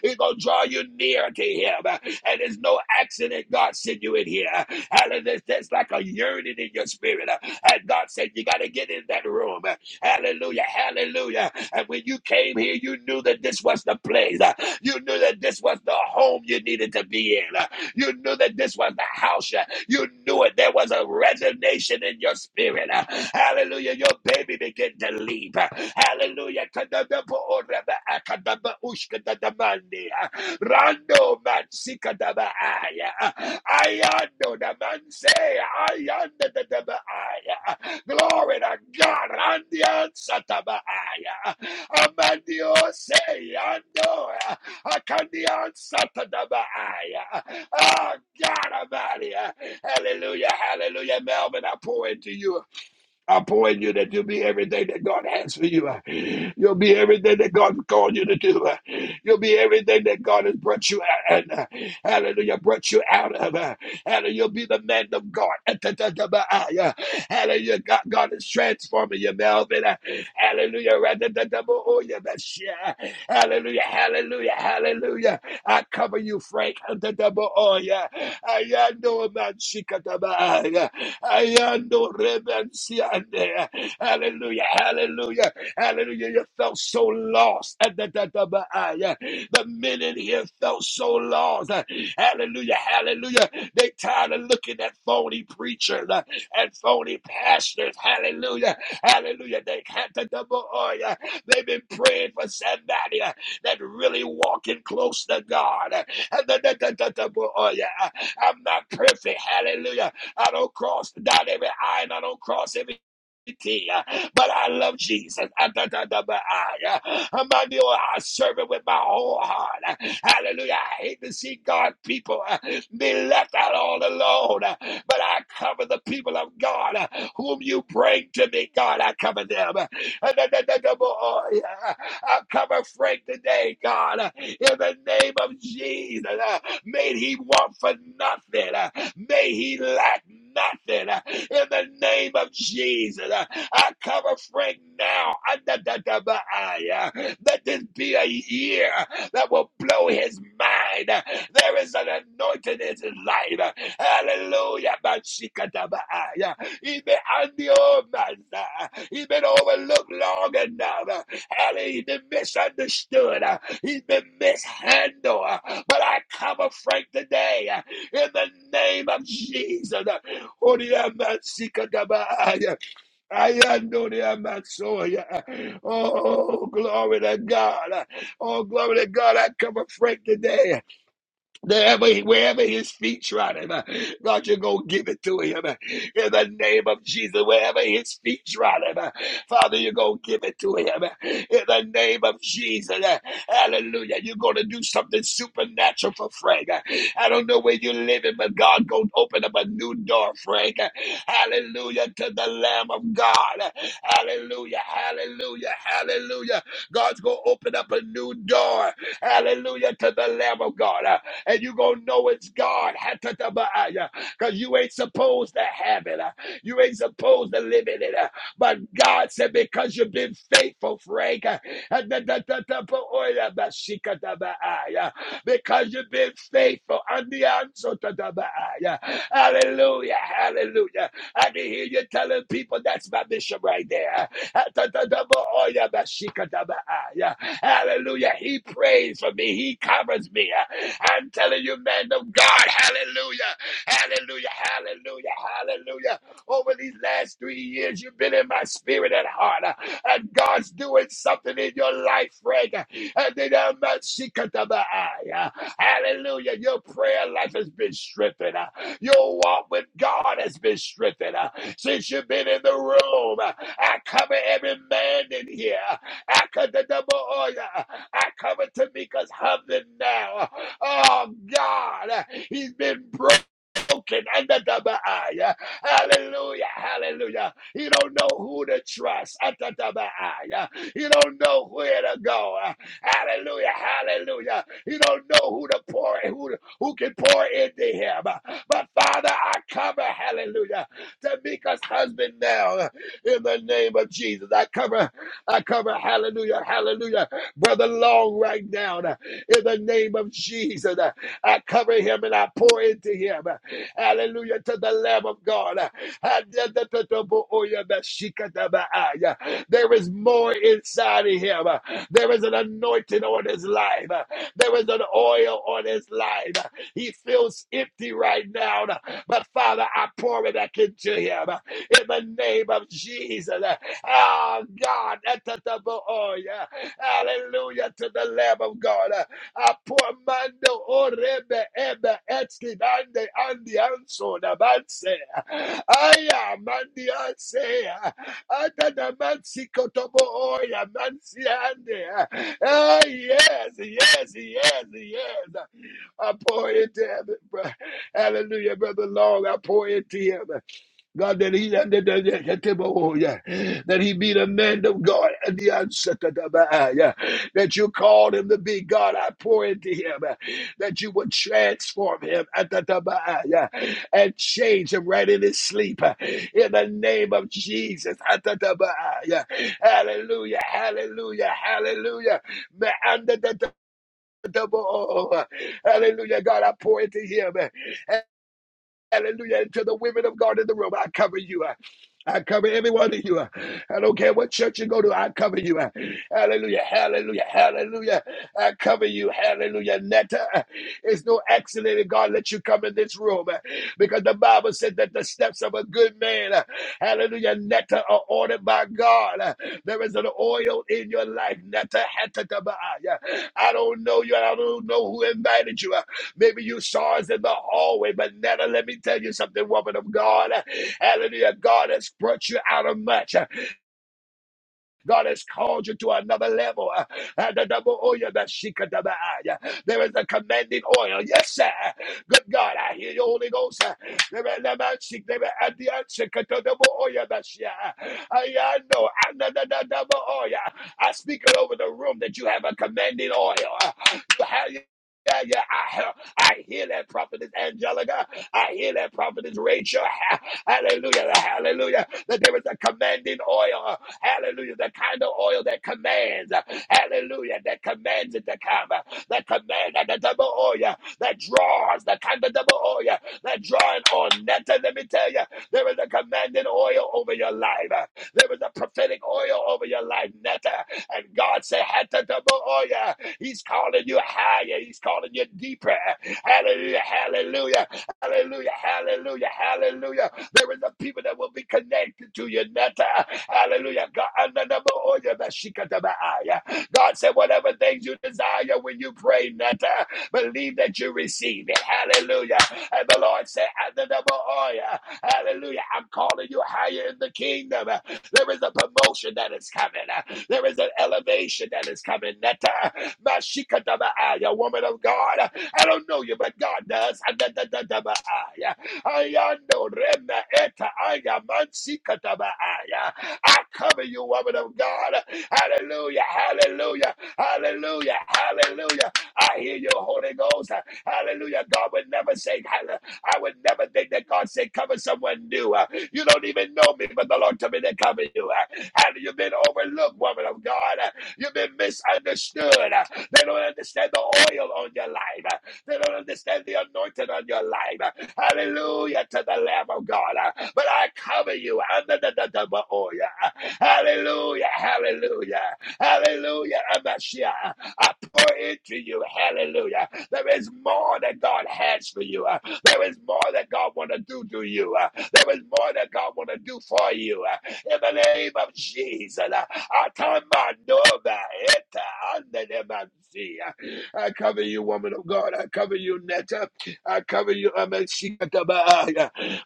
He gonna draw you near to him. And it's no accident God sent you in here. Hallelujah. There's like a yearning in your spirit. And God said you gotta get in that room. Hallelujah. Hallelujah. And when you came here, you knew that this was the place. You knew that this was the home you needed to be in. You knew that this was the house you knew it. There was a resignation in your spirit. Uh, Hallelujah. Your baby began to leave. Uh, Hallelujah. Kadadabooraba, uh, kadabaushkadadamandi, uh, Rando man sika daba aya. Ayando da man say Glory to God. And the answer to Randian Satabaaya. Amandio say, I know. I can the answer to my Satadabaaya. Oh, God, Amalia. Hallelujah. Hallelujah. Melvin, I pour into you. I appoint you that you'll be everything that God has for you. You'll be everything that God called you to do. You'll be everything that God has brought you out and uh, hallelujah, brought you out of. Uh, Hallelujah, you'll be the man of God. Atatatabaya. Hallelujah, God, God is transforming you, Melvin. Uh, Hallelujah, Ratatatabooya, Bashia. hallelujah, hallelujah, hallelujah. I cover you, Frank. the double oh yeah. I Antadabaoya. Ayando manshikatabaya. Ayando rebensiande. Hallelujah. Hallelujah. Hallelujah. You felt so lost. Antadabaaya. The men in here felt so lost. Hallelujah. Hallelujah. They tired of looking at phony preachers uh, and phony pastors. Hallelujah. Hallelujah. They can't They've been praying for somebody that really walking close to God. Oh, yeah. I'm not perfect. Hallelujah. I don't cross down every I and I don't cross every T. But I love Jesus. I am not the I serve it with my whole heart. Hallelujah. I hate to see God people uh, be left out all alone. But I cover the people of God uh, whom you bring to me, God. I cover them. I cover Frank today, God, in the name of Jesus. May he want for nothing. May he lack nothing. In the name of Jesus, I cover Frank now. Let this be a year that will blow his mind. There is an anointing in his life. Hallelujah. He's been on the old man. He's been overlooked long enough. Hallelujah. He's been misunderstood. He's been mishandled. But I cover Frank today in the name of Jesus. Holy Amasikadabaya. I am no Oh, glory to God. Oh, glory to God. I cover Frank today. Wherever, wherever his feet trod him, uh, God, you're going to give it to him. uh, In the name of Jesus, wherever his feet trod him, uh, Father, you're going to give it to him. uh, In the name of Jesus, uh, hallelujah. You're going to do something supernatural for Frank. uh, I don't know where you're living, but God going to open up a new door, Frank. uh, Hallelujah to the Lamb of God. uh, Hallelujah, hallelujah, hallelujah. God's going to open up a new door. Hallelujah to the Lamb of God. uh and you're going to know it's God. Because you ain't supposed to have it. uh, You ain't supposed to live in it. uh, But God said, because you've been faithful, Frank, uh, because you've been faithful. Hallelujah. Hallelujah. I can hear you telling people that's my bishop right there. Hallelujah. He prays for me. He covers me. I'm telling you, man of God, hallelujah, hallelujah, hallelujah, hallelujah. Over these last three years, you've been in my spirit and heart, uh, and God's doing something in your life, Frank. Uh, And then, um, uh, my shikatabai, uh, Hallelujah. Your prayer life has been strengthened. uh, Your walk with God has been strengthened uh, since you've been in the room. uh, I cover every man in here. Akadadabaoya. I cover Tamika's husband now. Oh God, he's been broken broken under the Baaya. Hallelujah. Hallelujah. You don't know who to trust. Atatabaaya. You don't know where to go. Hallelujah. Hallelujah. You don't know who to pour who, who can pour into him. But Father, I cover, hallelujah, Tamika's husband now in the name of Jesus. I cover, I cover, hallelujah, hallelujah, brother Long right now in the name of Jesus. I cover him and I pour into him. Hallelujah to the Lamb of God. There is more inside of him. There is an anointing on his life. There is an oil on his life. He feels empty right now. But Father, I pour it back into him in the name of Jesus. Oh God. Hallelujah to the Lamb of God. Apomando orebe ebe etkinande andi anso da banse. Aya mandi anse. Ada da mansi kotobo oya mansi ande. Ah yes, yes, yes, yes. I pour into him. bro. Hallelujah, brother Long. I pour into him. God, that he that, that, that, that, that, oh, yeah. that he be the man of God and the answer to the man, yeah. that you called him to be God. I pour into him uh, that you would transform him at the the man, yeah, and change him right in his sleep uh, in the name of Jesus. at the the man, yeah. Hallelujah, hallelujah, hallelujah. Man, under the- the- the- oh, oh, oh. Hallelujah, God, I pour into him. uh, Hallelujah. And to the women of God in the room, I cover you. I I cover every one of you. I don't care what church you go to, I cover you. Hallelujah. Hallelujah. Hallelujah. I cover you. Hallelujah. Netta, it's no accident that God let you come in this room uh, because the Bible said that the steps of a good man, uh, hallelujah, Netta, are ordered by God. Uh, There is an oil in your life, Netta. Hatataba. I don't know you. and I don't know who invited you. Maybe you saw us in the hallway, but Nana, let me tell you something, woman of God. Hallelujah. God has brought you out of much. God has called you to another level. Uh, uh, the double oil, the shikadabai. Uh, There is a commanding oil. Yes, sir. Good God, I hear you, Holy Ghost. Uh, there is a man seek, there is a dear seek, uh, the double oil, the shi- uh, I I know. I know the the double oil. I speak it over the room that you have a commanding oil. Uh, You have. Yeah, yeah, yeah. I hear, I hear that prophetess Angelica. I hear that prophetess Rachel. Ha- Hallelujah, hallelujah. That there is a commanding oil. Hallelujah. The kind of oil that commands. Hallelujah. That commands it to come. That command and the double oil that draws. The kind of double oil that drawing on. That, let me tell you, there is a commanding oil over your life. There is a prophetic oil over your life, Netta. And God said, Hatta double oil. He's calling you higher. He's calling you deeper. Hallelujah. Hallelujah. Hallelujah. Hallelujah. Hallelujah. There is a people that will be connected to you, Nata. Hallelujah. God, said, whatever things you desire when you pray, Nata, believe that you receive it. Hallelujah. And the Lord said, Ananabaoya. Hallelujah. I'm calling you higher in the kingdom. There is a promotion that is coming. There is an elevation that is coming. Nata, Bashikatabaaya, woman of God. I don't know you, but God does. Ananabaoya. Ayando rema eta aya mansi kataba aya. I cover you, woman of God. Hallelujah, hallelujah, hallelujah, hallelujah. I hear your Holy Ghost. Hallelujah. God would never say, I would never think that God said, cover someone new. Uh, You don't even know me, but the Lord told me to cover you. Uh, And you've been overlooked, woman of God. Uh, You've been misunderstood. Uh, They don't understand the oil on your life. Uh, They don't understand the anointing on your life. Hallelujah to the Lamb of God. Uh, But I cover you under the double oil. Uh, Hallelujah. Hallelujah. Hallelujah. Abashia. I pour into you. Hallelujah. There is more that God has for you. Uh, There is more that God want to do to you. Uh, There is more that God want to do for you. Uh, In the name of Jesus. uh, I cover you, woman of God. I cover you, Netta. I cover you. I'm a at The Baal.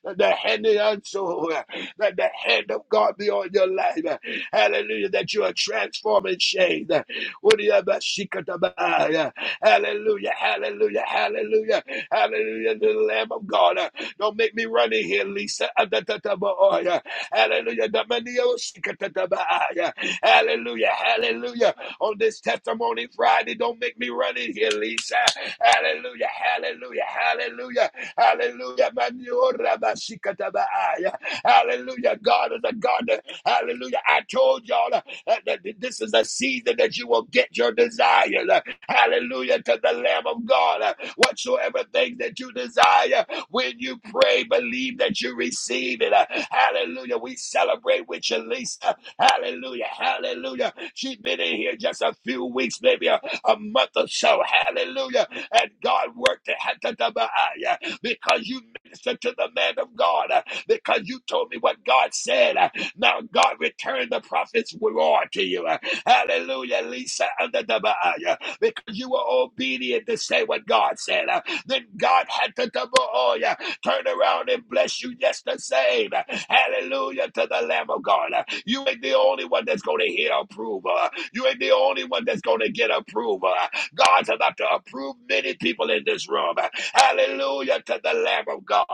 Let the hand of your soul, uh, let the hand of God be on your life. uh, Hallelujah. That you are transformed and changed. uh, with the other seek at uh, Hallelujah. Hallelujah. Hallelujah. Hallelujah. To the Lamb of God. uh, Don't make me run in here, Lisa. Uh, da, da, da, ba, oh, yeah. Hallelujah. The money, oh, seek at the yeah. Hallelujah. Hallelujah on this testimony Friday. Don't make me run in here, Lisa. Hallelujah, hallelujah, hallelujah, hallelujah. Maniora bashikatabaaya. Hallelujah. God is a God. Hallelujah. I told y'all uh, that this is a season that you will get your desires. Uh, Hallelujah to the Lamb of God. Uh, Whatsoever things that you desire, when you pray, believe that you receive it. Uh, Hallelujah. We celebrate with you, Lisa. Hallelujah. Hallelujah. She's been in here just a few weeks, maybe a, a month or so. Hallelujah. And God worked it Hatatabaaya, because you ministered to the man of God, uh, because you told me what God said. uh, Now God returned the prophet's reward to you. uh, Hallelujah, Lisa Hatatabaaya, because you were obedient to say what God said. uh, Then God had to double oh, yeah, Turn around and bless you just the same. Hallelujah to the Lamb of God. You ain't the only one that's going to hear approval. You ain't the only one that's going to get approval. God's about to approve many people in this room. Hallelujah to the Lamb of God.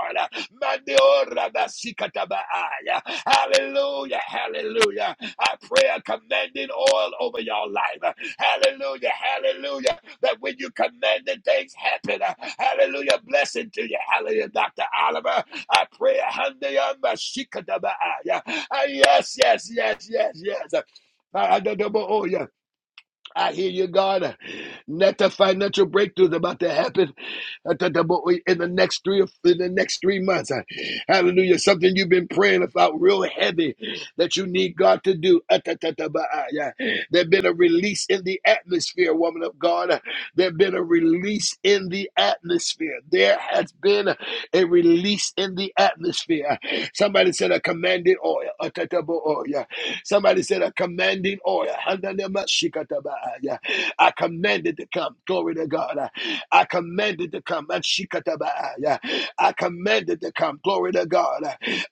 Hallelujah, hallelujah. I pray a commanding oil over your life. Hallelujah, hallelujah that when you commanded things happen, uh, hallelujah, blessing to you. Hallelujah, Dr. Oliver. I pray, hallelujah, Mashikadabaaya. Ah, yes, yes, yes, yes, yes. Ah, I don't know, oh, yeah. I hear you, God. Net the financial breakthrough is about to happen uh, in the next three in the next three months. Uh, Hallelujah! Something you've been praying about, real heavy, that you need God to do. Uh, ah, yeah. There's been a release in the atmosphere, woman of God. Uh, There's been a release in the atmosphere. There has been a release in the atmosphere. Somebody said a commanded oil. Somebody said, a commanding oil. I command it to come. Glory to God. I command it to come. Ashikatabaya. I command it to come. Glory to God.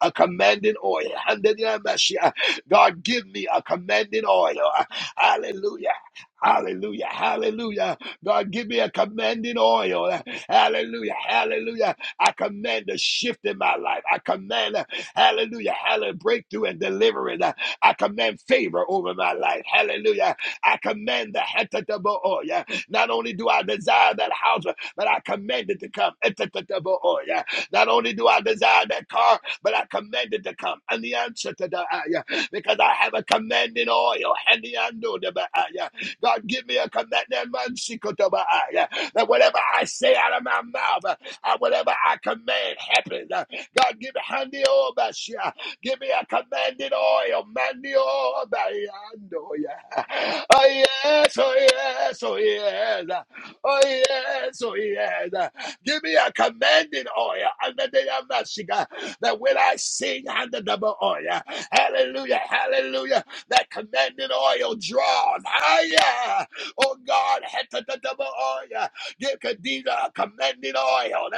A commanding oil. Handanemashia. God, give me a commanding oil. Hallelujah. Hallelujah. Hallelujah. God, give me a commanding oil. Hallelujah. Hallelujah. I command a shift in my life. I command, uh, hallelujah, hallelujah, breakthrough and deliverance. Uh, I command favor over my life. Hallelujah. I command the hetatable oil. Not only do I desire that house, but I command it to come. Hetatable oil. Not only do I desire that car, but I command it to come. And the answer to the ayah, because I have a commanding oil. And the the ayah. God, give me a command that man seek out of that whatever I say out of my mouth, uh, whatever I command happens. Uh, God, give me handy over. Give me a commanded oil, manio bayandoya. Oh yeah. Oh, yes, oh yes, oh yes, oh yes, oh yes. Give me a commanded oil under the Amashika that when I sing under double oil, hallelujah, hallelujah, that commanded oil drawn higher. Oh God, heta double oil, give Khadijah a commanded oil.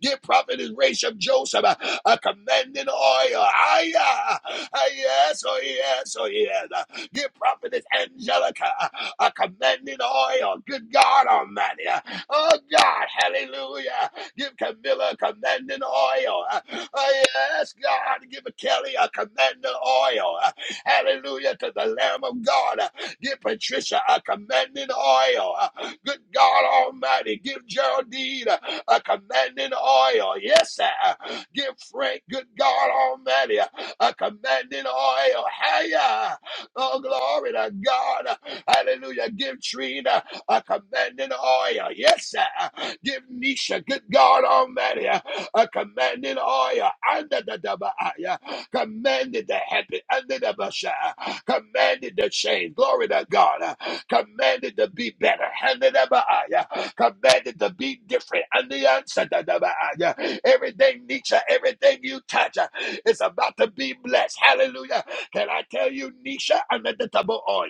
Give prophetess Rachel Joseph uh, a commanding oil. Hiya. Uh, Yes, oh yes, oh yes. Uh, Give prophetess Angelica uh, a commanding oil. Good God Almighty. Uh, Oh God, hallelujah. Give Camilla a commanding oil. Uh, Oh yes, God. Give Kelly a commanding oil. Uh, Hallelujah to the Lamb of God. Uh, Give Patricia a commanding oil. Good God Almighty, give Geraldine a, a commanding oil. Yes, sir. Give Frank, good God Almighty, a commanding oil. Higher. Oh, glory to God. Hallelujah. Give Trina a commanding oil. Yes, sir. Give Nisha, good God Almighty, a commanding oil under the double eye. Commanded the happy under the basha. Commanded the chain. Glory to God. Commanded to be better. Under the eye. Commanded to be different. Under the answer to the eye. uh, Everything Nisha, everything you touch uh, is about to be blessed. Hallelujah. Can I tell you, Nisha, under the double oil,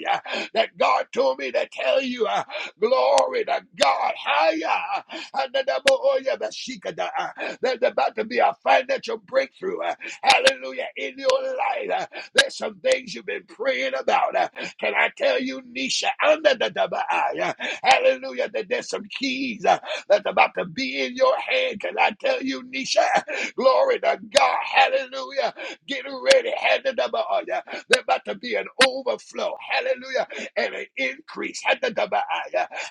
that God told me to tell you. uh, Glory to God. Higher. There's about to be a financial breakthrough. uh, Hallelujah. In your life, Uh, there's some things you've been praying about. uh, Can I tell you, Nisha? Under the double eye. uh, Hallelujah. That there's some keys uh, that's about to be in your hand. Can I tell you, Nisha? Glory to God. Hallelujah. Get ready. Hand it up. There's about to be an overflow. Hallelujah and an increase.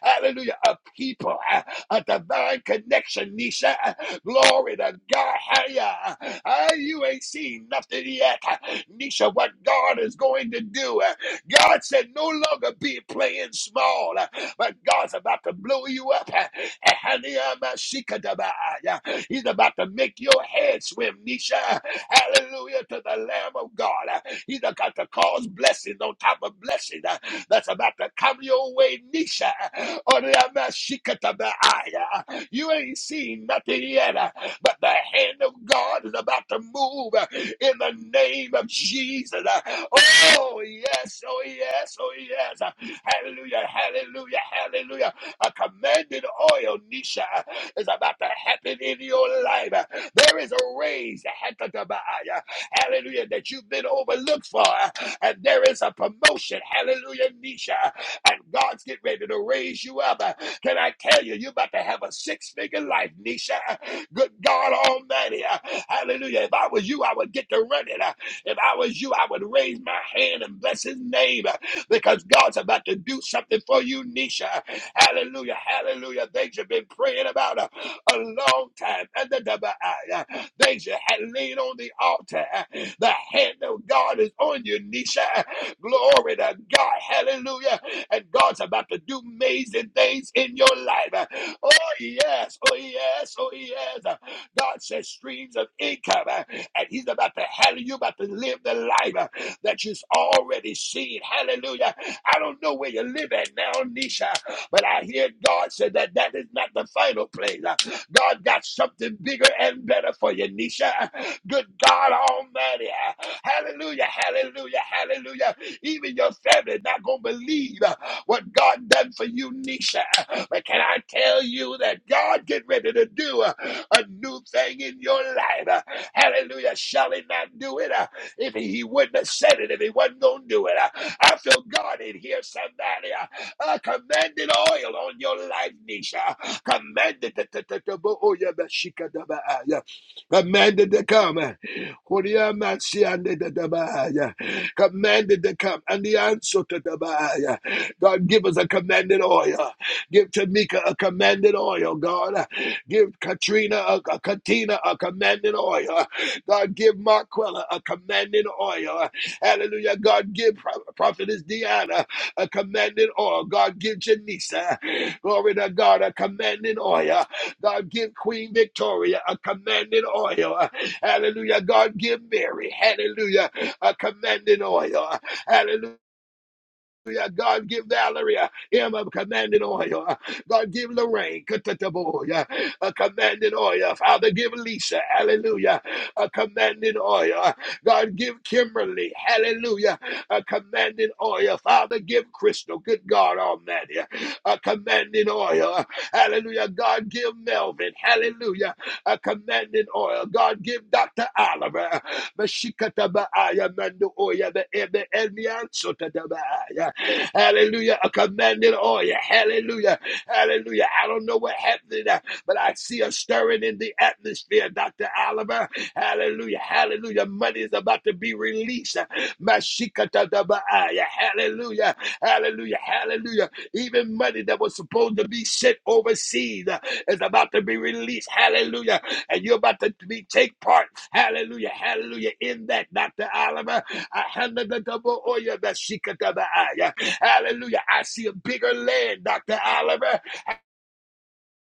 Hallelujah. A people, uh, a divine connection, Nisha. Uh, Glory to God. Haya. Uh, You ain't seen nothing yet. Uh, Nisha, what God is going to do. Uh, God said, no longer be playing small, uh, but God's about to blow you up. Uh, Haniyamashikadabaaya. He's about to make your head swim, Nisha. Hallelujah to the Lamb of God. He's about to cause blessings on top of blessings uh, that's about to come your way, Nisha. Oreamashikatabaya. You ain't seen nothing yet, uh, but the hand of God is about to move uh, in the name of Jesus. Uh, Oh, yes, oh, yes, oh, yes. Uh, Hallelujah, hallelujah, hallelujah. A commanded oil, Nisha, uh, is about to happen in your life. Uh, There is a raise. Hekatabaya hallelujah, that you've been overlooked for. And there is a promotion, hallelujah, Nisha. And God's getting ready to raise you up. Can I tell you, you're about to have a six figure life, Nisha. Good God Almighty, hallelujah. If I was you, I would get to running. If I was you, I would raise my hand and bless his name because God's about to do something for you, Nisha. Hallelujah, hallelujah. Things you've been praying about a, long time. And the double I. They should have laid on the altar. The hand of God is on you, Nisha. Glory to God. Hallelujah. And God's about to do amazing things in your life. Oh, yes. Oh, yes. Oh, yes. God says streams of income. And He's about to, have you about to live the life that you've already seen. Hallelujah. I don't know where you live at now, Nisha, but I hear God said that that is not the final place. God got something bigger and better for you, Nisha. Good God Almighty. Hallelujah, hallelujah, hallelujah. Even your family not going to believe what God done for you, Nisha. But can I tell you that God get ready to do a, a new thing in your life? Hallelujah. Shall he not do it? Uh, If he, he wouldn't have said it, if he wasn't going to do it. Uh, I feel God in here, somebody. Uh, I commanded oil on your life, Nisha. Commanded the the- the- the- bo- oh, yeah, but she ah, yeah. commanded to come. Oh, yeah, man, she and the- the- ah, yeah. Commanded to come. And the answer to the ah, yeah. God give us a commanded oil. Give Tamika a commanded oil, God. Give Katrina a, a Katina a commanded oil. God give Marquella a commanded oil. Hallelujah. God give Prophetess Deanna a commanding oil. God, give Janisa, glory to God, a commanding oil. God, give Queen Victoria a commanding oil. Hallelujah. God, give Mary, hallelujah, a commanding oil. Hallelujah. Yeah, God, give Valeria him a commanding oil. God, give Lorraine katataboya, a commanding oil. Father, give Lisa, hallelujah, a commanding oil. God, give Kimberly, hallelujah, a commanding oil. Father, give Crystal, good God Almighty, a commanding oil. Hallelujah. God, give Melvin, hallelujah a commanding oil. God, give Dr. Oliver Hallelujah. A commanding oil. Hallelujah. Hallelujah. I don't know what happened, uh, but I see a stirring in the atmosphere, Dr. Oliver. Hallelujah. Hallelujah. Money is about to be released. Hallelujah. Hallelujah. Hallelujah. Even money that was supposed to be sent overseas uh, is about to be released. Hallelujah. And you're about to be, take part. Hallelujah. Hallelujah. In that, Dr. Oliver. I handle the double oil, the shikata, the eye. Hallelujah. I see a bigger land, Dr. Oliver.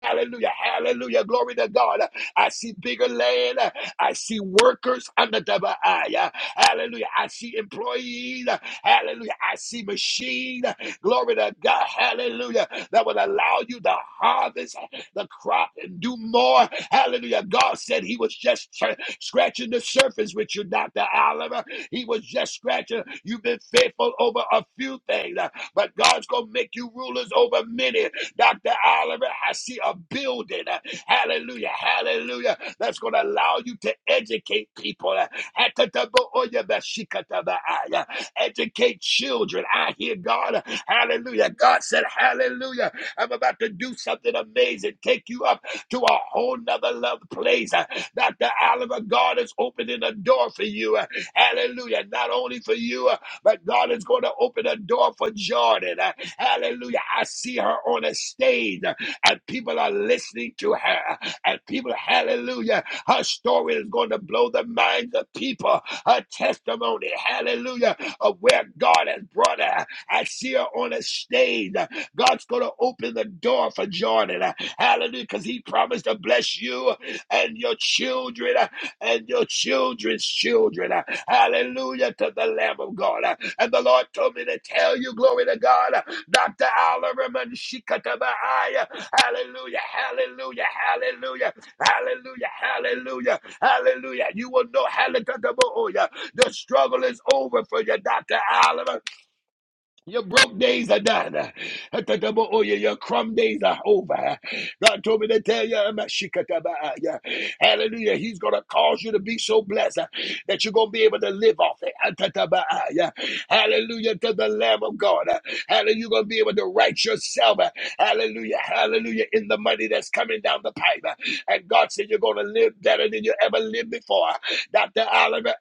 Hallelujah. Hallelujah. Glory to God. I see bigger land. I see workers under double eye. Hallelujah. I see employees. Hallelujah. I see machine. Glory to God. Hallelujah. That will allow you to harvest the crop and do more. Hallelujah. God said he was just tr- scratching the surface with you, Dr. Oliver. He was just scratching. You've been faithful over a few things, but God's going to make you rulers over many. Dr. Oliver, I see a building. uh, Hallelujah. Hallelujah. That's going to allow you to educate people. uh, Educate children. I hear God. Hallelujah. God said, Hallelujah. I'm about to do something amazing. Take you up to a whole nother love place. Uh, Dr. Oliver, God is opening a door for you. Uh, Hallelujah. Not only for you, uh, but God is going to open a door for Jordan. Hallelujah. I see her on a stage and people are listening to her. And people, hallelujah, her story is going to blow the minds of people. Her testimony, hallelujah, of where God has brought her. I see her on a stage. God's going to open the door for Jordan. Hallelujah, because he promised to bless you and your children and your children's children. Hallelujah to the Lamb of God. And the Lord told me to tell you, glory to God, Dr. Alderman Shikatabai. Hallelujah, hallelujah, hallelujah, hallelujah, hallelujah, hallelujah. You will know, hallelujah, the struggle is over for you, Dr. Oliver. Your broke days are done. Atatabo, oh, yeah, Your crumb days are over. God told me to tell you, I'm a shikataba, yeah. hallelujah. He's going to cause you to be so blessed uh, that you're going to be able to live off it. Atataba, yeah. Hallelujah to the Lamb of God. uh, Hallelujah. You're going to be able to write yourself. uh, Hallelujah. Hallelujah. In the money that's coming down the pipe. uh, And God said, You're going to live better than you ever lived before. Dr. Oliver,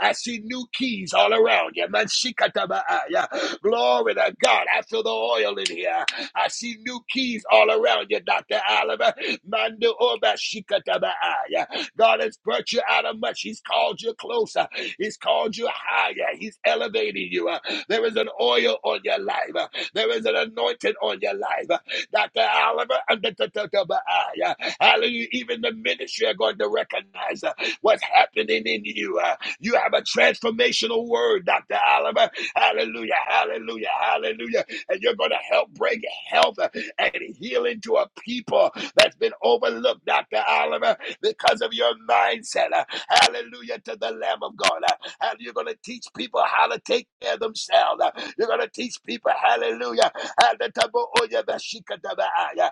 I see new keys all around you. Man, shikatabaaya. Glory to God. I feel the oil in here. I see new keys all around you, Dr. Oliver. Mando oba shikatabaaya. God has brought you out of much. He's called you closer. He's called you higher. He's elevating you. Uh, There is an oil on your life. Uh, There is an anointing on your life. Uh, Dr. Oliver, uh, da- da- da- da- ba- ah, yeah. hallelujah. Even the ministry are going to recognize uh, what's happening in you. Uh, you have a transformational word, Dr. Oliver. Hallelujah, hallelujah, hallelujah. And you're going to help bring health and healing to a people that's been overlooked, Dr. Oliver, because of your mindset. Hallelujah to the Lamb of God. And you're going to teach people how to take care of themselves. You're going to teach people, hallelujah, how to oh, yeah, ah, yeah,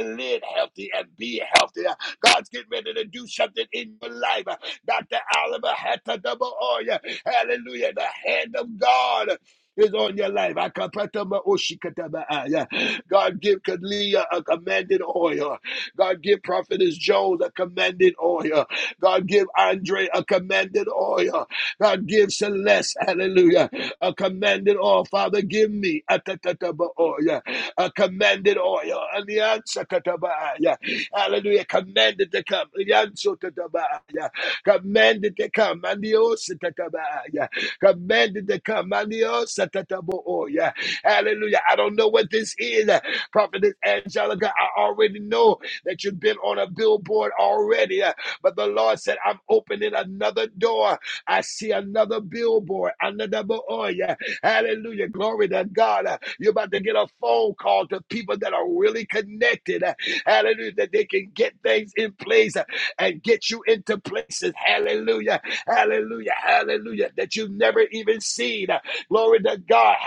live healthy and be healthy. God's getting ready to do something in your life. Dr. Oliver Hatta double oil. Hallelujah. The hand of God is on your life. Akapatama oshikatabaaya. God give Kalia a commanded oil. God give Prophetess Jones a commanded oil. God give Andre a commanded oil. God give Celeste, hallelujah, a commanded oil. Father, give me a tatataba oil, a commanded oil. Alianza katabaaya. Hallelujah, commanded to come. Alianza tatabaaya commanded to come, mandios tatabaya, commanded to come, mandios tatataboya. Hallelujah. I don't know what this is, uh, Prophetess Angelica. I already know that you've been on a billboard already, uh, but the Lord said, I'm opening another door. I see another billboard, another boy. yeah. Hallelujah. Glory to God. Uh, You're about to get a phone call to people that are really connected. uh, Hallelujah. That they can get things in place. Uh, and get you into places. Hallelujah. Hallelujah. Hallelujah. That you've never even seen. Glory to God.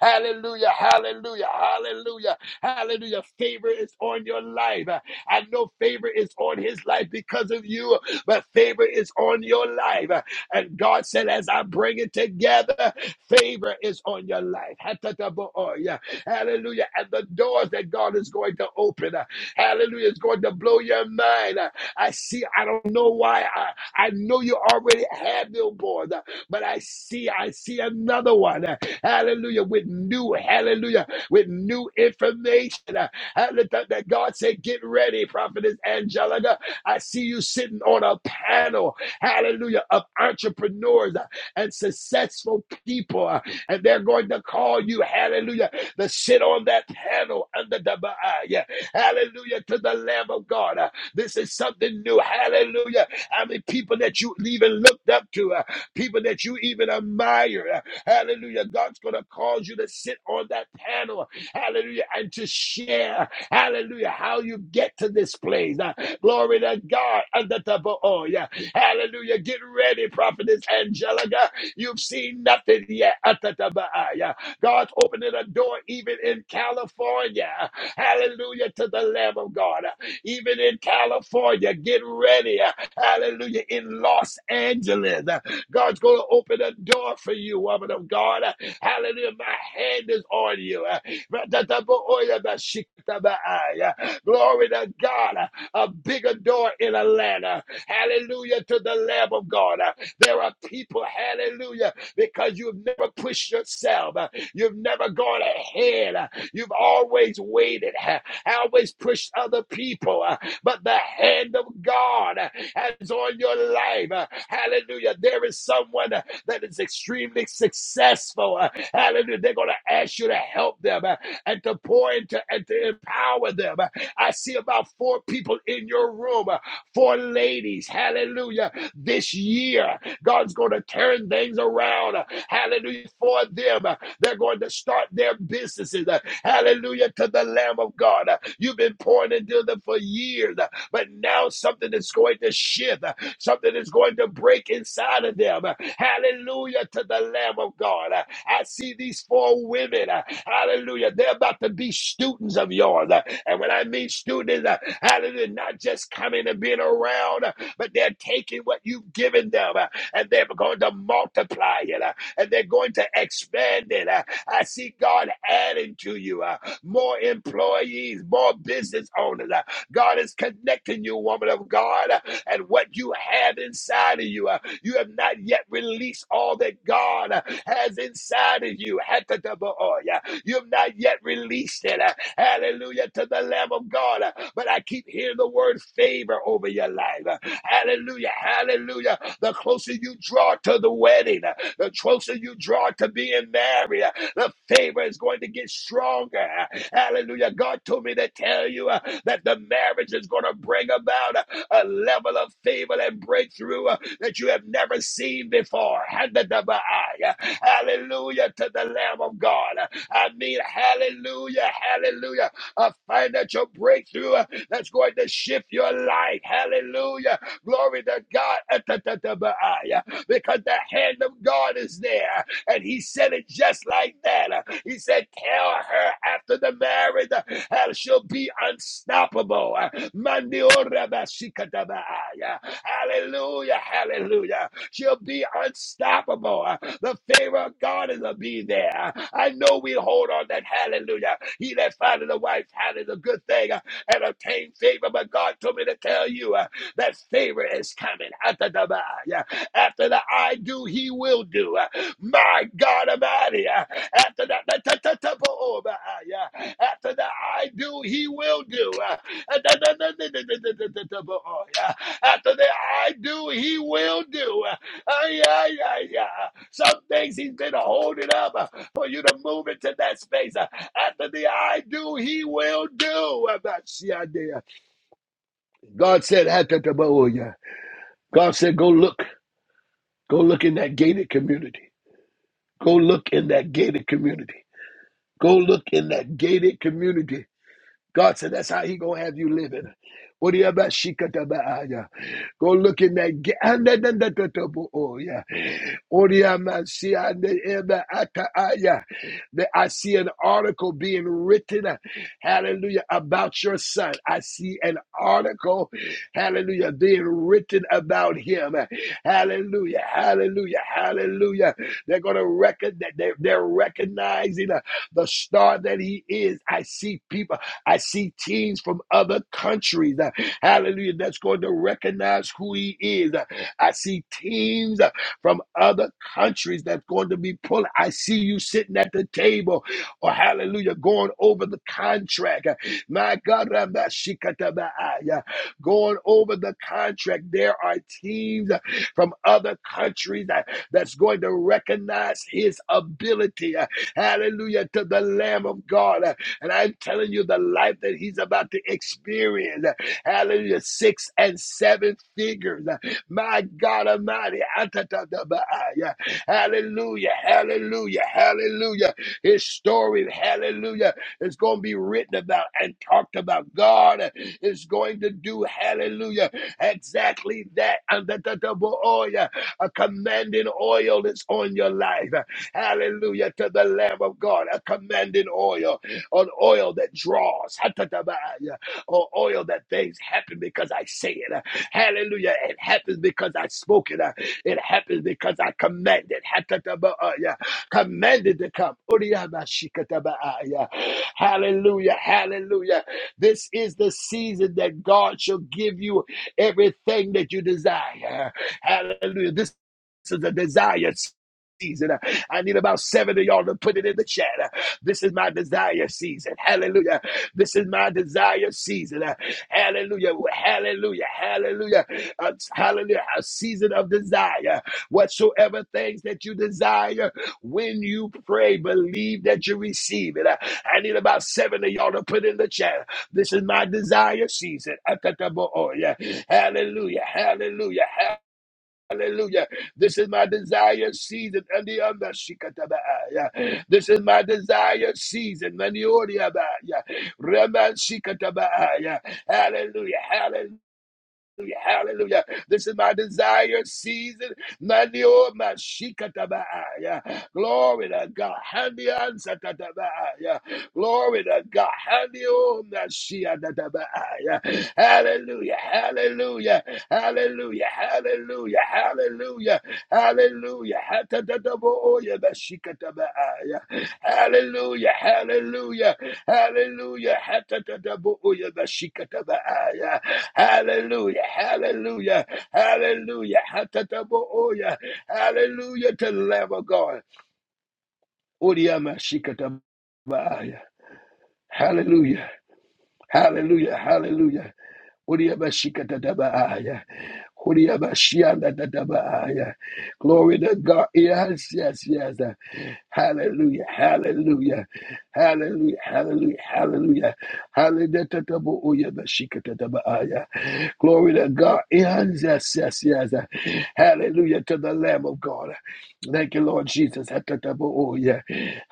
Hallelujah. Hallelujah. Hallelujah. Hallelujah. Favor is on your life. I know favor is on his life because of you, but favor is on your life. And God said, as I bring it together, favor is on your life. Hatatabohoya. Hallelujah. And the doors that God is going to open. uh, Hallelujah. It's going to blow your mind. Uh, I see, I don't know why. I, I know you already have billboards, uh, but I see, I see another one. Uh, Hallelujah. With new, hallelujah, with new information. Uh, Hallelujah. That God said, get ready, Prophetess Angelica. I see you sitting on a panel, hallelujah, of entrepreneurs uh, and successful people. uh, And they're going to call you, hallelujah, to sit on that panel under the uh, yeah. Hallelujah to the Lamb of God. Uh, This is something new. Hallelujah. I mean, people that you even looked up to, uh, people that you even admire. uh, Hallelujah. God's going to cause you to sit on that panel. Hallelujah. And to share. Hallelujah. How you get to this place. Uh, Glory to God. Under the bo- oh, yeah. Hallelujah. Get ready, Prophetess Angelica. You've seen nothing yet. Under the bo- ah, yeah. God's opening a door even in California. Hallelujah to the Lamb of God. Even in California, get ready. Hallelujah. In Los Angeles, God's going to open a door for you, woman of God. Hallelujah. My hand is on you. Glory to God. A bigger door in Atlanta. Hallelujah to the Lamb of God. There are people, hallelujah, because you've never pushed yourself. You've never gone ahead. You've always waited, always pushed other people, uh, but the hand of God uh, is on your life. Uh, Hallelujah. There is someone uh, that is extremely successful. Uh, Hallelujah. They're going to ask you to help them uh, and to pour into and to empower them. Uh, I see about four people in your room. uh, for ladies. Hallelujah. This year, God's going to turn things around. Hallelujah. For them, they're going to start their businesses. Hallelujah to the Lamb of God. You've been pouring into them for years, but now something is going to shift. Something is going to break break inside of them. Hallelujah to the Lamb of God. I see these four women. Hallelujah. They're about to be students of yours. And when I mean students, hallelujah, not just coming and being around, but they're taking what you've given them and they're going to multiply it and they're going to expand it. I see God adding to you uh, more employees, more business owners. God is connecting you, woman of God, and what you have inside of you. uh, You have not yet released all that God has inside of you. Hatataboya. You have not yet released it. uh, Hallelujah to the Lamb of God. But I keep hearing the word favor over your life. Hallelujah. Hallelujah. The closer you draw to the wedding. The closer you draw to being married, uh, the favor is going to get stronger. Hallelujah. God told me to tell you uh, that the marriage is going to bring about uh, a level of favor and breakthrough uh, that you have never seen before. Handadabai. Hallelujah to the Lamb of God. I mean, hallelujah, hallelujah. A financial breakthrough uh, that's going to shift your life. Hallelujah. Glory to God. Atatabai because the hand of God is there. And he said it just like that. He said, Tell her after the marriage, uh, she'll be unstoppable. Mandiorabashikatabaaya. Hallelujah, hallelujah. She'll be unstoppable. The favor of God is to be there. I know we hold on that hallelujah. He that findeth the wife findeth a good thing uh, and obtain favor, but God told me to tell you uh, that favor is coming. Atadabaya. After that, I do, he will do. Uh, My God, Almighty. Uh, After that, ta- ta- ta- ta- bo- oh, my, ah, yeah. after that, I do, he will do. Ta- ta- ta- ta- ta- ta- ta- ta- ta- ta- bo- oh, yeah. After that, I do, he will do. Ay, yeah, yeah. ay. Some things he's been holding up uh, for you to move into that space. Uh, After the I do, he will do. Uh, That's God said, "After the bow, yeah." God said, go look. Go look in that gated community. Go look in that gated community. Go look in that gated community God said that's how he gonna have you living. What do you about shikatabaaya? Go look in that ga- and then- then- then- then- then- oh yeah. What do you about see and then- and ataaya? That I see an article being written, uh, hallelujah, about your son. I see an article, hallelujah, being written about him. Hallelujah, hallelujah, hallelujah. They're gonna record that they're, they're recognizing uh, the star that he is. I see people. I see teams from other countries, uh, hallelujah, that's going to recognize who he is. Uh, I see teams uh, from other countries that's going to be pulling. I see you sitting at the table, or hallelujah, going over the contract. Uh, My God, Rabba Shikataba'a, yeah, going over the contract. There are teams uh, from other countries that, that's going to recognize his ability. uh, Hallelujah to the Lamb of God. Uh, and I'm telling you, the life that he's about to experience, hallelujah, six and seven figures. My God Almighty, atatatabaya. hallelujah, hallelujah, hallelujah. His story, hallelujah, is going to be written about and talked about. God is going to do, hallelujah, exactly that. Atatataboya. A commanding oil is on your life. Hallelujah to the Lamb of God, a commanding oil on oil that draws, Hatatabaya, on oil that things happen because I say it. Hallelujah. It happens because I spoke it. It happens because I commanded. Hatatabaya, Commanded to come. Uriyamashikatabaya. Hallelujah. Hallelujah. This is the season that God shall give you everything that you desire. Hallelujah. This is a desire season. I need about seven of y'all to put it in the chat. This is my desire season. Hallelujah. This is my desire season. Uh, Hallelujah. Hallelujah. Hallelujah. Uh, Hallelujah. A season of desire. Whatsoever things that you desire, when you pray, believe that you receive it. Uh, I need about seven of y'all to put in the chat. This is my desire season. Atatabo'oya. Hallelujah. Hallelujah. Hallelujah. This is my desire season. And the other shikatabaya. This is my desire season. And the other, yeah. Rema Hallelujah. Hallelujah. Hallelujah. Hallelujah. This is my desire season. Manio mashikatabaaya. Glory to God. Handian sakatabaaya. Glory to God. Handio mashiatatabaaya. Hallelujah. Hallelujah. Hallelujah. Hallelujah. Hallelujah. Hallelujah. Hatatataboya mashikatabaaya. Hallelujah. Hallelujah. Hallelujah. Hatatatabooyabashikatabaaya. Hallelujah. Hallelujah. Hallelujah. Hatatabooya. Hallelujah to the Lamb of God. Odiyamashikatabaaya. Hallelujah. Hallelujah. Hallelujah. Uriyabashikatatabaya. Uriyabashiyanatatabaya. Glory to God. Yes, yes, yes. Hallelujah. Hallelujah. Hallelujah. Hallelujah. Hallelujah. Hallelujah. Glory to God. Yes, yes, yes, yes. Hallelujah to the Lamb of God. Thank you, Lord Jesus. Hatatabo-oya.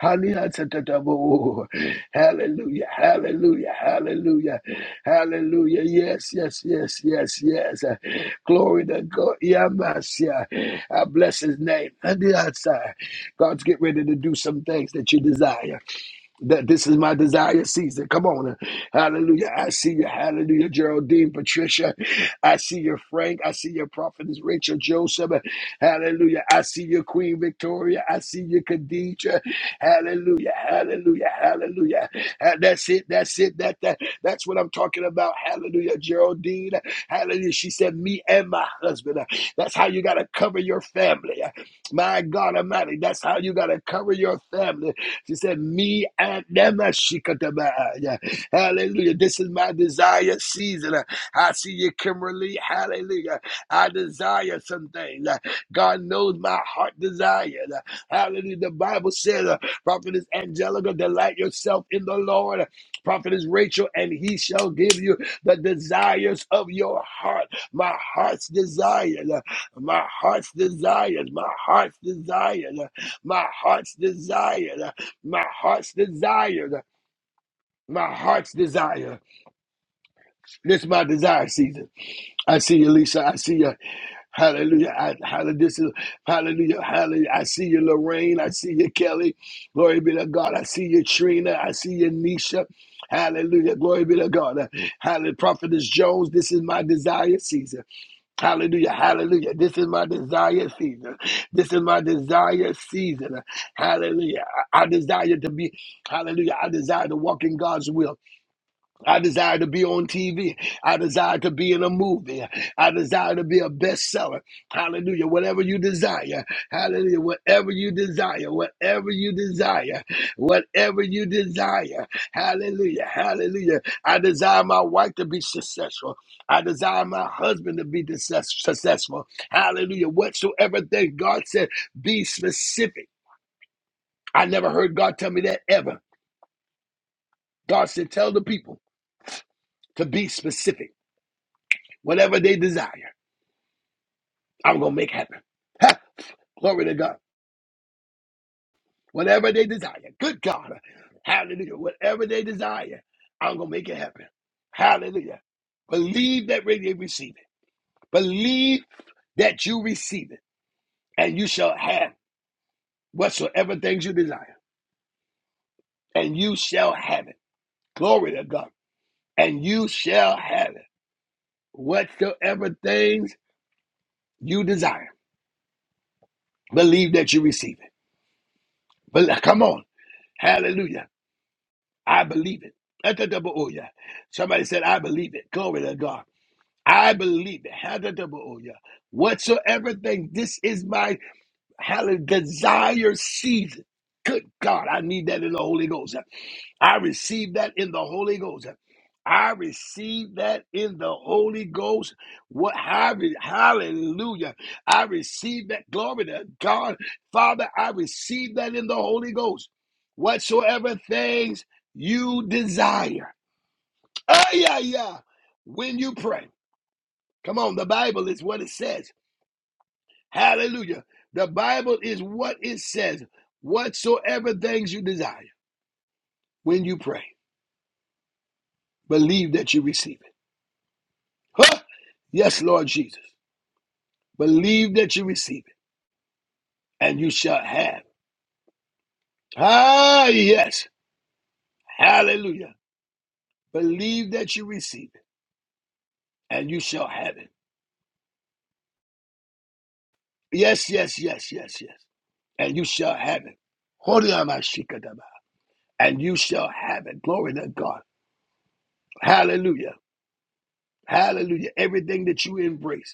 Halihatatabo-o. Hallelujah, hallelujah, hallelujah, hallelujah. Yes, yes, yes, yes, yes. Uh, Glory to God. Yamasia. I bless his name. Halihatsa. God's get ready to do some things that you desire. That this is my desire season. Come on. Hallelujah. I see you. Hallelujah. Geraldine, Patricia. I see your Frank. I see your prophetess Rachel Joseph. Hallelujah. I see your Queen Victoria. I see your Khadija. Hallelujah. Hallelujah. Hallelujah. Uh, That's it. That's it. That, that that's what I'm talking about. Hallelujah. Geraldine. Hallelujah. She said, Me and my husband. Uh, That's how you gotta cover your family. Uh, My God Almighty. That's how you gotta cover your family. She said, Me and them. uh, shikataba, yeah. Hallelujah. This is my desire season. Uh, I see you, Kimberly. Hallelujah. I desire some things. Uh, God knows my heart desire. Uh, Hallelujah. The Bible says, uh, Prophetess Angelica, delight yourself in the Lord. Uh, Prophetess Rachel, and he shall give you the desires of your heart. My heart's desires. uh, My heart's desires. My heart's desires. uh, My heart's desire." my heart's desire. My heart's desire. This is my desire season. I see you, Lisa. I see you. Hallelujah. I, hallelujah. This is, hallelujah. Hallelujah. I see you, Lorraine. I see you, Kelly. Glory be to God. I see you, Trina. I see you, Nisha. Hallelujah. Glory be to God. Hallelujah. Prophetess Jones, this is my desire season. Hallelujah, hallelujah. This is my desire season. This is my desire season. Hallelujah. I, I desire to be, hallelujah. I desire to walk in God's will. I desire to be on TV. I desire to be in a movie. I desire to be a bestseller. Hallelujah. Whatever you desire. Hallelujah. Whatever you desire. Whatever you desire. Whatever you desire. Hallelujah. Hallelujah. I desire my wife to be successful. I desire my husband to be success- successful. Hallelujah. Whatsoever thing God said, be specific. I never heard God tell me that ever. God said, tell the people to be specific. Whatever they desire, I'm going to make happen. Ha! Glory to God. Whatever they desire, good God. Hallelujah. Whatever they desire, I'm going to make it happen. Hallelujah. Believe that they receive it. Believe that you receive it, and you shall have whatsoever things you desire, and you shall have it. Glory to God. And you shall have it. Whatsoever things you desire, believe that you receive it. But come on. Hallelujah. I believe it. Atatabaoya. Somebody said, I believe it. Glory to God. I believe it. Atatabaoya. Whatsoever thing, this is my Hallelujah. Desire season. Good God, I need that in the Holy Ghost. I receive that in the Holy Ghost. I receive that in the Holy Ghost. What halle- hallelujah. I receive that. Glory to God. Father, I receive that in the Holy Ghost. Whatsoever things you desire. Ah, yeah, yeah. When you pray. Come on, the Bible is what it says. Hallelujah. The Bible is what it says. Whatsoever things you desire when you pray, believe that you receive it. Huh? Yes, Lord Jesus. Believe that you receive it and you shall have. Ah, yes. Hallelujah. Believe that you receive it and you shall have it. Yes, yes, yes, yes, yes. And you shall have it. Horiamashikadaba. And you shall have it. Glory to God. Hallelujah. Hallelujah. Everything that you embrace.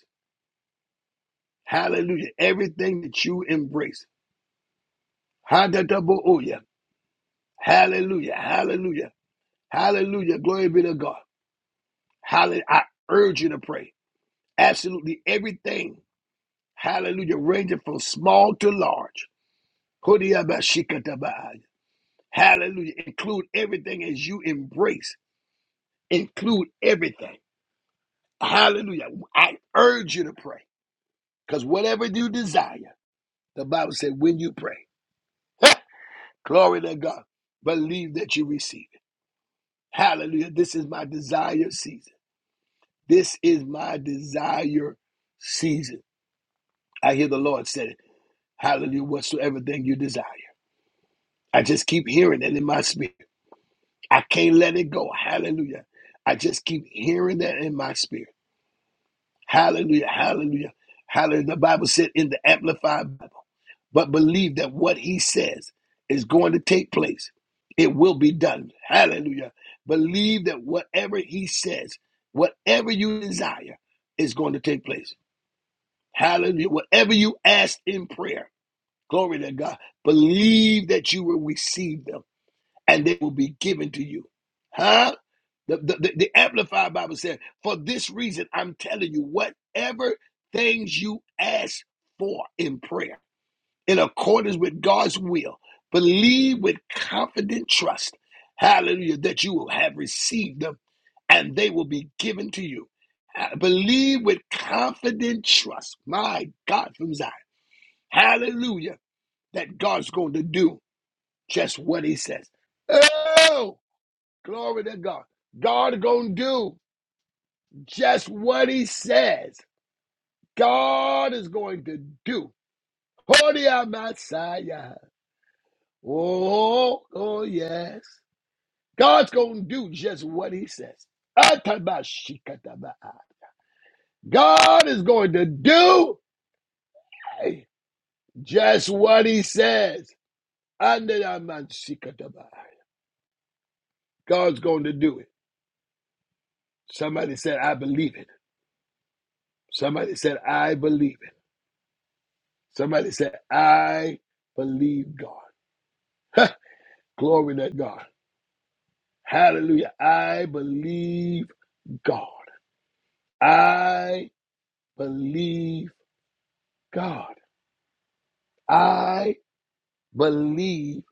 Hallelujah. Everything that you embrace. Ha-da-da-bo-oh-yeah. Hallelujah. Hallelujah. Hallelujah. Glory be to God. Hallelujah. I urge you to pray. Absolutely everything. Hallelujah. Ranging from small to large. ho di ya ba shi da ba ah Hallelujah. Include everything as you embrace. Include everything. Hallelujah. I urge you to pray. Because whatever you desire, the Bible said, when you pray, glory to God, believe that you receive. Hallelujah. This is my desire season. This is my desire season. I hear the Lord said it. Hallelujah. Whatsoever thing you desire. I just keep hearing it in my spirit. I can't let it go. Hallelujah. I just keep hearing that in my spirit. Hallelujah, hallelujah, hallelujah. The Bible said in the Amplified Bible, but believe that what he says is going to take place. It will be done. Hallelujah. Believe that whatever he says, whatever you desire, is going to take place. Hallelujah. Whatever you ask in prayer, glory to God. Believe that you will receive them and they will be given to you. Huh? The, the, the, the Amplified Bible said, for this reason, I'm telling you, whatever things you ask for in prayer, in accordance with God's will, believe with confident trust, hallelujah, that you will have received them and they will be given to you. Uh, Believe with confident trust, my God from Zion, hallelujah, that God's going to do just what he says. Oh, Glory to God. God going to do just what he says. God is going to do. Oh, oh yes. God's going to do just what he says. God is going to do just what he says. God's going to do it. Somebody said, I believe it. Somebody said, I believe it. Somebody said, I believe God. Ha! Glory to God. Hallelujah. I believe God. I believe God. I believe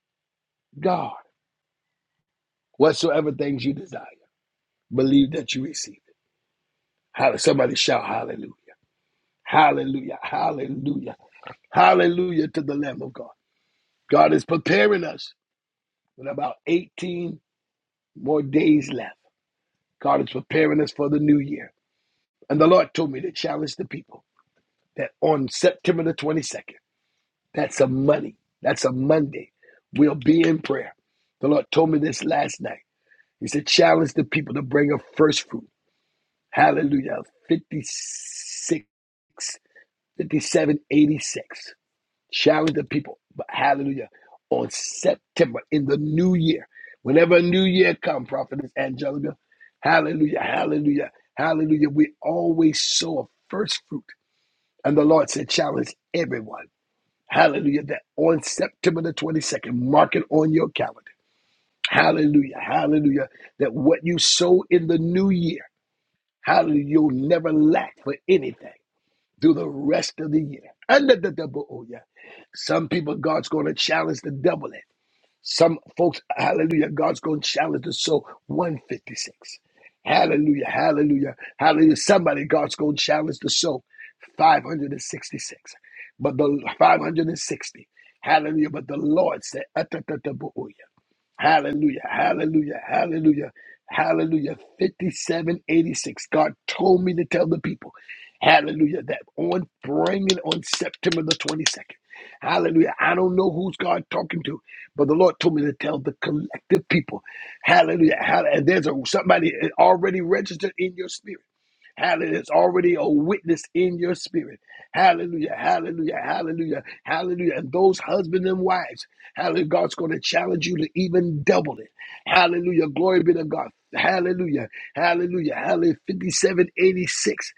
God. Whatsoever things you desire, believe that you receive it. Somebody shout hallelujah. Hallelujah. Hallelujah. Hallelujah to the Lamb of God. God is preparing us with about 18 more days left. God is preparing us for the new year. And the Lord told me to challenge the people that on September the 22nd, that's a money, that's a Monday, we'll be in prayer. The Lord told me this last night. He said, challenge the people to bring a first fruit. Hallelujah. 56, 57, 86. Challenge the people. But hallelujah. On September in the new year. Whenever a new year comes, Prophetess Angelica, hallelujah, hallelujah, hallelujah. We always sow a first fruit. And the Lord said, challenge everyone. Hallelujah. That on September the 22nd, mark it on your calendar. Hallelujah. Hallelujah. That what you sow in the new year, hallelujah, you'll never lack for anything through the rest of the year. Under the double, oh yeah. Some people, God's going to challenge the double it. Some folks, hallelujah, God's going to challenge the soul 156. Hallelujah, hallelujah, hallelujah. Somebody, God's going to challenge the soul 566. But the 560, hallelujah, but the Lord said, "Atatatabooy." Hallelujah, hallelujah, hallelujah, hallelujah. 5786. God told me to tell the people, hallelujah, that on bringing on September the 22nd. Hallelujah. I don't know who's God talking to, but the Lord told me to tell the collective people. Hallelujah. hall- And there's a, somebody already registered in your spirit. Hallelujah. It's already a witness in your spirit. Hallelujah. Hallelujah. Hallelujah. Hallelujah. And those husbands and wives, hallelujah. God's going to challenge you to even double it. Hallelujah. Glory be to God. Hallelujah. Hallelujah. Hallelujah. 5786.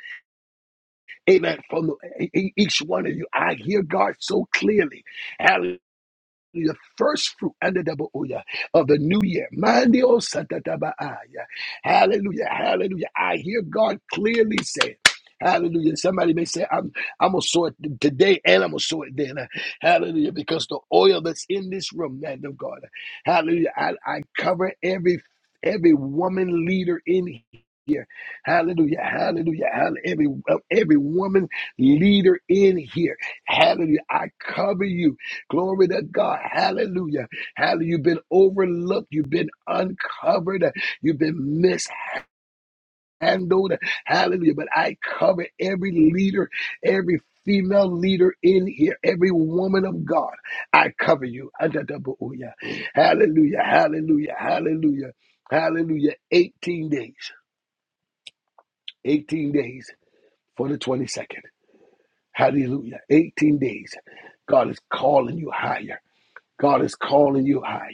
Amen. From the, e- e- each one of you. I hear God so clearly. Hallelujah the first fruit under the Booyah of the new year. Mandio Satatabaaya. Hallelujah. Hallelujah. I hear God clearly say, Hallelujah. Somebody may say, I'm I'm gonna sow it today and I'm gonna sow it then. Hallelujah. Because the oil that's in this room, man of God. Hallelujah. I, I cover every every woman leader in here. Hallelujah. Hallelujah. Hallelujah. Every uh, every woman leader in here. Hallelujah. I cover you. Glory to God. Hallelujah. Hallelujah. You've been overlooked. You've been uncovered. You've been mishandled. Hallelujah. But I cover every leader, every female leader in here, every woman of God. I cover you. Adadabuya. Hallelujah. Hallelujah. Hallelujah. Hallelujah. 18 days. 18 days for the 22nd. Hallelujah. 18 days. God is calling you higher. God is calling you higher.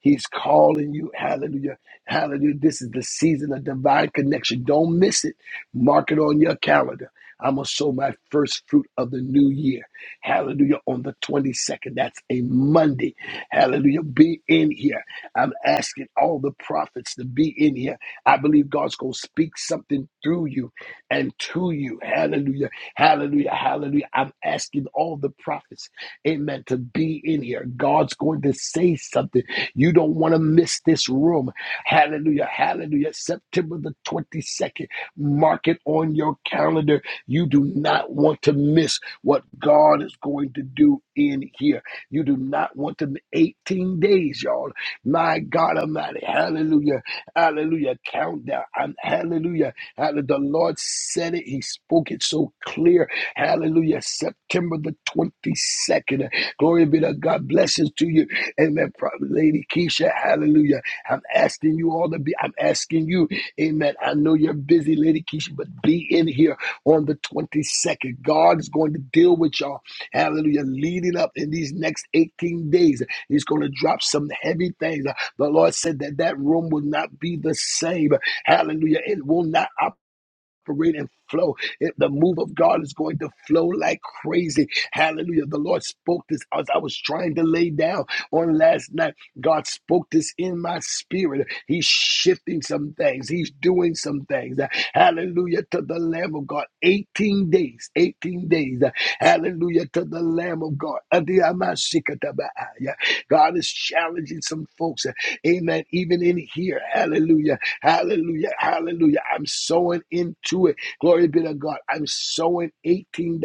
He's calling you. Hallelujah. Hallelujah. This is the season of divine connection. Don't miss it. Mark it on your calendar. I'm going to sow my first fruit of the new year. Hallelujah. On the 22nd. That's a Monday. Hallelujah. Be in here. I'm asking all the prophets to be in here. I believe God's going to speak something through you and to you. Hallelujah. Hallelujah. Hallelujah. I'm asking all the prophets. Amen. To be in here. God's going to say something. You don't want to miss this room. Hallelujah. Hallelujah. September the 22nd. Mark it on your calendar. You do not want to miss what God is going to do in here. You do not want to 18 days, y'all. My God Almighty. Hallelujah. Hallelujah. Countdown. I'm, hallelujah. Hallelujah. The Lord said it. He spoke it so clear. Hallelujah. September the 22nd. Glory be to God. Blessings to you. Amen. Lady Keisha, hallelujah. I'm asking you all to be, I'm asking you, amen. I know you're busy, Lady Keisha, but be in here on the 22nd. God is going to deal with y'all, hallelujah, leading up in these next 18 days. He's going to drop some heavy things. The Lord said that that room will not be the same. Hallelujah. It will not operate operate and flow. It, the move of God is going to flow like crazy. Hallelujah. The Lord spoke this as I was trying to lay down on last night. God spoke this in my spirit. He's shifting some things, He's doing some things. Hallelujah to the Lamb of God. 18 days, 18 days. Hallelujah to the Lamb of God. God is challenging some folks. Amen. Even in here. Hallelujah. Hallelujah. Hallelujah. I'm sowing into it. Glory be to God. I'm sowing $18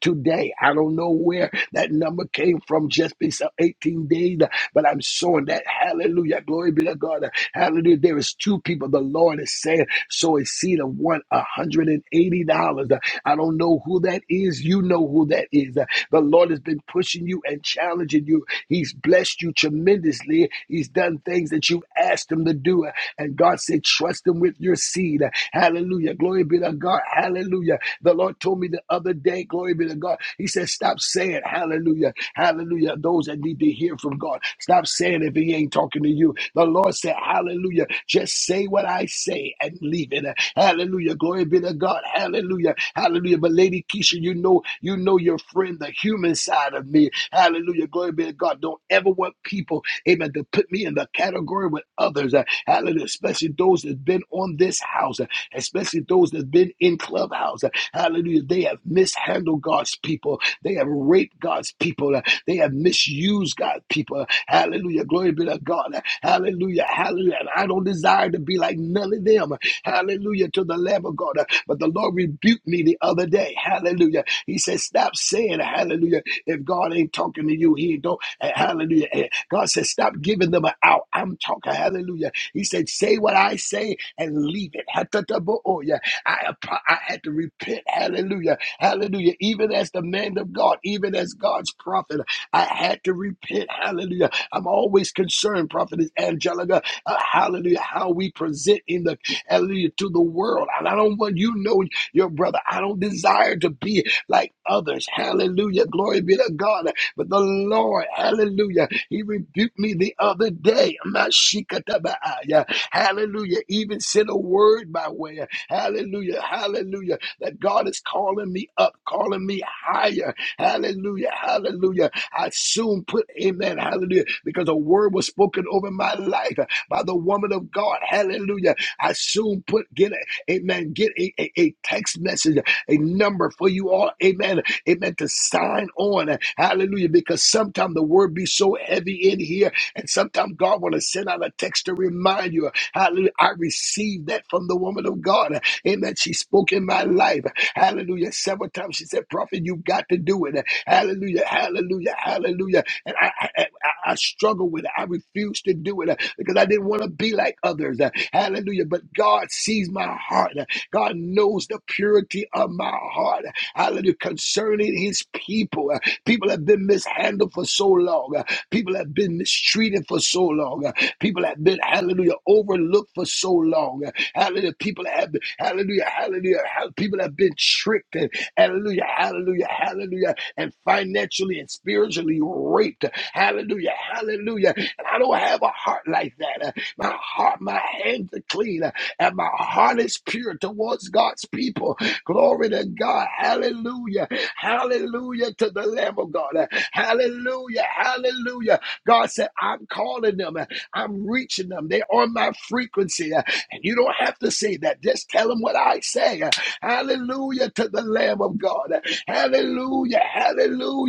today. I don't know where that number came from just because of 18 days, but I'm sowing that. Hallelujah. Glory be to God. Hallelujah. There is two people. The Lord is saying, sow a seed of one, $180. I don't know who that is. You know who that is. The Lord has been pushing you and challenging you. He's blessed you tremendously. He's done things that you asked him to do. And God said, trust him with your seed. Hallelujah. Glory be to God. Hallelujah. Hallelujah. The Lord told me the other day, glory be to God. He said, Stop saying hallelujah. Hallelujah. Those that need to hear from God. Stop saying if He ain't talking to you. The Lord said, Hallelujah. Just say what I say and leave it. Hallelujah. Glory be to God. Hallelujah. Hallelujah. But Lady Keisha, you know, you know your friend, the human side of me. Hallelujah. Glory be to God. Don't ever want people, amen, to put me in the category with others. Uh, Hallelujah. Especially those that's been on this house, especially those that's been in clubhouse. Hallelujah. They have mishandled God's people. They have raped God's people. They have misused God's people. Hallelujah. Glory be to God. Hallelujah. Hallelujah. And I don't desire to be like none of them. Hallelujah to the Lamb of God. But the Lord rebuked me the other day. Hallelujah. He said, Stop saying hallelujah. If God ain't talking to you, he don't. eh, Hallelujah. Eh, God said, Stop giving them an out. I'm talking hallelujah. He said, Say what I say and leave it. Hatatabo'oya. I, app- I had to repent. Hallelujah. Hallelujah. Even as the man of God, even as God's prophet, I had to repent. Hallelujah. I'm always concerned, prophetess Angelica. uh, hallelujah. How we present in the hallelujah to the world. And I don't want you to know your brother. I don't desire to be like others. Hallelujah. Glory be to God. But the Lord, hallelujah, He rebuked me the other day. Mashikatabaaya. Hallelujah. Even sent a word my way. Hallelujah. Hallelujah. That God is calling me up, calling me higher. Hallelujah. Hallelujah. I soon put amen. Hallelujah. Because a word was spoken over my life by the woman of God. Hallelujah. I soon put get a amen. Get a, a, a text message, a number for you all. Amen amen, to sign on. Hallelujah. Because sometimes the word be so heavy in here, and sometimes God want to send out a text to remind you. Hallelujah. I received that from the woman of God. Amen. She spoke in my life. Hallelujah. Several times she said, Prophet, you've got to do it. Hallelujah. Hallelujah. Hallelujah. And I, I, I I struggle with it. I refuse to do it uh, because I didn't want to be like others. Uh, Hallelujah. But God sees my heart. Uh, God knows the purity of my heart hallelujah, concerning his people. Uh, People have been mishandled for so long. Uh, People have been mistreated for so long. Uh, People have been, hallelujah, overlooked for so long. Uh, Hallelujah. People have been, hallelujah, hallelujah. hall- People have been tricked. And, hallelujah, hallelujah, hallelujah. And financially and spiritually raped. Hallelujah, hallelujah. And I don't have a heart like that. Uh, My heart, my hands are clean. Uh, And my heart is pure towards God's people. Glory to God. Hallelujah. Hallelujah to the Lamb of God. Hallelujah. Hallelujah. God said, I'm calling them. I'm reaching them. They're on my frequency. And you don't have to say that. Just tell them what I say. Hallelujah to the Lamb of God. Hallelujah. Hallelujah.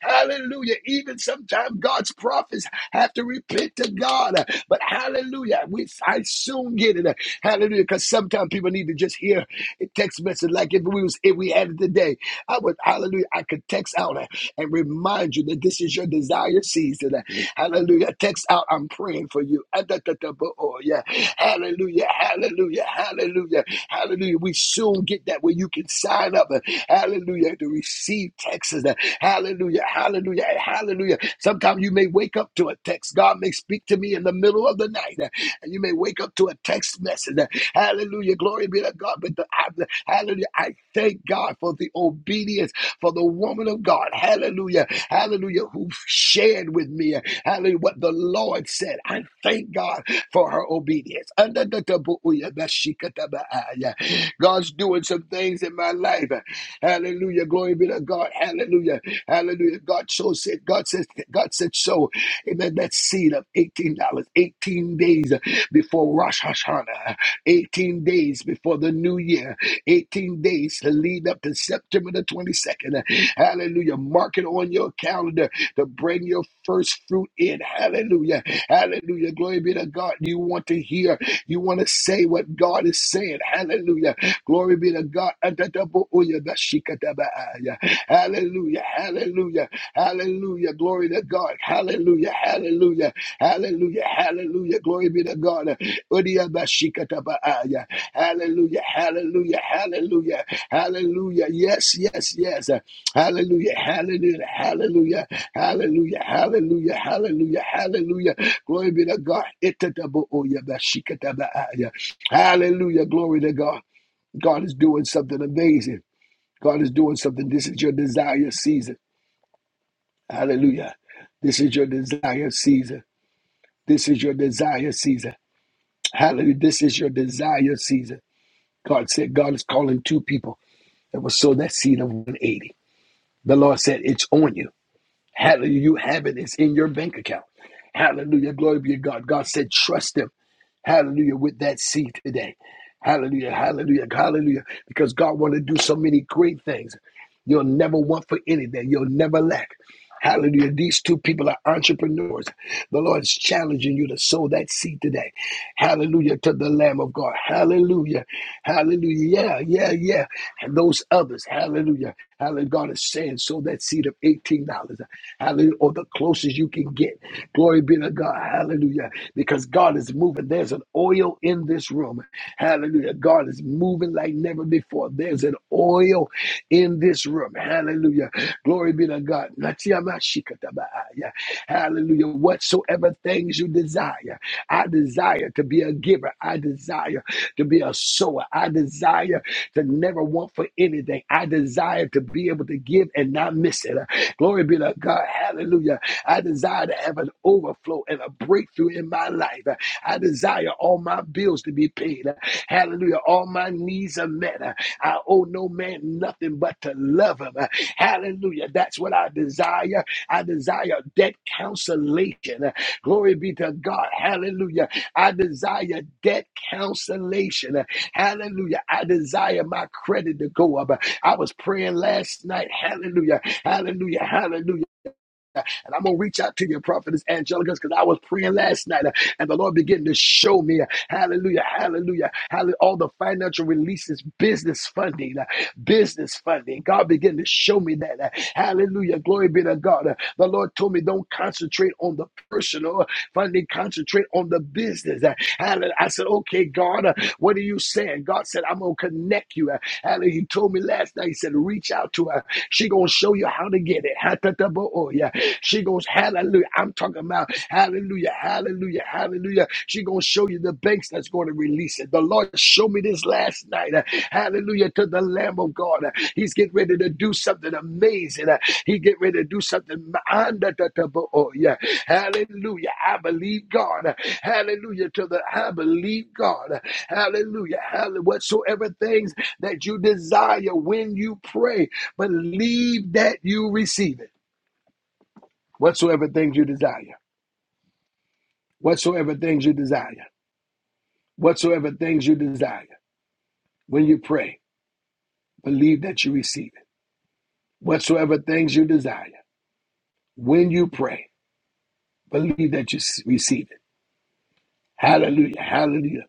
Hallelujah. Even sometimes God's prophets have to repent to God. But hallelujah, we I soon get it. Hallelujah. Because sometimes people need to just hear a text message. Like if we was if we had it today, I would hallelujah. I could text out and remind you that this is your desire season. Hallelujah. Text out, I'm praying for you. Ah, da, da, da, bo- oh, Yeah. Hallelujah. Hallelujah. Hallelujah. Hallelujah. We soon get that where you can sign up. uh, Hallelujah. To receive texts. uh, Hallelujah. Hallelujah. Hallelujah. Sometimes you may wake up to a text. God may speak to me in the middle of the night and you may wake up to a text message. Hallelujah. Glory be to God. But the, hallelujah. I thank God for the obedience for the woman of God. Hallelujah. Hallelujah. Who shared with me. Hallelujah. What the Lord said. I thank God for her obedience. God's doing some things in my life. Hallelujah. Glory be to God. Hallelujah. Hallelujah. God so said, God said, God said so. Amen. That seed of $18, dollars, 18 days before Rosh Hashanah, 18 days before the new year, 18 days to lead up to September the 22nd. Hallelujah. Mark it on your calendar to bring your first fruit in. Hallelujah. Hallelujah. Glory be to God. You want to hear, you want to say what God is saying. Hallelujah. Glory be to God. Hallelujah. Hallelujah. Hallelujah. Glory to God. Hallelujah. Hallelujah. Hallelujah. Hallelujah. Glory be to God. Udia baaya. Hallelujah. Hallelujah. Hallelujah. Hallelujah. Yes, yes, yes. Hallelujah. Hallelujah. Hallelujah. Hallelujah. Hallelujah. Hallelujah. Hallelujah. Glory be to God. Itata booya baaya. Hallelujah. Glory to God. God is doing something amazing. God is doing something. This is your desire season. Hallelujah. This is your desire season. This is your desire season. Hallelujah. This is your desire season. God said God is calling two people that will sow that seed of 180. The Lord said, It's on you. Hallelujah. You have it. It's in your bank account. Hallelujah. Glory be to God. God said, Trust Him. Hallelujah. With that seed today. Hallelujah. Hallelujah. Hallelujah. Because God wants to do so many great things. You'll never want for anything. You'll never lack. Hallelujah. These two people are entrepreneurs. The Lord's challenging you to sow that seed today. Hallelujah to the Lamb of God. Hallelujah. Hallelujah. Yeah, yeah, yeah. And those others. Hallelujah. Hallelujah. God is saying, sow that seed of $18. Hallelujah. Or the closest you can get. Glory be to God. Hallelujah. Because God is moving. There's an oil in this room. Hallelujah. God is moving like never before forth. There's an oil in this room. Hallelujah. Glory be to God. Hallelujah. Whatsoever things you desire, I desire to be a giver. I desire to be a sower. I desire to never want for anything. I desire to be able to give and not miss it. Glory be to God. Hallelujah. I desire to have an overflow and a breakthrough in my life. I desire all my bills to be paid. Hallelujah. All my needs are met. I owe no man nothing but to love him. Hallelujah. That's what I desire. I desire that consolation. Glory be to God. Hallelujah. I desire debt cancellation. Hallelujah. I desire my credit to go up. I was praying last night. Hallelujah. Hallelujah. Hallelujah. And I'm going to reach out to you, prophetess Angelica, because I was praying last night uh, and the Lord began to show me, uh, hallelujah, hallelujah, hallelujah, all the financial releases, business funding, uh, business funding. God began to show me that. uh, Hallelujah. Glory be to God. Uh, The Lord told me don't concentrate on the personal uh, funding, concentrate on the business. Uh, Hallelujah. I said, okay, God, uh, what are you saying? God said, I'm going to connect you. uh, Hallelujah. He told me last night, he said, reach out to her. She gonna show you how to get it. Ha-ta-ta-bo-oh-ya. She goes, hallelujah. I'm talking about hallelujah, hallelujah, hallelujah. She gonna show you the banks that's going to release it. The Lord showed me this last night. Hallelujah to the Lamb of God. He's getting ready to do something amazing. Uh, He get ready to do something. Oh, yeah. Hallelujah. I believe God. Hallelujah. To the I believe God. Hallelujah. Hallelujah. Whatsoever things that you desire when you pray, believe that you receive it. Whatsoever things you desire. Whatsoever things you desire. Whatsoever things you desire. When you pray, believe that you receive it. Whatsoever things you desire. When you pray, believe that you receive it. Hallelujah, hallelujah,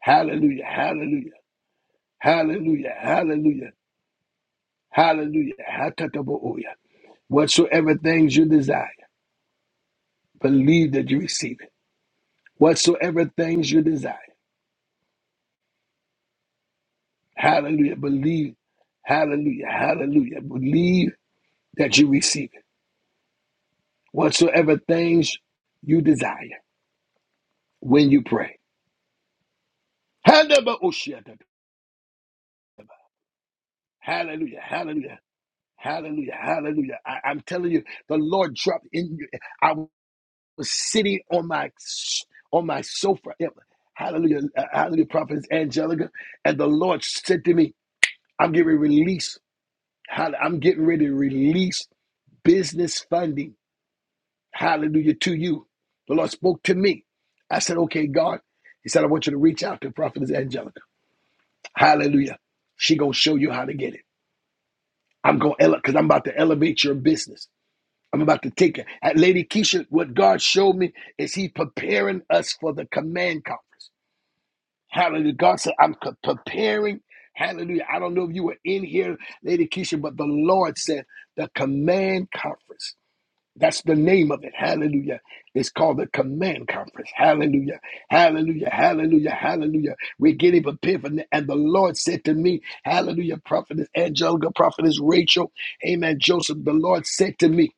hallelujah, hallelujah, hallelujah, hallelujah, hallelujah, hatataboya. Whatsoever things you desire, believe that you receive it. Whatsoever things you desire, hallelujah, believe, hallelujah, hallelujah, believe that you receive it. Whatsoever things you desire when you pray. Hadabaoshiyatata. Hallelujah, hallelujah, hallelujah, hallelujah. I, I'm telling you, the Lord dropped in you. was sitting on my on my sofa. Yeah, Hallelujah, uh, hallelujah, prophetess Angelica. And the Lord said to me, I'm getting ready to release. hall- I'm getting ready to release business funding. Hallelujah to you. The Lord spoke to me. I said, okay, God. He said, I want you to reach out to prophetess Angelica. Hallelujah. She gonna show you how to get it. I'm gonna elevate because I'm about to elevate your business. I'm about to take it. At Lady Keisha, what God showed me is He preparing us for the command conference. Hallelujah. God said, I'm c- preparing. Hallelujah. I don't know if you were in here, Lady Keisha, but the Lord said, the Command Conference. That's the name of it. Hallelujah. It's called the Command Conference. Hallelujah. Hallelujah. Hallelujah. Hallelujah. We're getting prepared for that. And the Lord said to me, Hallelujah, Prophetess Angelica, Prophetess Rachel, Amen, Joseph. The Lord said to me,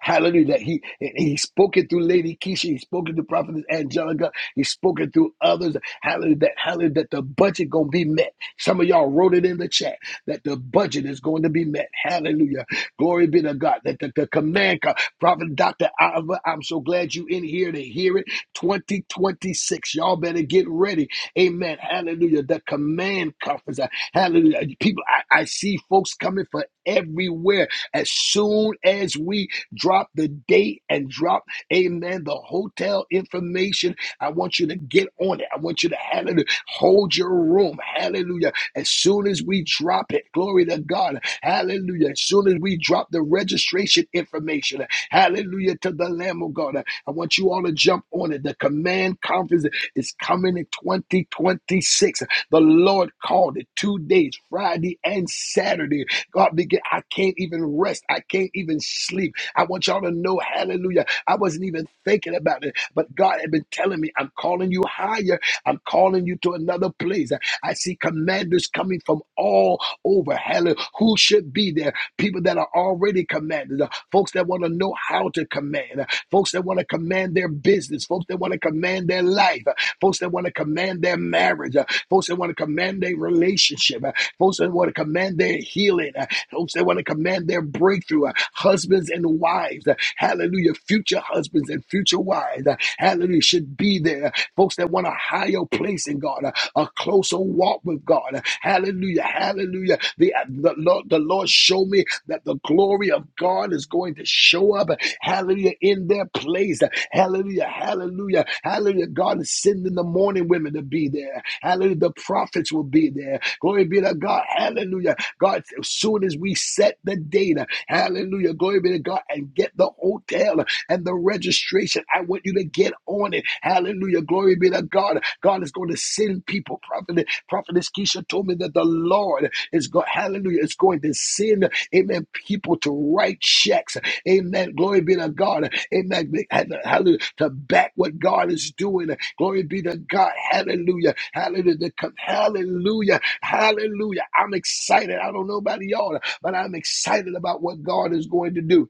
Hallelujah. That he he spoke it through Lady Keisha. He spoke it through Prophetess Angelica. He spoke it through others. Hallelujah. That hallelujah that the budget gonna be met. Some of y'all wrote it in the chat that the budget is going to be met. Hallelujah. Glory be to God. That the, the command co- Prophet Dr. Oliver, I'm so glad you in here to hear it. 2026. Y'all better get ready. Amen. Hallelujah. The command conference. Hallelujah. People, I, I see folks coming for everywhere. As soon as we Drop the date and drop, amen, the hotel information I want you to get on it. I want you to hallelujah, hold your room. Hallelujah. As soon as we drop it, glory to God. Hallelujah. As soon as we drop the registration information, hallelujah to the Lamb of God. I want you all to jump on it. The command conference is coming in 2026. The Lord called it two days, Friday and Saturday. God begin. I can't even rest. I can't even sleep. I want y'all to know, hallelujah. I wasn't even thinking about it but God had been telling me, I'm calling you higher. I'm calling you to another place. I see commanders coming from all over. Hallelujah. Who should be there? People that are already commanders, uh, folks that want to know how to command, uh, folks that want to command their business, folks that want to command their life, uh, folks that want to command their marriage, uh, folks that want to command their relationship, uh, folks that want to command their healing, uh, folks that want to command their breakthrough, uh, husbands and wives, uh, hallelujah, future husbands and and future wise. uh, Hallelujah. Should be there. Folks that want a higher place in God, uh, a closer walk with God. uh, Hallelujah. Hallelujah. The, the, Lord, the Lord showed me that the glory of God is going to show up. uh, Hallelujah. In their place. uh, Hallelujah. Hallelujah. Hallelujah. God is sending the morning women to be there. Hallelujah. The prophets will be there. Glory be to God. Hallelujah. God, as soon as we set the data, hallelujah. Glory be to God and get the hotel and the registration. I want you to get on it. Hallelujah. Glory be to God. God is going to send people. Prophet, Prophetess Keisha told me that the Lord is going, hallelujah, is going to send, amen, people to write checks. Amen. Glory be to God. Amen. Hallelujah. To back what God is doing. Glory be to God. Hallelujah. Hallelujah. To come- Hallelujah. Hallelujah. I'm excited. I don't know about y'all, but I'm excited about what God is going to do.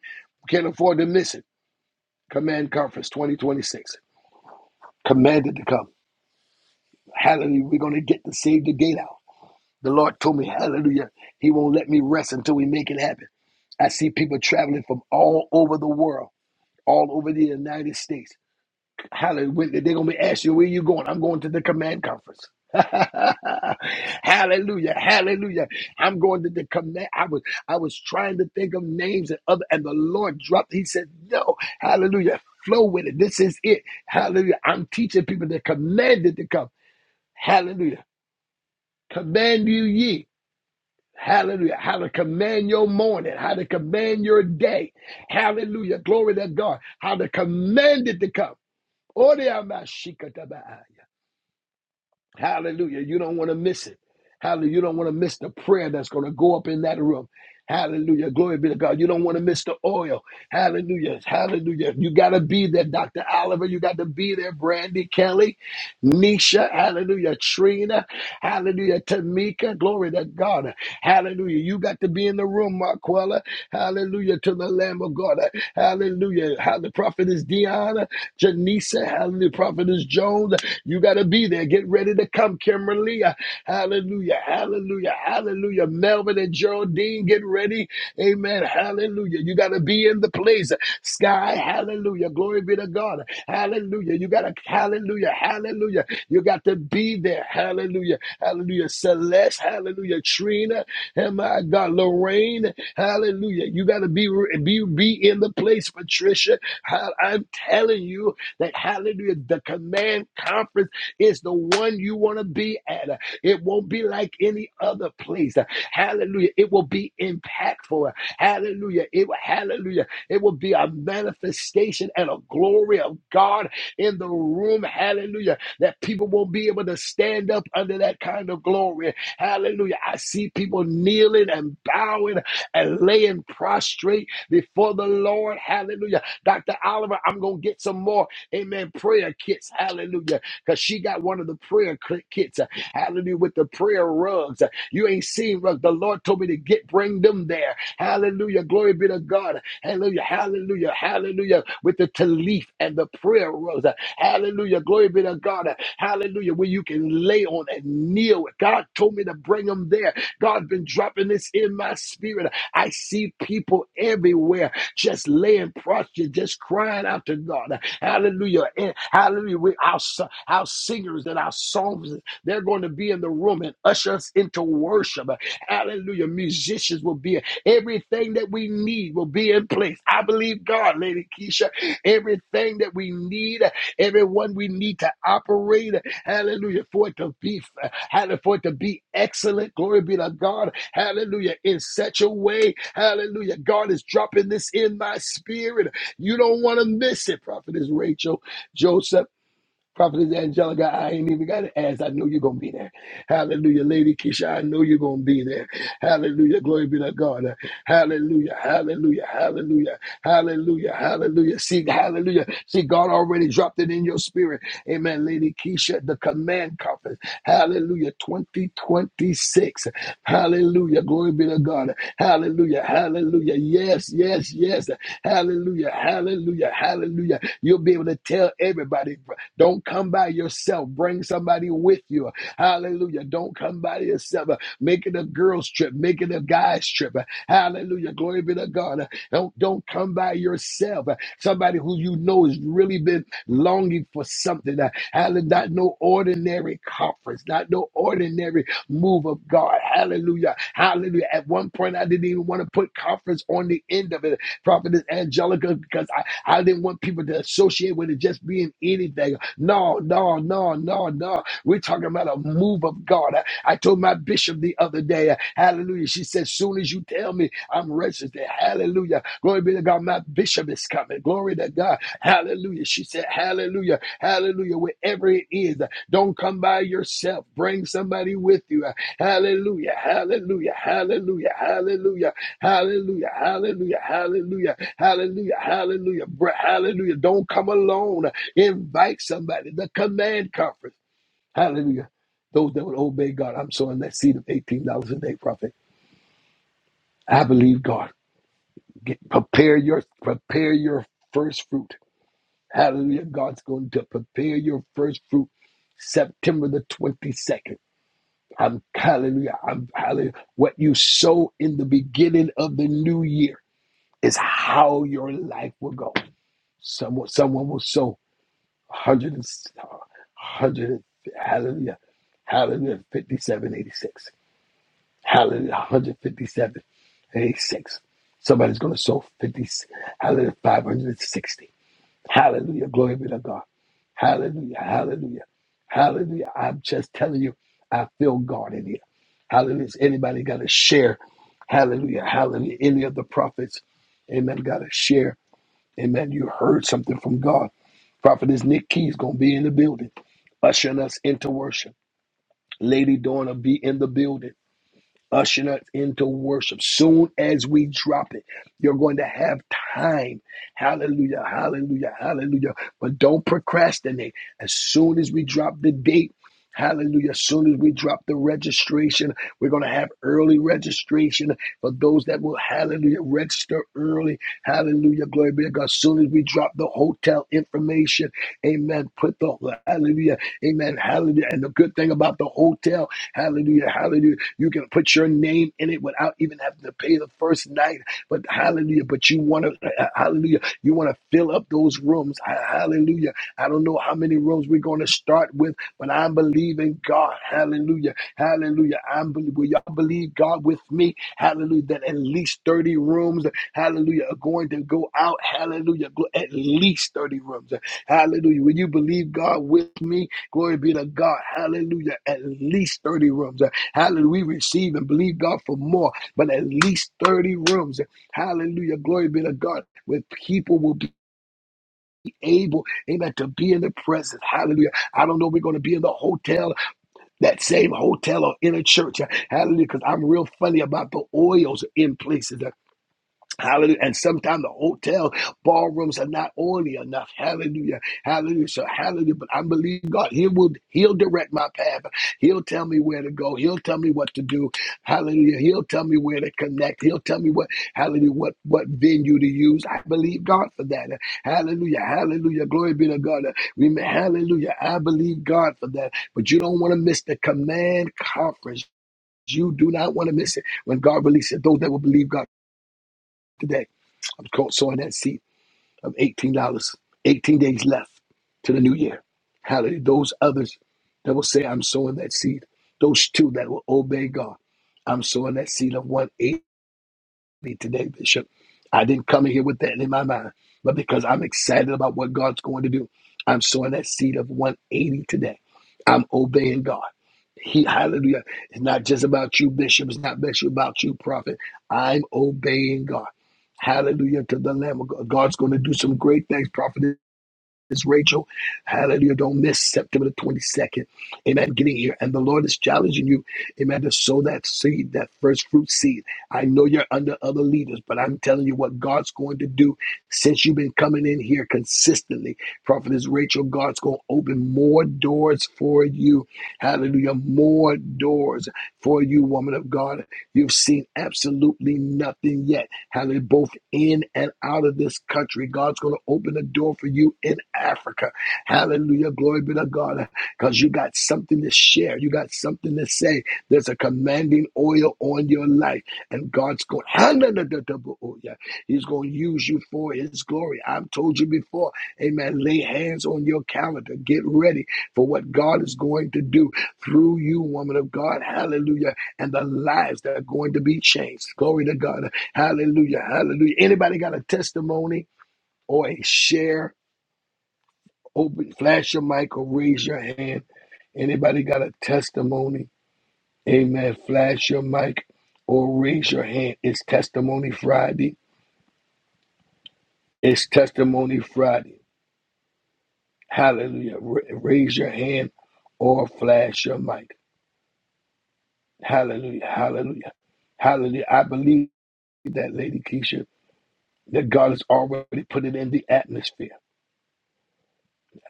Can't afford to miss it. Command Conference 2026. Commanded to come. Hallelujah. We're going to get to save the gate out. The Lord told me, Hallelujah. He won't let me rest until we make it happen. I see people traveling from all over the world, all over the United States. Hallelujah. They're going to be asking you, where you going? I'm going to the command conference. hallelujah. Hallelujah. I'm going to the command. I was I was trying to think of names and other and the Lord dropped. He said, No, hallelujah. Flow with it. This is it. Hallelujah. I'm teaching people that commanded to come. Hallelujah. Command you ye. Hallelujah. How to command your morning, how to command your day. Hallelujah. Glory to God. How to command it to come. Oreamashikatabaaya. Hallelujah. You don't want to miss it. Hallelujah. You don't want to miss the prayer that's going to go up in that room. Hallelujah. Glory be to God. You don't want to miss the oil. Hallelujah. Hallelujah. You got to be there, Dr. Oliver. You got to be there, Brandy Kelly. Nisha, hallelujah, Trina, hallelujah, Tamika, glory to God, hallelujah. You got to be in the room, Marquella, hallelujah, to the Lamb of God, hallelujah. How the prophet is Deanna, Janisa, hallelujah, prophet is Jones. You got to be there. Get ready to come, Kimberly, hallelujah, hallelujah, hallelujah, Covenant Geraldine getting ready. Amen. Hallelujah. You got to be in the place. Sky, hallelujah. Glory be to God. Hallelujah. You got to, hallelujah, hallelujah. You got to be there. Hallelujah. Hallelujah. Celeste, hallelujah. Trina, and my God, Lorraine, hallelujah. You got to be, be, be in the place, Patricia. Ha- I'm telling you that, hallelujah, the command conference is the one you want to be at. It won't be like any other place. Hallelujah. It will be impactful. Hallelujah. It will, hallelujah. It will be a manifestation and a glory of God in the room. Hallelujah. That people won't be able to stand up under that kind of glory. Hallelujah. I see people kneeling and bowing and laying prostrate before the Lord. Hallelujah. Dr. Oliver, I'm going to get some more, amen, prayer kits. Hallelujah because she got one of the prayer kits. uh, Hallelujah. With the prayer rugs. uh, you ain't seen, but the Lord told me to get bring them there. Hallelujah. Glory be to God. Hallelujah. Hallelujah. Hallelujah. With the talif and the prayer rose. Hallelujah. Glory be to God. Hallelujah. Where you can lay on and kneel. God told me to bring them there. God been dropping this in my spirit. I see people everywhere just laying prostrate, just crying out to God. Hallelujah. And hallelujah. With our, our singers and our songs. They're going to be in the room and usher us into worship. Hallelujah. Musicians will be everything that we need will be in place. I believe God, Lady Keisha. Everything that we need, everyone we need to operate. Hallelujah. For it to be hallelujah, for it to be excellent. Glory be to God. Hallelujah. In such a way. Hallelujah. God is dropping this in my spirit. You don't want to miss it, Prophetess Rachel. Joseph. Prophetess Angelica, I ain't even got to ask. I know you're going to be there. Hallelujah. Lady Keisha, I know you're going to be there. Hallelujah. Glory be to God. Hallelujah. Hallelujah. Hallelujah. Hallelujah. Hallelujah. See, hallelujah. See, God already dropped it in your spirit. Amen. Lady Keisha, the command conference. Hallelujah. 2026. Hallelujah. Glory be to God. Hallelujah. Hallelujah. Yes, yes, yes. Hallelujah. Hallelujah. Hallelujah. You'll be able to tell everybody, don't come by yourself. Bring somebody with you. Hallelujah. Don't come by yourself. Make it a girls' trip. Make it a guys' trip worship. Hallelujah. Glory be to God. Don't, don't come by yourself. Somebody who you know has really been longing for something. Hallelujah. Not no ordinary conference, not no ordinary move of God. Hallelujah. Hallelujah. At one point, I didn't even want to put conference on the end of it, Prophetess Angelica, because I, I didn't want people to associate with it just being anything. No, no, no, no, no. We're talking about a move of God. I, I told told my bishop the other day, uh, hallelujah. She said, soon as you tell me I'm registered, hallelujah. Glory be to God, my bishop is coming. Glory to God, hallelujah. She said, hallelujah, hallelujah. Wherever it is, uh, don't come by yourself. Bring somebody with you. Uh, Hallelujah, hallelujah, hallelujah, hallelujah, hallelujah, hallelujah, hallelujah, hallelujah, hallelujah, hallelujah. Don't come alone. Invite somebody. The command conference. Hallelujah. Those that would obey God, I'm sowing that seed of $18 a day, prophet. I believe God. Get, prepare your prepare your first fruit. Hallelujah. God's going to prepare your first fruit September the 22nd. I'm hallelujah. I'm hallelujah. What you sow in the beginning of the new year is how your life will go. Someone, someone will sow one hundred and one hundred hallelujah, hallelujah, 5786. Hallelujah. 157. 86. Somebody's going to sow 50, hallelujah, 560. Hallelujah. Glory be to God. Hallelujah. Hallelujah. Hallelujah. I'm just telling you, I feel God in here. Hallelujah. Is anybody got to share? Hallelujah. Hallelujah. Any of the prophets, amen, got to share. Amen. You heard something from God. Prophetess Nick Key's going to be in the building, ushering us into worship. Lady Dorna be in the building ushering us into worship. Soon as we drop it, you're going to have time. Hallelujah, hallelujah, hallelujah. But don't procrastinate. As soon as we drop the date, Hallelujah. As soon as we drop the registration, we're going to have early registration for those that will, hallelujah, register early. Hallelujah. Glory be to God. As soon as we drop the hotel information, amen. Put the, hallelujah, amen, hallelujah. And the good thing about the hotel, hallelujah, hallelujah. You can put your name in it without even having to pay the first night. But hallelujah. But you want to, hallelujah. You want to fill up those rooms. Hallelujah. I don't know how many rooms we're going to start with, but I'm believing God. Hallelujah Hallelujah. I believe, will y'all believe God with me? Hallelujah. That at least 30 rooms, hallelujah, are going to go out. Hallelujah. Gl- At least 30 rooms. Hallelujah. Will you believe God with me? Glory be to God. Hallelujah. At least 30 rooms. Hallelujah. We receive and believe God for more, but at least 30 rooms. Hallelujah. Glory be to God. Where people will be able, amen, to be in the presence. Hallelujah. I don't know if we're going to be in the hotel that same hotel or in a church. Hallelujah. Because I'm real funny about the oils in places. Hallelujah. And sometimes the hotel ballrooms are not oily enough. Hallelujah. Hallelujah. So hallelujah. But I believe God. He will He'll direct my path. He'll tell me where to go. He'll tell me what to do. Hallelujah. He'll tell me where to connect. He'll tell me what hallelujah, what what venue to use. I believe God for that. Hallelujah. Hallelujah. Glory be to God. We may, hallelujah. I believe God for that. But you don't want to miss the command conference. You do not want to miss it when God releases it. Those that will believe God today. I'm caught sawing that seat of $18. dollars, 18 days left to the new year. Hallelujah. Those others that will say, I'm sowing that seed. Those two that will obey God. I'm sowing that seed of one eighty me today, Bishop. I didn't come in here with that in my mind, but because I'm excited about what God's going to do, I'm sowing that seed of 180 today. I'm obeying God. He, hallelujah. It's not just about you, Bishop. It's not just about you, Prophet. I'm obeying God. Hallelujah to the Lamb of God. God's going to do some great things, Prophet. It's Rachel. Hallelujah. Don't miss September the 22nd. Amen. Getting here. And the Lord is challenging you, amen, to sow that seed, that first fruit seed. I know you're under other leaders, but I'm telling you what God's going to do since you've been coming in here consistently. Prophetess Rachel, God's going to open more doors for you. Hallelujah. More doors for you, woman of God. You've seen absolutely nothing yet. Hallelujah. Both in and out of this country. God's going to open a door for you in Africa. Hallelujah. Glory be to God. Because you got something to share. You got something to say. There's a commanding oil on your life. And God's going, He's going to use you for His glory. I've told you before. Amen. Lay hands on your calendar. Get ready for what God is going to do through you, woman of God. Hallelujah and the lives that are going to be changed. Glory to God. Hallelujah. Hallelujah. Anybody got a testimony or a share? Open, flash your mic or raise your hand. Anybody got a testimony? Amen. Flash your mic or raise your hand. It's Testimony Friday. It's Testimony Friday. Hallelujah. Ra- raise your hand or flash your mic. Hallelujah. Hallelujah. Hallelujah. I believe that, Lady Keisha. that God is already putting in the atmosphere.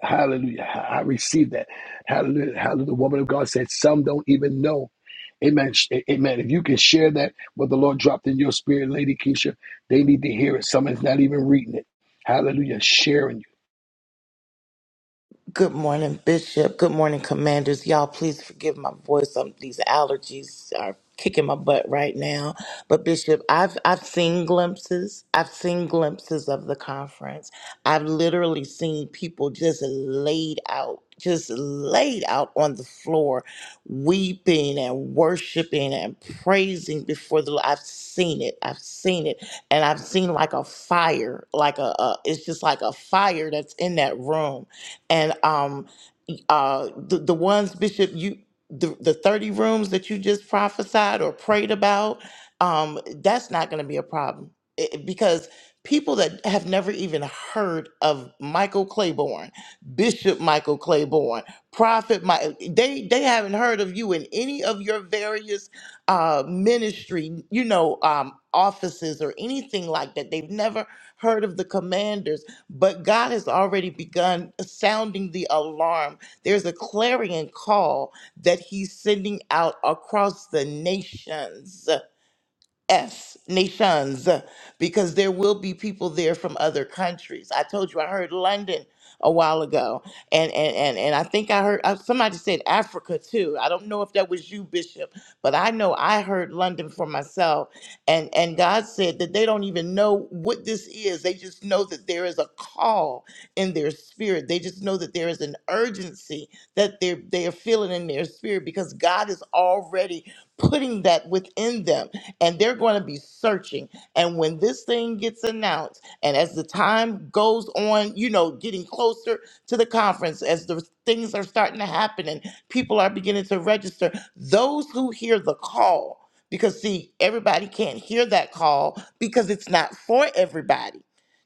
Hallelujah. I receive that. Hallelujah. Hallelujah. The woman of God said, Some don't even know. Amen. Sh- Amen. If you can share that, what the Lord dropped in your spirit, Lady Keisha, they need to hear it. Someone's not even reading it. Hallelujah. Sharing you.
Good morning, Bishop. Good morning, Commanders. Y'all, please forgive my voice. Um, these allergies are kicking my butt right now. But Bishop, I've I've seen glimpses. I've seen glimpses of the conference. I've literally seen people just laid out, just laid out on the floor, weeping and worshiping and praising before the. Lord. I've seen it. I've seen it, and I've seen like a fire, like a, a it's just like a fire that's in that room and um uh the, the ones bishop you the, the 30 rooms that you just prophesied or prayed about um that's not going to be a problem It- it- because people that have never even heard of michael claiborne bishop michael claiborne prophet Mike, they they haven't heard of you in any of your various uh ministry you know um offices or anything like that they've never heard of the commanders but God has already begun sounding the alarm. There's a clarion call that He's sending out across the nations. S nations because there will be people there from other countries. I told you I heard London a while ago, and and and, and I think I heard uh, somebody said Africa too. I don't know if that was you, Bishop, but I know I heard London for myself, and and God said that they don't even know what this is. They just know that there is a call in their spirit. They just know that there is an urgency that they are they are feeling in their spirit because God is already putting that within them and they're going to be searching. And when this thing gets announced, and as the time goes on, you know, getting closer to the conference, as the things are starting to happen and people are beginning to register, those who hear the call, because see, everybody can't hear that call because it's not for everybody.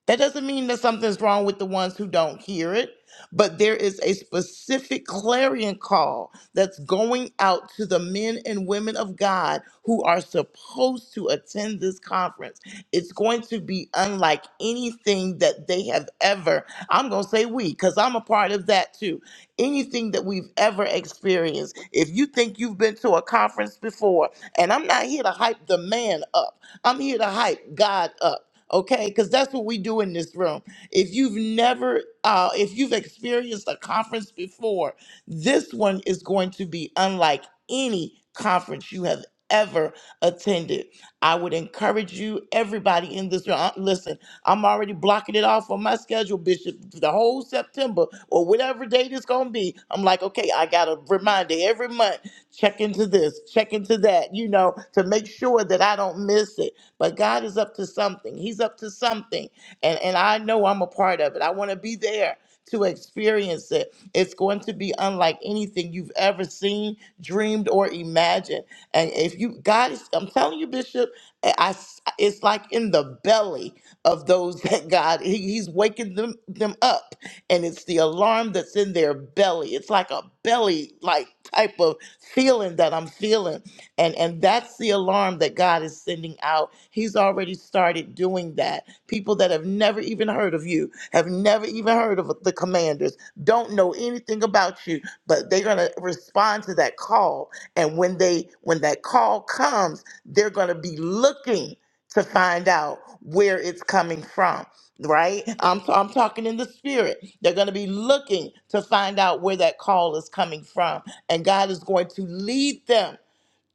That doesn't mean that something's wrong with the ones who don't hear it, but there is a specific clarion call that's going out to the men and women of God who are supposed to attend this conference. It's going to be unlike anything that they have ever, I'm going to say we, because I'm a part of that too, anything that we've ever experienced. If you think you've been to a conference before, and I'm not here to hype the man up, I'm here to hype God up. Okay, because that's what we do in this room. If you've never, uh, if you've experienced a conference before, this one is going to be unlike any conference you have ever attended. I would encourage you, everybody in this room. uh, Listen, I'm already blocking it off on my schedule, Bishop, the whole September or whatever date it's going to be. I'm like, okay, I got a reminder every month. Check into this, check into that, you know, to make sure that I don't miss it. But God is up to something. He's up to something. And, and I know I'm a part of it. I want to be there to experience it. It's going to be unlike anything you've ever seen, dreamed, or imagined. And if you, God, is, I'm telling you, Bishop, I, I s- it's like in the belly of those that God, he, He's waking them them up, and it's the alarm that's in their belly. It's like a belly like type of feeling that I'm feeling, and and that's the alarm that God is sending out. He's already started doing that. People that have never even heard of you have never even heard of the commanders don't know anything about you, but they're going to respond to that call. And when they when that call comes, they're going to be looking to find out where it's coming from, right? I'm I'm talking in the spirit. They're going to be looking to find out where that call is coming from, and God is going to lead them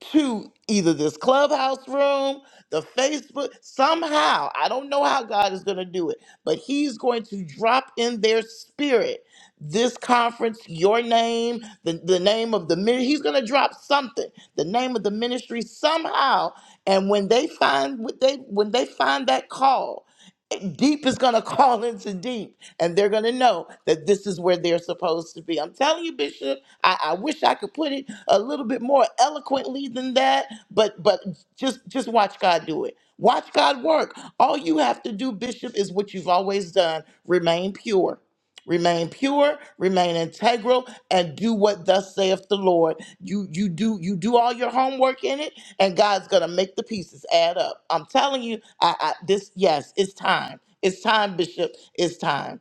to either this clubhouse room, the Facebook, somehow. I don't know how God is going to do it, but He's going to drop in their spirit this conference, your name, the, the name of the ministry. He's going to drop something, the name of the ministry somehow. And when they find what they when they find that call, eh, deep is going to call into deep and they're going to know that this is where they're supposed to be. I'm telling you, Bishop, I, I wish I could put it a little bit more eloquently than that, but but just just watch God do it. Watch God work. All you have to do, Bishop, is what you've always done: remain pure. Remain pure, remain integral, and do what thus saith the Lord. You you do you do all your homework in it, and God's gonna make the pieces add up. I'm telling you, I, I this yes, it's time. It's time, Bishop. It's time.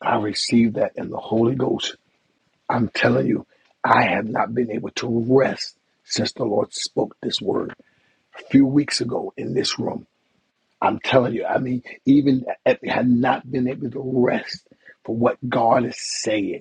I receive that in the Holy Ghost. I'm telling you, I have not been able to rest since the Lord spoke this word a few weeks ago in this room. I'm telling you, I mean, even if I had not been able to rest for what God is saying.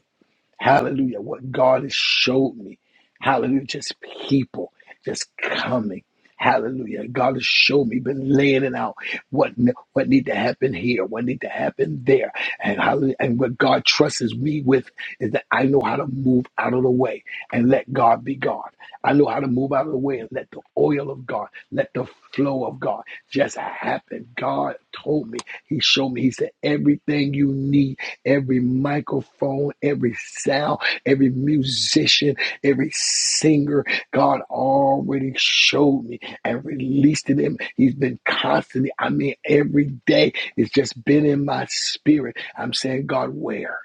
Hallelujah. What God has showed me. Hallelujah. Just people just coming. Hallelujah. God has shown me, been laying it out. What what need to happen here, what need to happen there. And hallelujah. And what God trusts me with is that I know how to move out of the way and let God be God. I know how to move out of the way and let the oil of God, let the flow of God just happen. God told me, He showed me, He said, everything you need every microphone, every sound, every musician, every singer. God already showed me and released it in. He's been constantly, I mean, every day, it's just been in my spirit. I'm saying, God, where?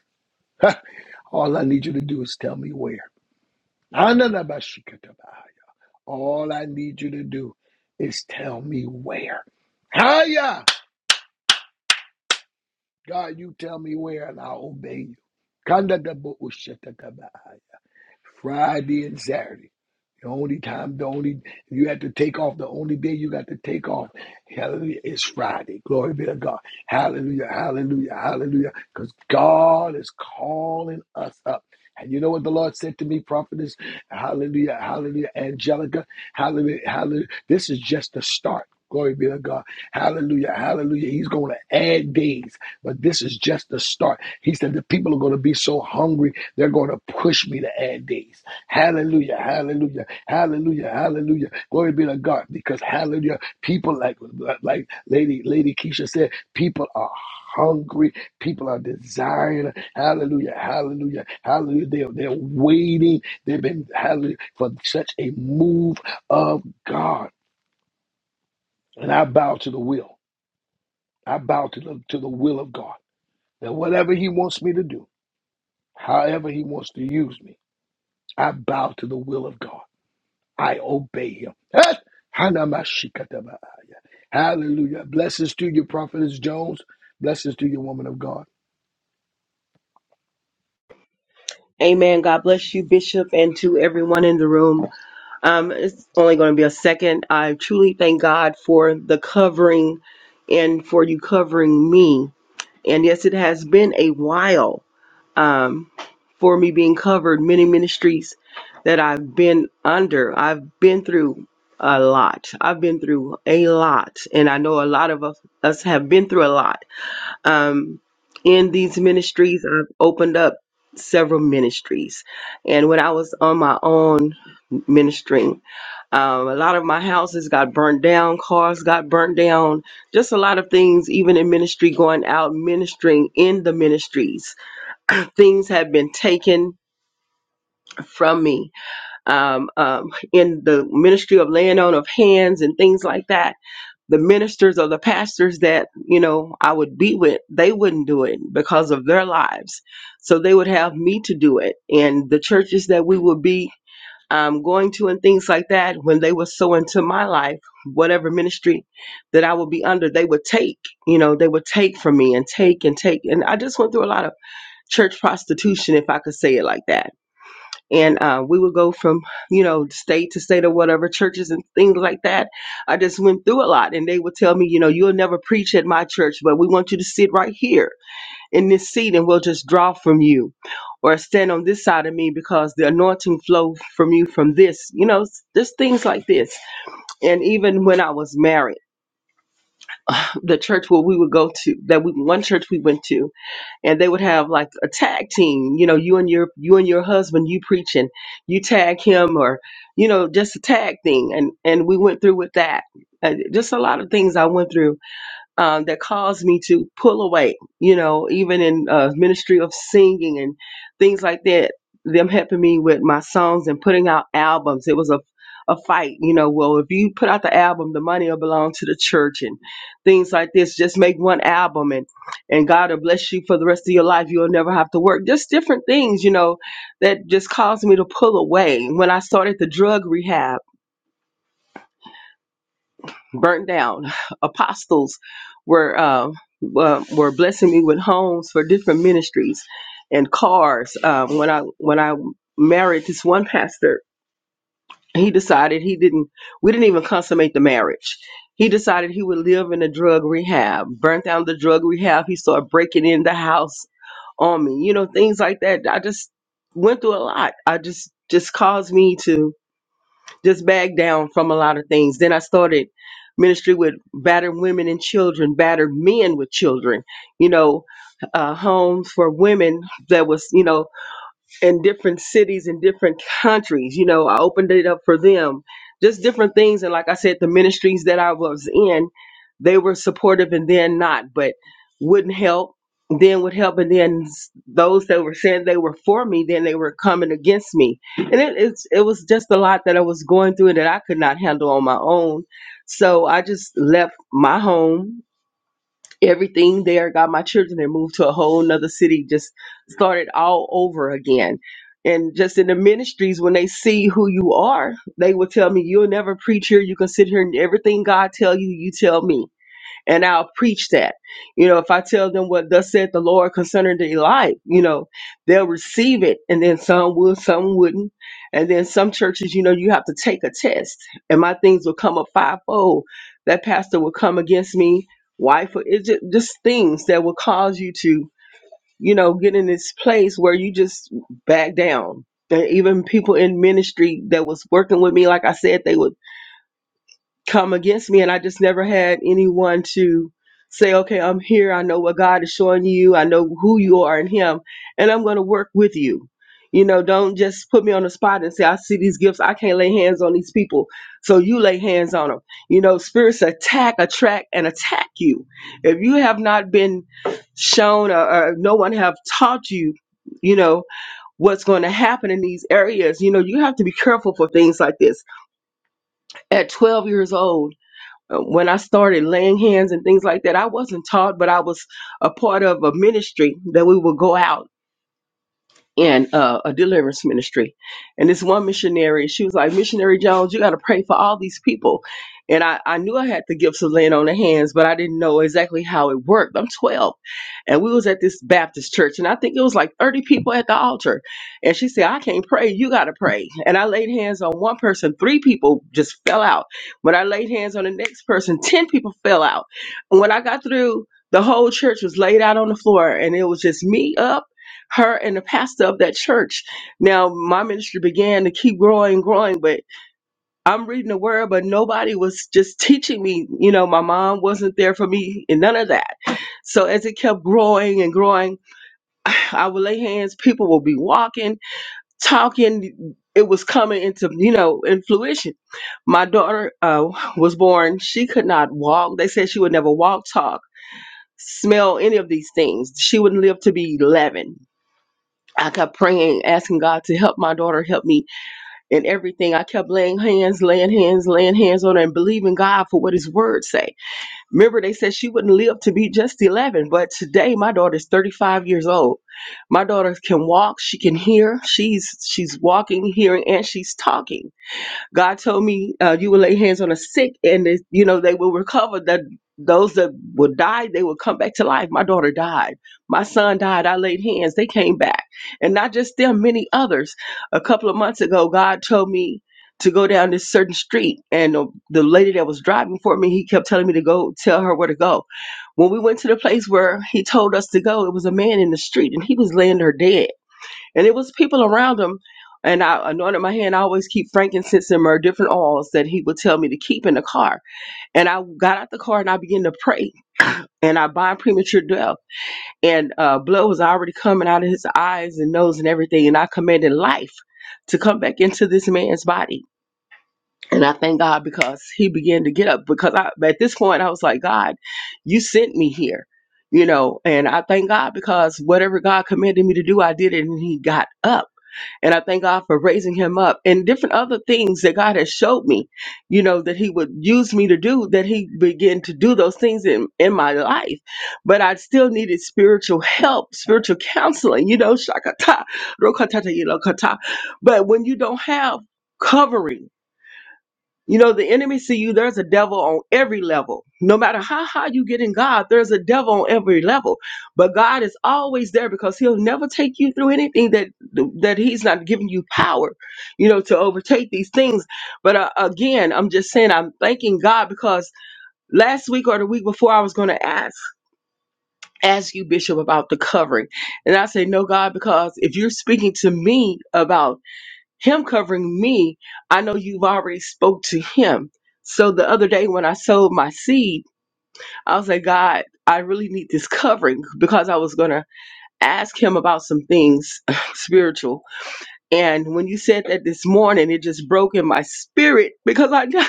All I need you to do is tell me where. All I need you to do is tell me where. Hiya! God, you tell me where and I'll obey you. Friday and Saturday. The only time, the only you have to take off, the only day you got to take off, hallelujah, is Friday. Glory be to God. Hallelujah, hallelujah, hallelujah. Because God is calling us up. And you know what the Lord said to me, prophetess? Hallelujah, hallelujah, Angelica. Hallelujah, hallelujah. This is just the start. Glory be to God. Hallelujah, hallelujah. He's going to add days, but this is just the start. He said the people are going to be so hungry they're going to push me to add days. Hallelujah, hallelujah, hallelujah, hallelujah. Glory be to God because hallelujah, people like like Lady Lady Keisha said, people are hungry, people are desiring. Hallelujah, hallelujah, hallelujah. They, they're waiting. They've been hallelujah for such a move of God. And I bow to the will. I bow to the to the will of God. That whatever He wants me to do, however He wants to use me, I bow to the will of God. I obey him. Eh, Hanamashikataba. Hallelujah. Blessings to you, Prophetess Jones. Blessings to you, woman of God.
Amen. God bless you, Bishop, and to everyone in the room. Um, it's only going to be a second. I truly thank God for the covering and for you covering me. And yes, it has been a while um, for me being covered. Many ministries that I've been under, I've been through a lot. I've been through a lot. And I know a lot of us us have been through a lot um, in these ministries. I've opened up several ministries. And when I was on my own ministering, um, a lot of my houses got burnt down, cars got burnt down, just a lot of things, even in ministry, going out ministering in the ministries. Things have been taken from me um, um, in the ministry of laying on of hands and things like that the ministers or the pastors that you know I would be with, they wouldn't do it because of their lives. So they would have me to do it, and the churches that we would be um, going to and things like that. When they were so into my life, whatever ministry that I would be under, they would take. You know, they would take from me and take and take, and I just went through a lot of church prostitution, if I could say it like that and uh, we would go from you know state to state or whatever churches and things like that i just went through a lot and they would tell me you know you'll never preach at my church but we want you to sit right here in this seat and we'll just draw from you or stand on this side of me because the anointing flow from you from this you know s- just things like this and even when i was married the church where we would go to that we, one church we went to and they would have like a tag team you know you and your you and your husband you preaching you tag him or you know just a tag thing and and we went through with that and just a lot of things i went through um, that caused me to pull away, you know, even in uh, ministry of singing and things like that, them helping me with my songs and putting out albums. It was a, a fight, you know, well, if you put out the album, the money will belong to the church and things like this. Just make one album and, and God will bless you for the rest of your life. You'll never have to work. Just different things, you know, that just caused me to pull away. When I started the drug rehab, burnt down. Apostles were uh, uh, were blessing me with homes for different ministries and cars. Uh, when I when I married this one pastor, he decided he didn't. We didn't even consummate the marriage. He decided he would live in a drug rehab. Burnt down the drug rehab. He started breaking in the house on me. You know things like that. I just went through a lot. I just just caused me to just back down from a lot of things. Then I started ministry with battered women and children, battered men with children, you know, uh, homes for women that was, you know, in different cities in different countries. You know, I opened it up for them, just different things. And like I said, the ministries that I was in, they were supportive and then not, but wouldn't help, then would help. And then s- those that were saying they were for me, then they were coming against me. And it, it's, it was just a lot that I was going through and that I could not handle on my own. So I just left my home everything there got my children and moved to a whole nother city just started all over again and just in the ministries when they see who you are they will tell me you'll never preach here you can sit here and everything god tell you you tell me and I'll preach that. You know, if I tell them what thus said the Lord concerning their life, you know, they'll receive it, and then some will, some wouldn't, and then some churches, you know, you have to take a test, and my things will come up fivefold. That pastor will come against me, wife, or it's just, just things that will cause you to, you know, get in this place where you just back down. And even people in ministry that was working with me, like I said, they would come against me and I just never had anyone to say, okay, I'm here. I know what God is showing you. I know who you are in him and I'm going to work with you. You know, don't just put me on the spot and say, I see these gifts. I can't lay hands on these people. So you lay hands on them. You know, spirits attack, attract and attack you. If you have not been shown or, or no one have taught you, you know, what's going to happen in these areas, you know, you have to be careful for things like this. At 12 years old, uh, When I started laying hands and things like that, I wasn't taught, but I was a part of a ministry that we would go out in uh, a deliverance ministry. And this one missionary, she was like, Missionary Jones, you got to pray for all these people. And I, I knew I had the gifts of laying on the hands, but I didn't know exactly how it worked. I'm 12. And we was at this Baptist church, and I think it was like 30 people at the altar. And she said, I can't pray. You got to pray. And I laid hands on one person. Three people just fell out. When I laid hands on the next person, 10 people fell out. And when I got through, the whole church was laid out on the floor, and it was just me up her and the pastor of that church. Now, my ministry began to keep growing, growing, but I'm reading the word, but nobody was just teaching me. You know, my mom wasn't there for me and none of that. So as it kept growing and growing, I would lay hands, people would be walking, talking. It was coming into, you know, in fruition. My daughter uh, was born. She could not walk. They said she would never walk, talk, smell any of these things. She wouldn't live to be 11 I kept praying, asking God to help my daughter, help me in everything. I kept laying hands, laying hands, laying hands on her and believing God for what his words say. Remember, they said she wouldn't live to be just 11, but today my daughter is 35 years old. My daughter can walk, she can hear, she's she's walking, hearing, and she's talking. God told me uh, you will lay hands on the sick and they, you know they will recover that those that will die they will come back to life my daughter died my son died i laid hands they came back and not just them many others a couple of months ago god told me to go down this certain street and the, the lady that was driving for me he kept telling me to go tell her where to go when we went to the place where he told us to go it was a man in the street and he was laying there dead and it was people around him. And I anointed my hand. I always keep frankincense and myrrh, different oils that he would tell me to keep in the car. And I got out the car and I began to pray. And I bind premature death. And uh, blood was already coming out of his eyes and nose and everything. And I commanded life to come back into this man's body. And I thank God because he began to get up. Because I, at this point, I was like, God, you sent me here you know and i thank god because whatever god commanded me to do i did it and he got up and I thank God for raising him up and different other things that God has showed me, you know, that he would use me to do, that he began to do those things in, in my life. But I still needed spiritual help, spiritual counseling, you know, shakata, rokatata, you know, kata. But when you don't have covering, you know, the enemy see you, there's a devil on every level. No matter how high you get in God, there's a devil on every level. But God is always there because he'll never take you through anything that that he's not giving you power, you know, to overtake these things. But uh, again, I'm just saying I'm thanking God because last week or the week before I was going to ask ask you bishop about the covering. And I say, "No, God, because if you're speaking to me about him covering me i know you've already spoke to him so the other day when i sowed my seed i was like god i really need this covering because i was going to ask him about some things spiritual and when you said that this morning, it just broke in my spirit because I because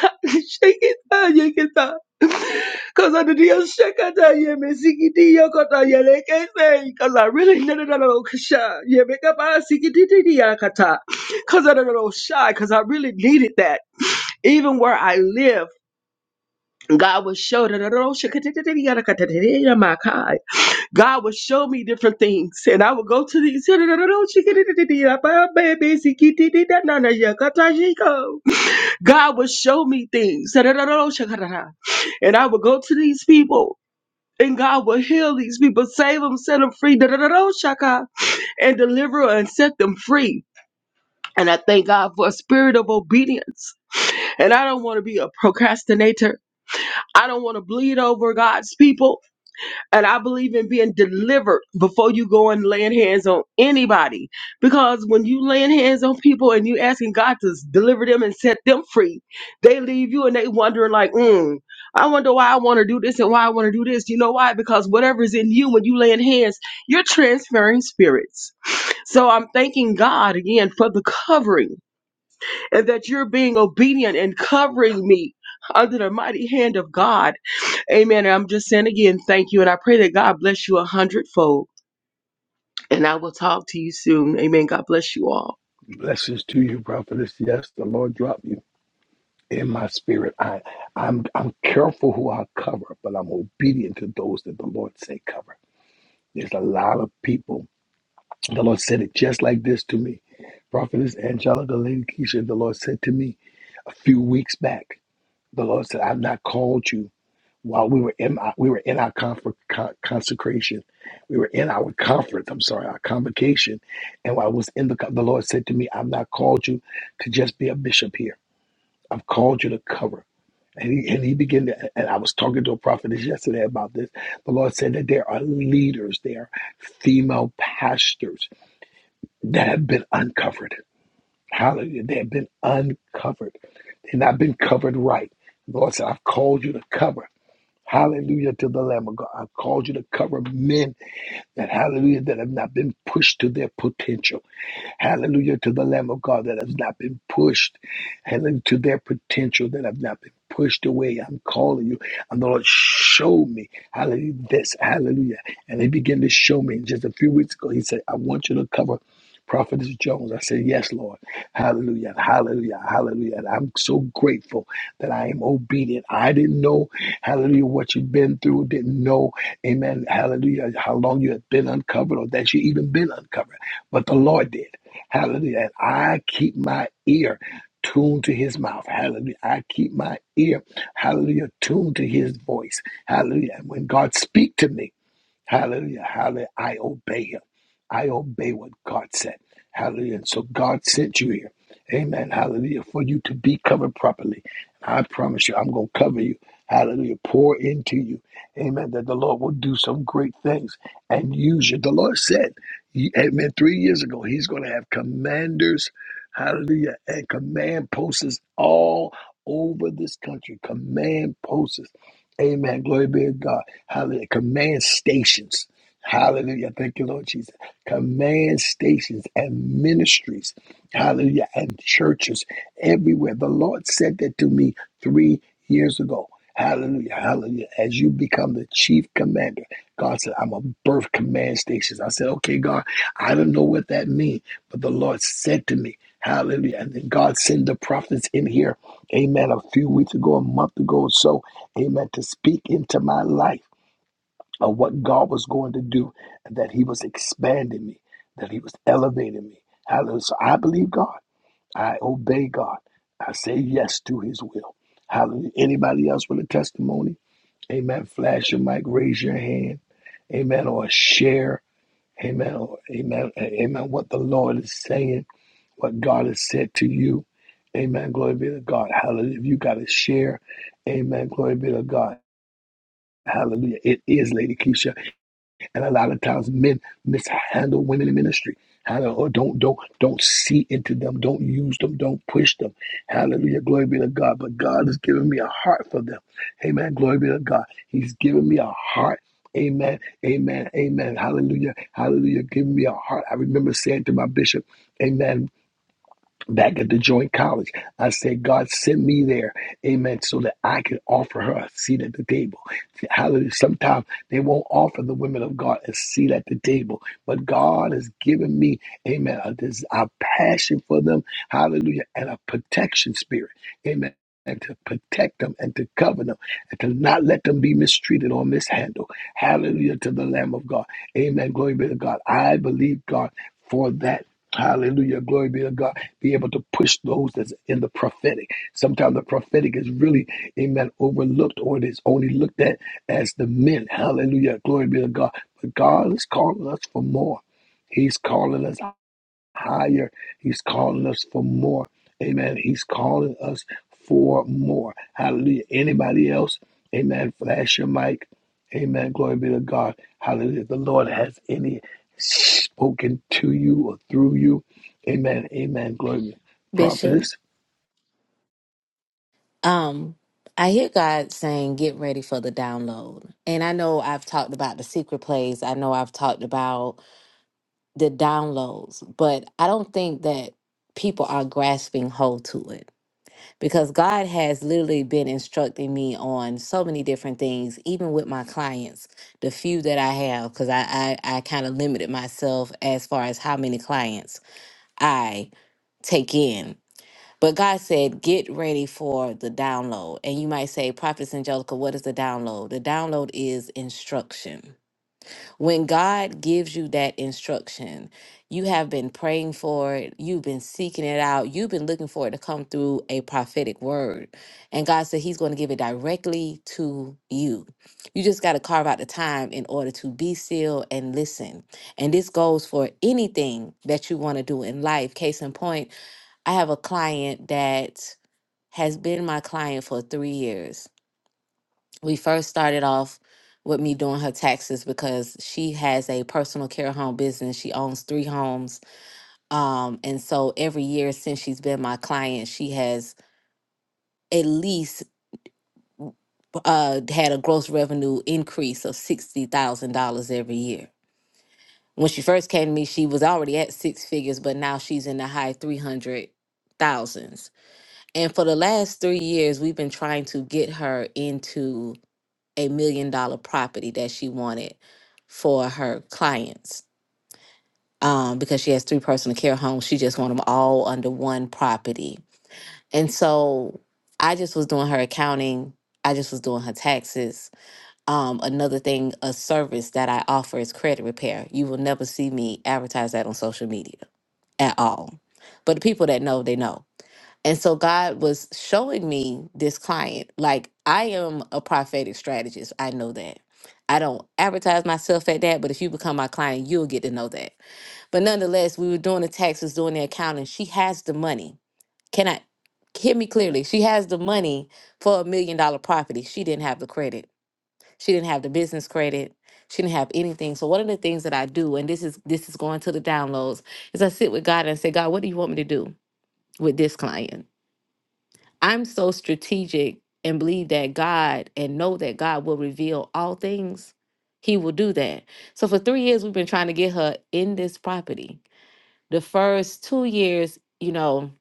I did your shakata yeah me sikiti yokota yeah like I say because I really no no no no kasha yeah make up I sikiti titi yakata because I don't know shy because I really needed that even where I live God was showing God would show me different things, and I would go to these. God would show me things, and I would go to these people, and God would heal these people, save them, set them free, and deliver and set them free. And I thank God for a spirit of obedience. And I don't want to be a procrastinator. I don't want to bleed over God's people. And I believe in being delivered before you go and laying hands on anybody. Because when you laying hands on people and you asking God to s- deliver them and set them free, they leave you and they wondering like, mm, I wonder why I want to do this and why I want to do this. You know why? Because whatever's in you when you laying hands, you're transferring spirits. So I'm thanking God again for the covering and that you're being obedient and covering me under the mighty hand of God Amen. And I'm just saying again, thank you. And I pray that God bless you a hundredfold. And I will talk to you soon. Amen. God bless you all.
Blessings to you, Prophetess. Yes, the Lord dropped you in my spirit. I, I'm, I'm careful who I cover, but I'm obedient to those that the Lord say cover. There's a lot of people. The Lord said it just like this to me. Prophetess Angelica Lady Keisha, the Lord said to me a few weeks back, the Lord said, I've not called you. while we were in our, we were in our comfort, con- consecration, we were in our conference. I'm sorry, our convocation, and while I was in the co- the Lord said to me, "I've not called you to just be a bishop here. I've called you to cover." And he, and he began to, and I was talking to a prophetess yesterday about this. The Lord said that there are leaders, there are female pastors that have been uncovered. Hallelujah. They have been uncovered. They've not been covered right. The Lord said, I've called you to cover. Hallelujah to the Lamb of God. I called you to cover men that, hallelujah, that have not been pushed to their potential. Hallelujah to the Lamb of God that has not been pushed. Hallelujah to their potential that have not been pushed away. I'm calling you. And the Lord showed me. Hallelujah. This. Hallelujah. And he began to show me just a few weeks ago. He said, I want you to cover Prophetess Jones. I said, Yes, Lord. Hallelujah. Hallelujah. Hallelujah. And I'm so grateful that I am obedient. I didn't know, hallelujah, what you've been through. Didn't know, amen, hallelujah, how long you had been uncovered or that you even been uncovered. But the Lord did. Hallelujah. And I keep my ear tuned to his mouth. Hallelujah. I keep my ear, hallelujah, tuned to his voice. Hallelujah. And when God speak to me, Hallelujah. Hallelujah. I obey him. I obey what God said. Hallelujah. And so God sent you here. Amen. Hallelujah. For you to be covered properly. I promise you, I'm going to cover you. Hallelujah. Pour into you. Amen. That the Lord will do some great things and use you. The Lord said, he- Amen. Three years ago, He's going to have commanders, hallelujah, and command posts all over this country. Command posts. Amen. Glory be to God. Hallelujah. Command stations. Hallelujah. Thank you, Lord Jesus. Command stations and ministries. Hallelujah. And churches everywhere. The Lord said that to me three years ago. Hallelujah. Hallelujah. As you become the chief commander, God said, I'm a birth command stations. I said, okay, God, I don't know what that means, but the Lord said to me, Hallelujah. And then God sent the prophets in here, amen, a few weeks ago, a month ago or so amen, to speak into my life of what God was going to do, and that He was expanding me, that He was elevating me. Hallelujah. So I believe God. I obey God. I say yes to His will. Hallelujah. Anybody else with a testimony? Amen. Flash your mic, raise your hand. Amen. Or share. Amen. Or amen. Amen. What the Lord is saying, what God has said to you. Amen. Glory be to God. Hallelujah. If you got to share, amen. Glory be to God. Hallelujah. It is Lady Keisha. And a lot of times men mishandle women in ministry. Hallelujah. Or don't don't don't see into them. Don't use them. Don't push them. Hallelujah. Glory be to God. But God has given me a heart for them. Amen. Glory be to God. He's given me a heart. Amen. Amen. Amen. Hallelujah. Hallelujah. Give me a heart. I remember saying to my bishop, Amen back at the joint college. I said, God sent me there, amen, so that I could offer her a seat at the table. Hallelujah. Sometimes they won't offer the women of God a seat at the table, but God has given me, amen, a, this, a passion for them, hallelujah, and a protection spirit, amen. And to protect them and to cover them. I cannot let them be mistreated or mishandled. Hallelujah to the Lamb of God. Amen. Glory be to God. I believe God for that. Hallelujah. Glory be to God. Be able to push those that's in the prophetic. Sometimes the prophetic is really, amen, overlooked or it is only looked at as the men. Hallelujah. Glory be to God. But God is calling us for more. He's calling us higher. He's calling us for more. Amen. He's calling us for more. Hallelujah. Anybody else? Amen. Flash your mic. Amen. Glory be to God. Hallelujah. The Lord has any spoken to you or through you. Amen. Amen. Glory be.
Bishop,
Prophetess.
um, I hear God saying, get ready for the download. And I know I've talked about the secret place. I know I've talked about the downloads, but I don't think that people are grasping hold to it because God has literally been instructing me on so many different things, even with my clients, the few that I have, because I, I, I kind of limited myself as far as how many clients I take in But God said, get ready for the download. And you might say, Prophetess Angelica, what is the download? The download is instruction. When God gives you that instruction, you have been praying for it, you've been seeking it out, you've been looking for it to come through a prophetic word. And God said, He's going to give it directly to you. You just got to carve out the time in order to be still and listen. And this goes for anything that you want to do in life. Case in point, I have a client that has been my client for three years. We first started off with me doing her taxes because she has a personal care home business. She owns three homes. Um, and so every year since she's been my client, she has at least uh, had a gross revenue increase of $60,000 every year. When she first came to me, she was already at six figures, but now she's in the high 300,000s. And for the last three years, we've been trying to get her into a million dollar property that she wanted for her clients. Um, because she has three personal care homes, she just want them all under one property. And so I just was doing her accounting. I just was doing her taxes. Um, another thing, a service that I offer is credit repair. You will never see me advertise that on social media at all. But the people that know, they know. And so God was showing me this client. Like I am a prophetic strategist. I know that. I don't advertise myself at that, but if you become my client, you'll get to know that. But nonetheless, we were doing the taxes, doing the accounting. She has the money. Can I hear me clearly? She has the money for a million dollar property. She didn't have the credit. She didn't have the business credit. She didn't have anything. So one of the things that I do, and this is this is going to the downloads, is I sit with God and say, God, what do you want me to do with this client? I'm so strategic and believe that God and know that God will reveal all things. He will do that. So for three years, we've been trying to get her in this property. The first two years, you know,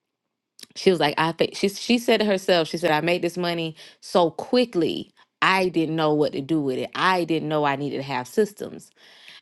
she was like, I think she she said to herself, she said, I made this money so quickly. I didn't know what to do with it. I didn't know I needed to have systems.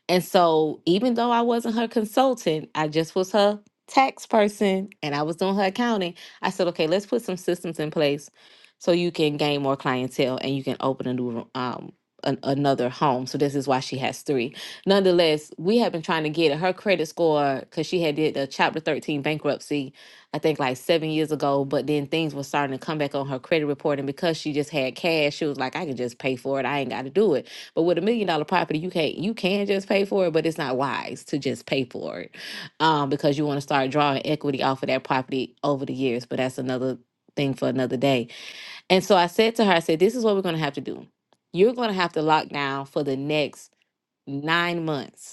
And so, even though I wasn't her consultant, I just was her tax person and I was doing her accounting. I said, okay, let's put some systems in place so you can gain more clientele and you can open a new, um, an, another home. So, this is why she has three. Nonetheless, we have been trying to get it. Her credit score, because she had did a Chapter 13 bankruptcy, I think like seven years ago, but then things were starting to come back on her credit report. And because she just had cash, she was like, I can just pay for it. I ain't got to do it. But with a million dollar property, you can't you can just pay for it, but it's not wise to just pay for it. Um, because you want to start drawing equity off of that property over the years. But that's another thing for another day. And so I said to her, I said, This is what we're gonna have to do. You're gonna have to lock down for the next nine months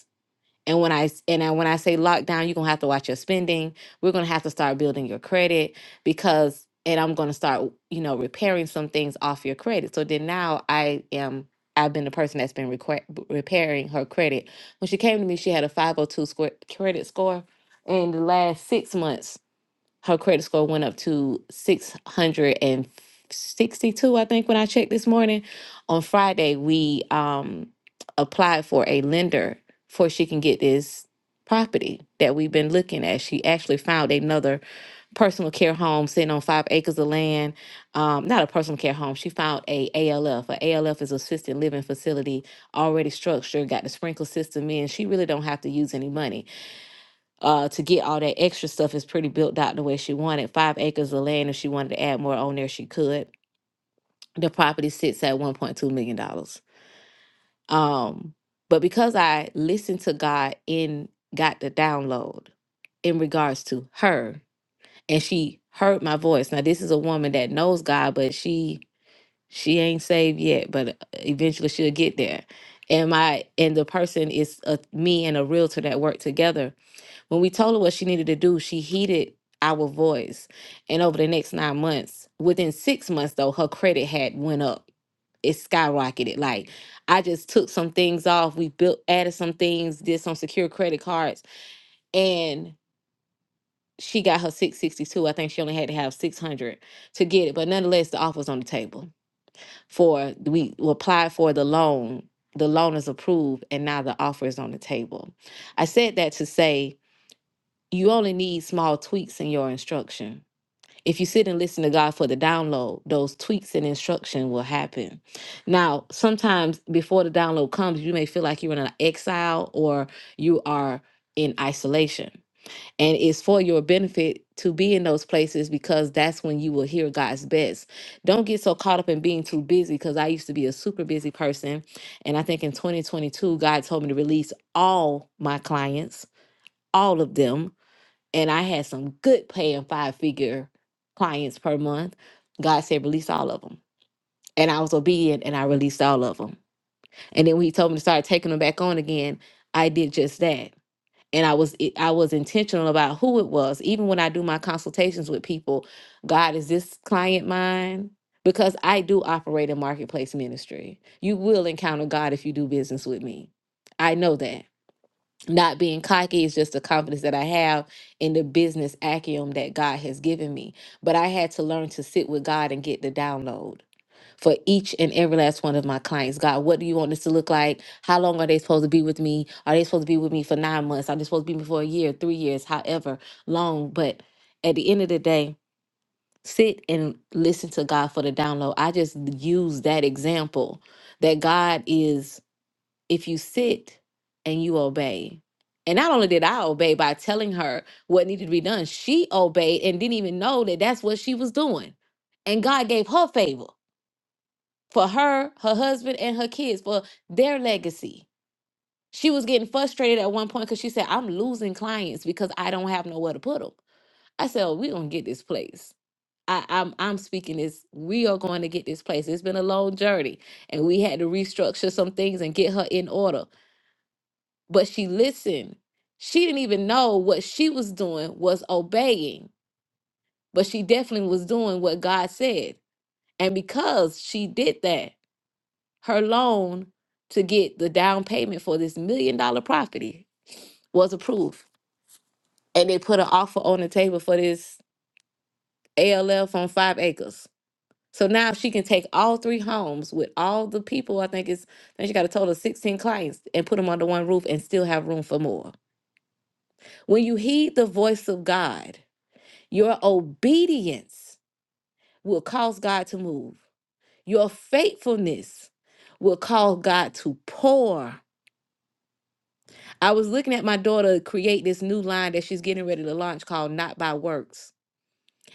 and when I s- and I, when I say lockdown, you're gonna have to watch your spending. We're gonna have to start building your credit because, and I'm gonna start, you know, repairing some things off your credit. So then now I am. I've been the person that's been requ- repairing her credit. When she came to me, she had a 502 score, credit score. In the last six months, her credit score went up to 662 i think when i checked this morning on friday we um applied for a lender for she can get this property that we've been looking at she actually found another personal care home sitting on five acres of land um, not a personal care home she found a alf a alf is assisted living facility already structured got the sprinkler system in she really don't have to use any money uh, to get all that extra stuff is pretty built out the way she wanted. Five acres of land, if she wanted to add more on there, she could. The property sits at $1.2 million. dollars. Um, but because I listened to God in got the download in regards to her, and she heard my voice. Now, this is a woman that knows God, but she she ain't saved yet, but uh, eventually she'll get there. And my and the person is a, me and a realtor that work together when we told her what she needed to do, she heeded our voice. And over the next nine months, within six months though, her credit had went up. It skyrocketed. Like I just took some things off. We built added some things, did some secure credit cards, and she got her 662. I think she only had to have 600 to get it. But nonetheless, the offer's on the table for we applied for the loan. The loan is approved and now the offer is on the table. I said that to say you only need small tweaks in your instruction. If you sit and listen to God for the download, those tweaks and instruction will happen. Now, sometimes before the download comes, you may feel like you're in an exile or you are in isolation. And it's for your benefit to be in those places because that's when you will hear God's best. Don't get so caught up in being too busy because I used to be a super busy person. And I think in 2022, God told me to release all my clients, all of them and I had some good paying five figure clients per month. God said, release all of them. And I was obedient and I released all of them. And then when he told me to start taking them back on again, I did just that. And I was it- I was intentional about who it was. Even when I do my consultations with people, God, is this client mine? Because I do operate in marketplace ministry. You will encounter God if you do business with me. I know that not being cocky is just the confidence that I have in the business acumen that God has given me. But I had to learn to sit with God and get the download for each and every last one of my clients. God, what do you want this to look like? How long are they supposed to be with me? Are they supposed to be with me for nine months? Are they supposed to be with me for a year, three years, however long? But at the end of the day, sit and listen to God for the download. I just use that example that God is if you sit and you obey. And not only did I obey by telling her what needed to be done, she obeyed and didn't even know that that's what she was doing. And God gave her favor for her, her husband, and her kids for their legacy. She was getting frustrated at one point because she said, I'm losing clients because I don't have nowhere to put them. I said, oh, we're going to get this place. I, I'm, I'm speaking this. We are going to get this place. It's been a long journey and we had to restructure some things and get her in order but she listened. She didn't even know what she was doing was obeying, but she definitely was doing what God said. And because she did that, her loan to get the down payment for this million dollar property was approved. And they put an offer on the table for this ALF on five acres. So now she can take all three homes with all the people. I think it's, I think she got a total of 16 clients and put them under one roof and still have room for more. When you heed the voice of God, Your obedience will cause God to move. Your faithfulness will cause God to pour. I was looking at my daughter create this new line that she's getting ready to launch called Not by Works.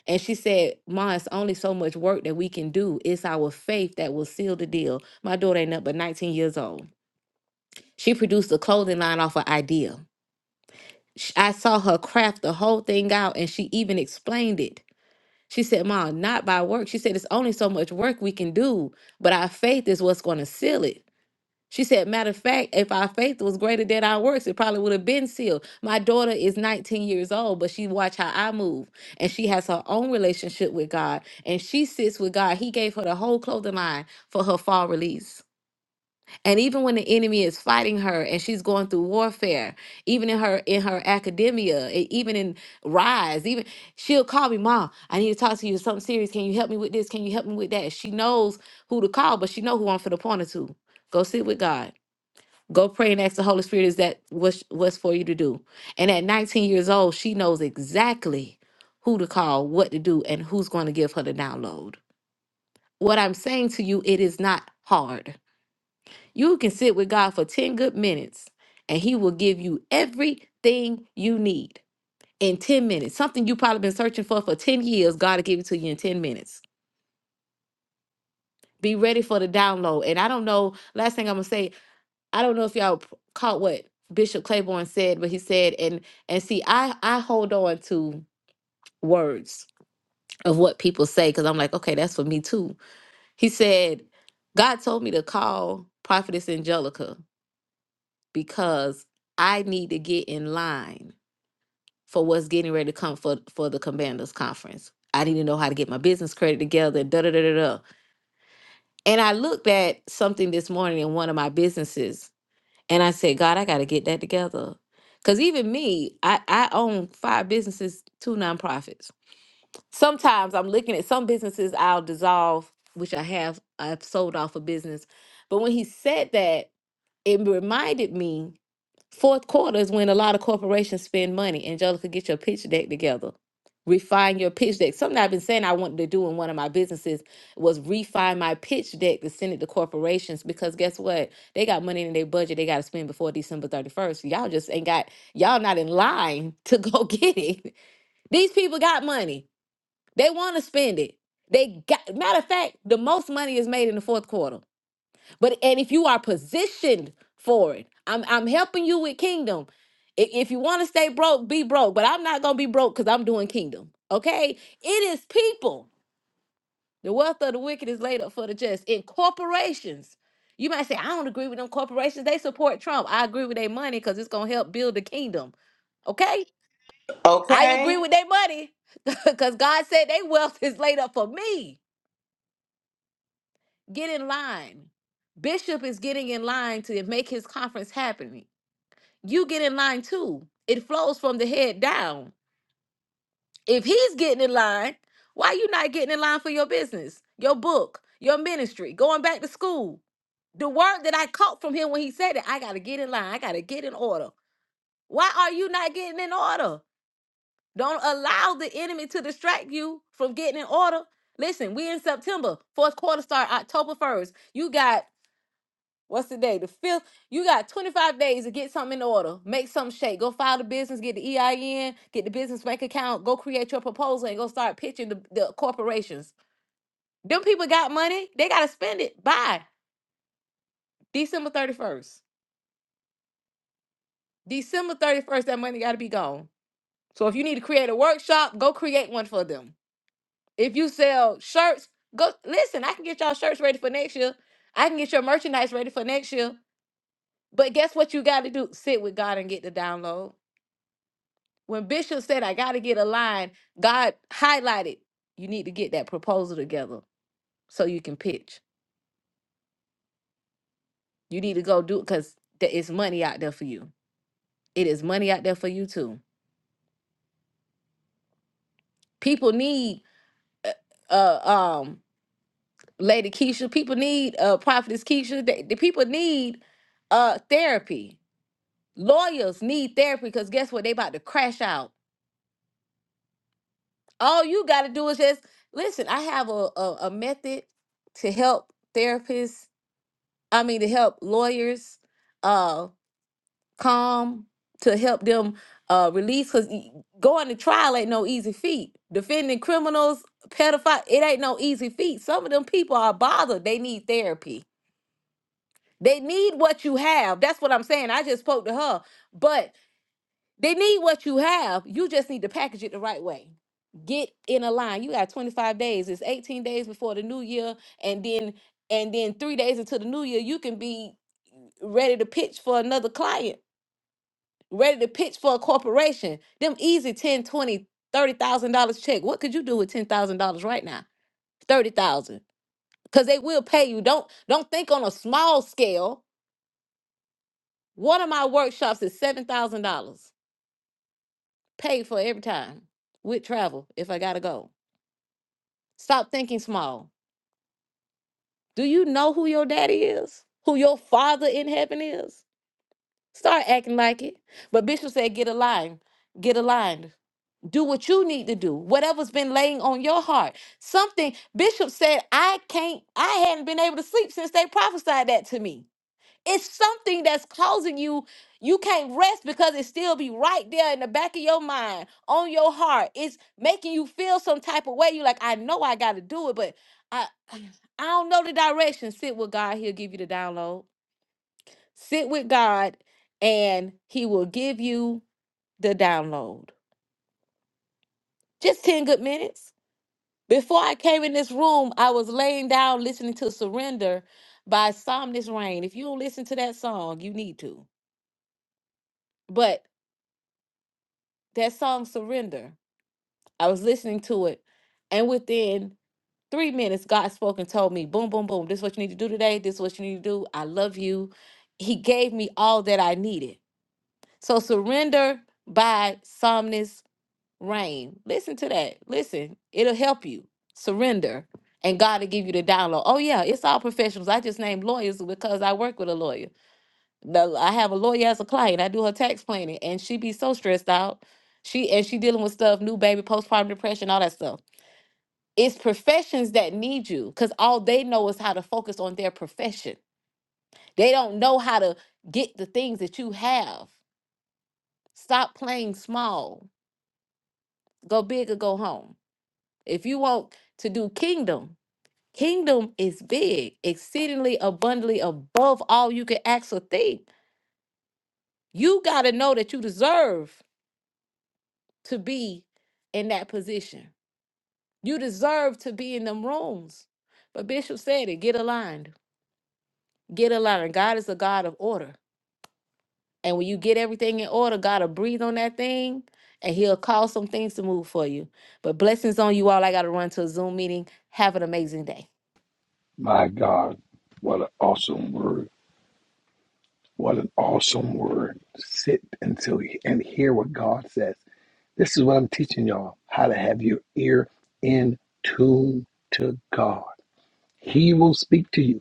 And she said, Ma, it's only so much work that we can do. It's our faith that will seal the deal. My daughter ain't up but 19 years old. She produced a clothing line off an idea. Sh- I saw her craft the whole thing out and she even explained it. She said, Mom, not by work. She said, It's only so much work we can do, but our faith is what's going to seal it. She said, Matter of fact, if our faith was greater than our works, it probably would have been sealed. My daughter is 19 years old, but she watch how I move. And she has her own relationship with God. And she sits with God. He gave her the whole clothing line for her fall release and even when the enemy is fighting her and she's going through warfare even in her in her academia e- even in rise even she'll call me mom i need to talk to you something serious can you help me with this can you help me with that she knows who to call but she know who i'm for the pointer to go sit with god go pray and ask the holy spirit is that what's what's for you to do and at 19 years old she knows exactly who to call what to do and who's going to give her the download what i'm saying to you it is not hard you can sit with God for 10 good minutes and He will give you everything you need in 10 minutes. Something you probably been searching for for 10 years, God will give it to you in 10 minutes. Be ready for the download. And I don't know, last thing I'm going to say, I don't know if y'all p- caught what Bishop Claiborne said, but he said, and and see, I, I hold on to words of what people say because I'm like, okay, that's for me too. He said, God told me to call Prophetess Angelica because I need to get in line for what's getting ready to come for for the commanders conference. I need to know how to get my business credit together. Da da da da da. And I looked at something this morning in one of my businesses, and I said, God, I got to get that together. Cause even me, I, I own five businesses, two nonprofits. Sometimes I'm looking at some businesses I'll dissolve, which I have. I've sold off a business, but when he said that, it reminded me Fourth quarter is when a lot of corporations spend money. Angelica, get your pitch deck together. Refine your pitch deck. Something I've been saying I wanted to do in one of my businesses was refine my pitch deck to send it to corporations because guess what? They got money in their budget they got to spend before December 31st. Y'all just ain't got, y'all not in line to go get it. These people got money. They want to spend it. They got, matter of fact, the most money is made in the fourth quarter. But and if you are positioned for it, I'm I'm helping you with kingdom. I- If you want to stay broke, be broke. But I'm not gonna be broke because I'm doing kingdom. Okay? It is people. The wealth of the wicked is laid up for the just. In corporations, you might say, I don't agree with them corporations. They support Trump. I agree with their money because it's gonna help build the kingdom. Okay? I agree
Okay,
with their money because God said their wealth is laid up for me. Get in line. Bishop is getting in line to make his conference happen. you get in line too. It flows from the head down. If he's getting in line, why you not getting in line for your business, your book, your ministry, going back to school? The word that I caught from him when he said it, I gotta get in line. I gotta get in order. Why are you not getting in order? Don't allow the enemy to distract you from getting in order. Listen, we in September, fourth quarter start October 1st. You got What's the day? The fifth. You got 25 days to get something in order. Make something shake. Go file the business, get the EIN, get the business bank account, go create your proposal and go start pitching the, the corporations. Them people got money. They gotta spend it by December 31st. December 31st, that money gotta be gone. So if you need to create a workshop, go create one for them. If you sell shirts, go listen, I can get y'all shirts ready for next year. I can get your merchandise ready for next year. But guess what you gotta do? Sit with God and get the download. When Bishop said, I got to get a line, God highlighted, you need to get that proposal together so you can pitch. You need to go do it because there is money out there for you. It is money out there for you too. People need uh, uh um Lady Keisha, people need uh Prophetess Keisha, they, the people need uh therapy. Lawyers need therapy because guess what? They about to crash out. All you gotta do is just listen, I have a, a, a method to help therapists I mean, to help lawyers uh calm, to help them uh release because going to trial ain't no easy feat. Defending criminals, pedophiles, it ain't no easy feat. Some of them people are bothered. They need therapy. They need what you have. That's what I'm saying. I just spoke to her, but they need what you have. You just need to package it the right way. Get in a line. You got 25 days. It's 18 days before the new year, and then and then three days into the new year, you can be ready to pitch for another client, ready to pitch for a corporation. Them easy 10, 20, 30,000 dollars check. What could you do with $10,000 right now? 30,000. Cuz they will pay you. Don't don't think on a small scale. One of my workshops is $7,000 paid for every time with travel if I got to go. Stop thinking small. Do you know who your daddy is? Who your father in heaven is? Start acting like it. But Bishop said get aligned. Get aligned do what you need to do whatever's been laying on your heart something bishop said i can't i hadn't been able to sleep since they prophesied that to me it's something that's causing you you can't rest because it still be right there in the back of your mind on your heart it's making you feel some type of way you like i know i gotta do it but i i don't know the direction sit with god he'll give you the download sit with god and he will give you the download just 10 good minutes Before I came in this room, I was laying down listening to Surrender by Somnus Rain. If you don't listen to that song, you need to. But that song Surrender, I was listening to it, and within three minutes, God spoke and told me, boom, boom, boom, this is what you need to do today. This is what you need to do. I love you. He gave me all that I needed. So Surrender by Somnus Rain. Listen to that. Listen, it'll help you surrender, and God will give you the download. Oh yeah, it's all professionals. I just named lawyers because I work with a lawyer. The- I have a lawyer as a client. I do her tax planning, and she be so stressed out. She and she dealing with stuff, new baby, postpartum depression, all that stuff. It's professions that need you because all they know is how to focus on their profession. They don't know how to get the things that you have. Stop playing small. Go big or go home. If you want to do kingdom, kingdom is big, exceedingly abundantly above all you can ask or think. You got to know that you deserve to be in that position. You deserve to be in them rooms. But Bishop said it get aligned, get aligned. God is a God of order. And when you get everything in order, God will breathe on that thing and he'll cause some things to move for you. But blessings on you all. I got to run to a Zoom meeting. Have an amazing day.
My God. What an awesome word. What an awesome word. Sit until and hear what God says. This is what I'm teaching y'all how to have your ear in tune to God. He will speak to you,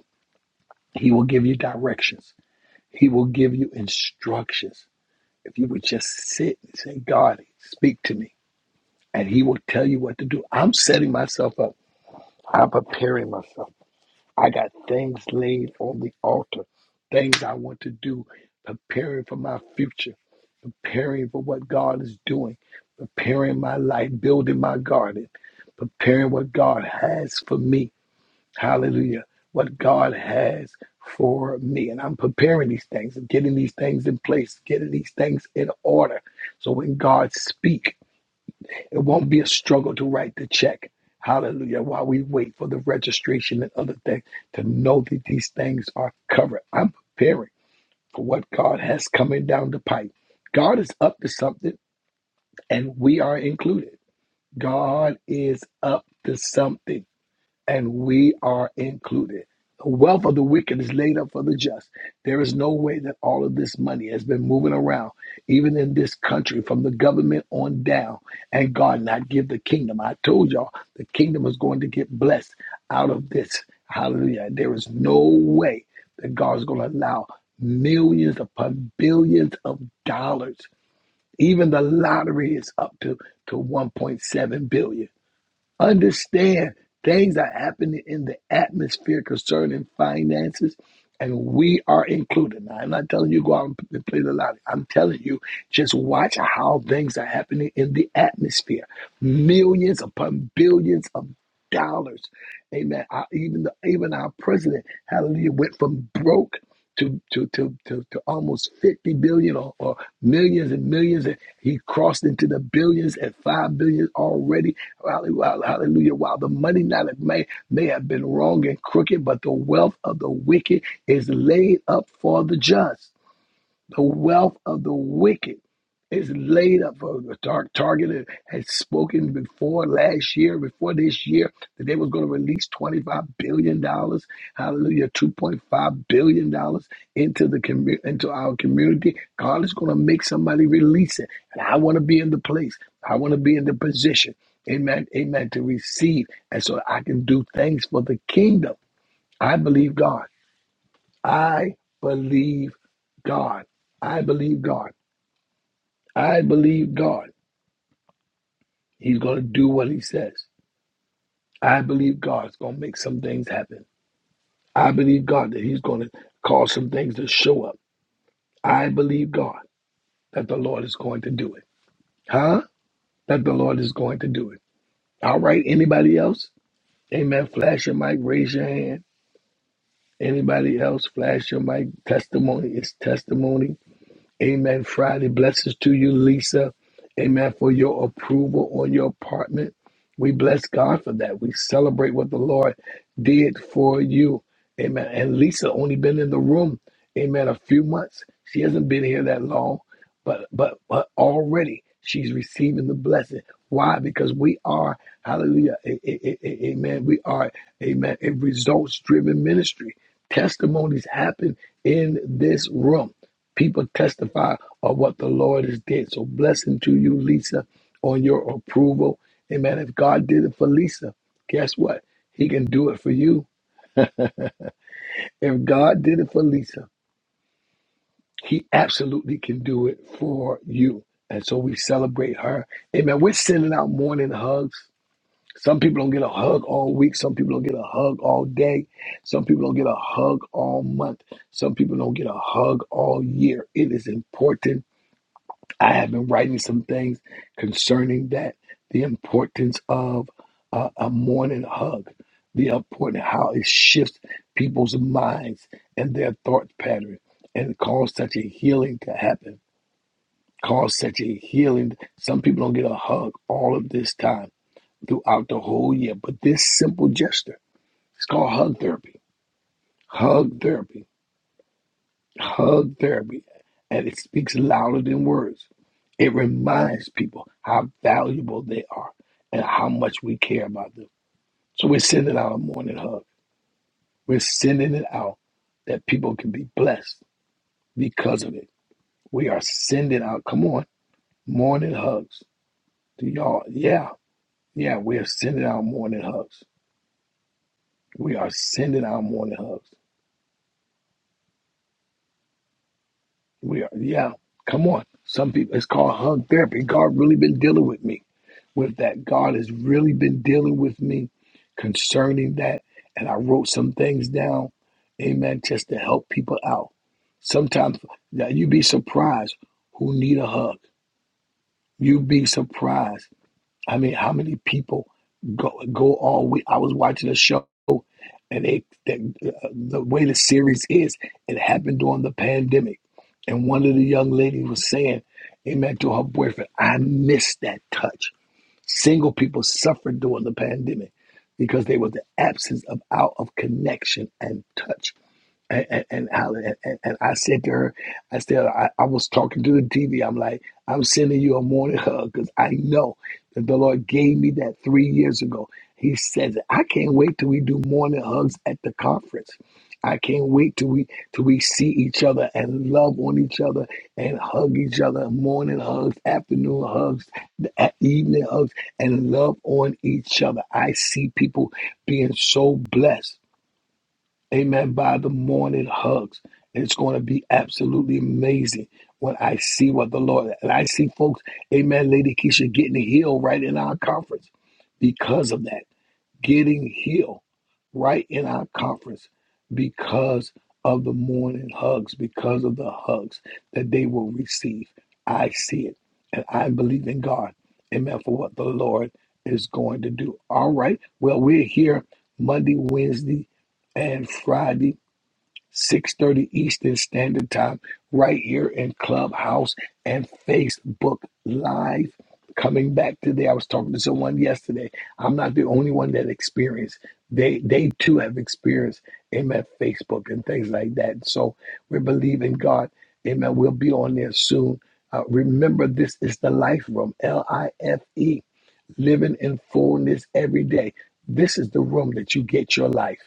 He will give you directions, He will give you instructions. If you would just sit and say, God, speak to me, and He will tell you what to do. I'm setting myself up, I'm preparing myself. I got things laid on the altar, things I want to do, preparing for my future, preparing for what God is doing, preparing my life, building my garden, preparing what God has for me. Hallelujah. What God has for me. And I'm preparing these things, and getting these things in place, getting these things in order. So when God speaks, it won't be a struggle to write the check. Hallelujah. While we wait for the registration and other things to know that these things are covered. I'm preparing for what God has coming down the pipe. God is up to something, and we are included. God is up to something and we are included. The wealth of the wicked is laid up for the just. There is no way that all of this money has been moving around, even in this country, from the government on down, and God not give the kingdom. I told y'all the kingdom is going to get blessed out of this. Hallelujah. There is no way that God's going to allow millions upon billions of dollars. Even the lottery is up to, to 1.7 billion Understand things are happening in the atmosphere concerning finances, and we are included. Now, I'm not telling you go out and play the lottery. I'm telling you, just watch how things are happening in the atmosphere. Millions upon billions of dollars. Amen. I, even the even our president, hallelujah, went from broke to to to to, to almost 50 billion or, or millions and millions and he crossed into the billions and five billion already hallelujah hallelujah while the money not it may may have been wrong and crooked but the wealth of the wicked is laid up for the just the wealth of the wicked is laid up for the tar- target. Had spoken before last year, before this year, that they was going to release $25 billion, dollars, hallelujah, $2.5 billion dollars into the commu- into our community. God is going to make somebody release it. And I want to be in the place. I want to be in the position. Amen. Amen. To receive. And so I can do things for the kingdom. I believe God. I believe God. I believe God. I believe God. He's going to do what he says. I believe God's going to make some things happen. I believe God that he's going to cause some things to show up. I believe God that the Lord is going to do it. Huh? That the Lord is going to do it. All right. Anybody else? Amen. Flash your mic. Raise your hand. Anybody else? Flash your mic. Testimony is testimony. Amen. Friday, blessings to you, Lisa. Amen. For your approval on your apartment. We bless God for that. We celebrate what the Lord did for you. Amen. And Lisa only been in the room, amen, a few months. She hasn't been here that long, but but but already she's receiving the blessing. Why? Because we are, hallelujah, a- a- a- a- amen. We are, amen, a results driven ministry. Testimonies happen in this room. People testify of what the Lord has did. So blessing to you, Lisa, on your approval. Amen. If God did it for Lisa, guess what? He can do it for you. If God did it for Lisa, He absolutely can do it for you. And so we celebrate her. Amen. We're sending out morning hugs. Some people don't get a hug all week. Some people don't get a hug all day. Some people don't get a hug all month. Some people don't get a hug all year. It is important I have been writing some things concerning that the importance of uh, a morning hug, the important how it shifts people's minds and their thought pattern and cause such a healing to happen. Cause such a healing. Some people don't get a hug all of this time throughout the whole year, but this simple gesture, it's called hug therapy. Hug therapy Hug therapy, and it speaks louder than words. It reminds people how valuable they are and how much we care about them. So we're sending out a morning hug. We're sending it out that people can be blessed because of it. We are sending out, come on, morning hugs to y'all. Yeah, yeah, we are sending out morning hugs. We are sending out morning hugs. We are, yeah, come on. Some people, it's called hug therapy. God really been dealing with me with that. God has really been dealing with me concerning that. And I wrote some things down, amen, just to help people out. Sometimes now you'd be surprised who need a hug. You'd be surprised. I mean, how many people go go all week? I was watching a show, and they that, uh, the way the series is, it happened during the pandemic, and one of the young ladies was saying, "Amen" to her boyfriend. I miss that touch. Single people suffered during the pandemic because there was the absence of out of connection and touch and and and, Alan, and, and I said to her, I said I, I was talking to the TV. I'm like, I'm sending you a morning hug because I know that the Lord gave me that three years ago. He says, I can't wait till we do morning hugs at the conference. I can't wait till we till we see each other and love on each other and hug each other. Morning hugs, afternoon hugs, e- evening hugs, and love on each other. I see people being so blessed Amen. By the morning hugs. It's going to be absolutely amazing when I see what the Lord and I see folks, Amen, Lady Keisha getting healed right in our conference because of that getting healed right in our conference because of the morning hugs, because of the hugs that they will receive. I see it. And I believe in God. Amen. For what the Lord is going to do. All right. Well, we're here Monday, Wednesday, and Friday. 6:30 Eastern Standard Time, right here in Clubhouse and Facebook Live. Coming back today, I was talking to someone yesterday. I'm not the only one that experienced. They they too have experienced Amen Facebook and things like that. So we believe in God. Amen. We'll be on there soon. Uh, remember, this is the Life Room, L I F E living in fullness every day. This is the room that you get your life.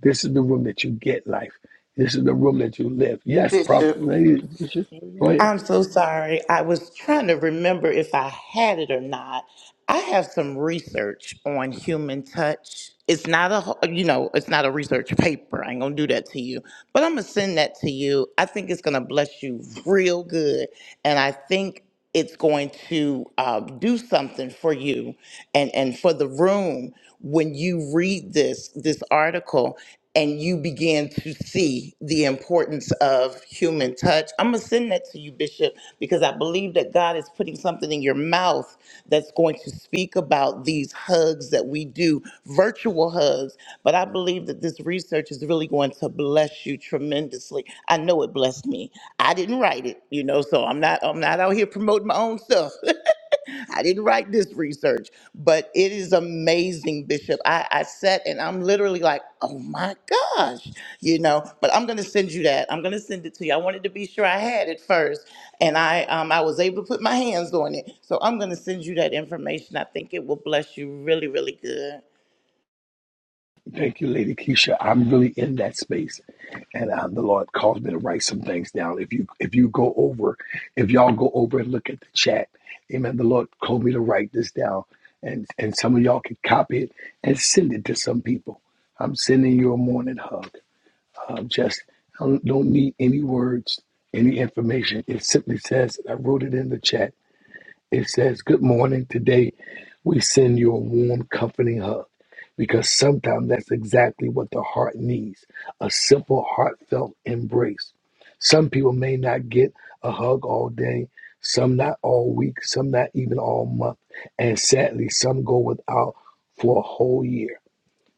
This is the room that you get life. This is the room that you live. Yes, Prophet
Bishop.
Lady Keisha. Go
Amen.
ahead.
I'm so sorry. I was trying to remember if I had it or not. I have some research on human touch. It's not a, ho- you know, it's not a research paper. I ain't gonna do that to you, but I'm gonna send that to you. I think it's gonna bless you real good, and I think it's going to uh, do something for you and, and for the room when you read this this article and you begin to see the importance of human touch. I'm gonna send that to you, Bishop, because I believe that God is putting something in your mouth that's going to speak about these hugs that we do, virtual hugs. But I believe that this research is really going to bless you tremendously. I know it blessed me. I didn't write it, you know, so I'm not I'm not out here promoting my own stuff. I didn't write this research, but it is amazing, Bishop. I, I sat and I'm literally like, oh my gosh, you know. But I'm gonna send you that. I'm gonna send it to you. I wanted to be sure I had it first, and I um I was able to put my hands on it. So I'm gonna send you that information. I think it will bless you really, really good.
Thank you, Lady Keisha. I'm really in that space. And um, the Lord caused me to write some things down. If you if you go over, if y'all go over and look at the chat, amen. The Lord told me to write this down. And and some of y'all can copy it and send it to some people. I'm sending you a morning hug. um, just I don't, don't need any words, any information. It simply says, I wrote it in the chat. It says, Good morning. Today, we send you a warm, comforting hug because sometimes that's exactly what the heart needs a simple, heartfelt embrace. Some people may not get a hug all day, some not all week, some not even all month, and sadly, some go without for a whole year.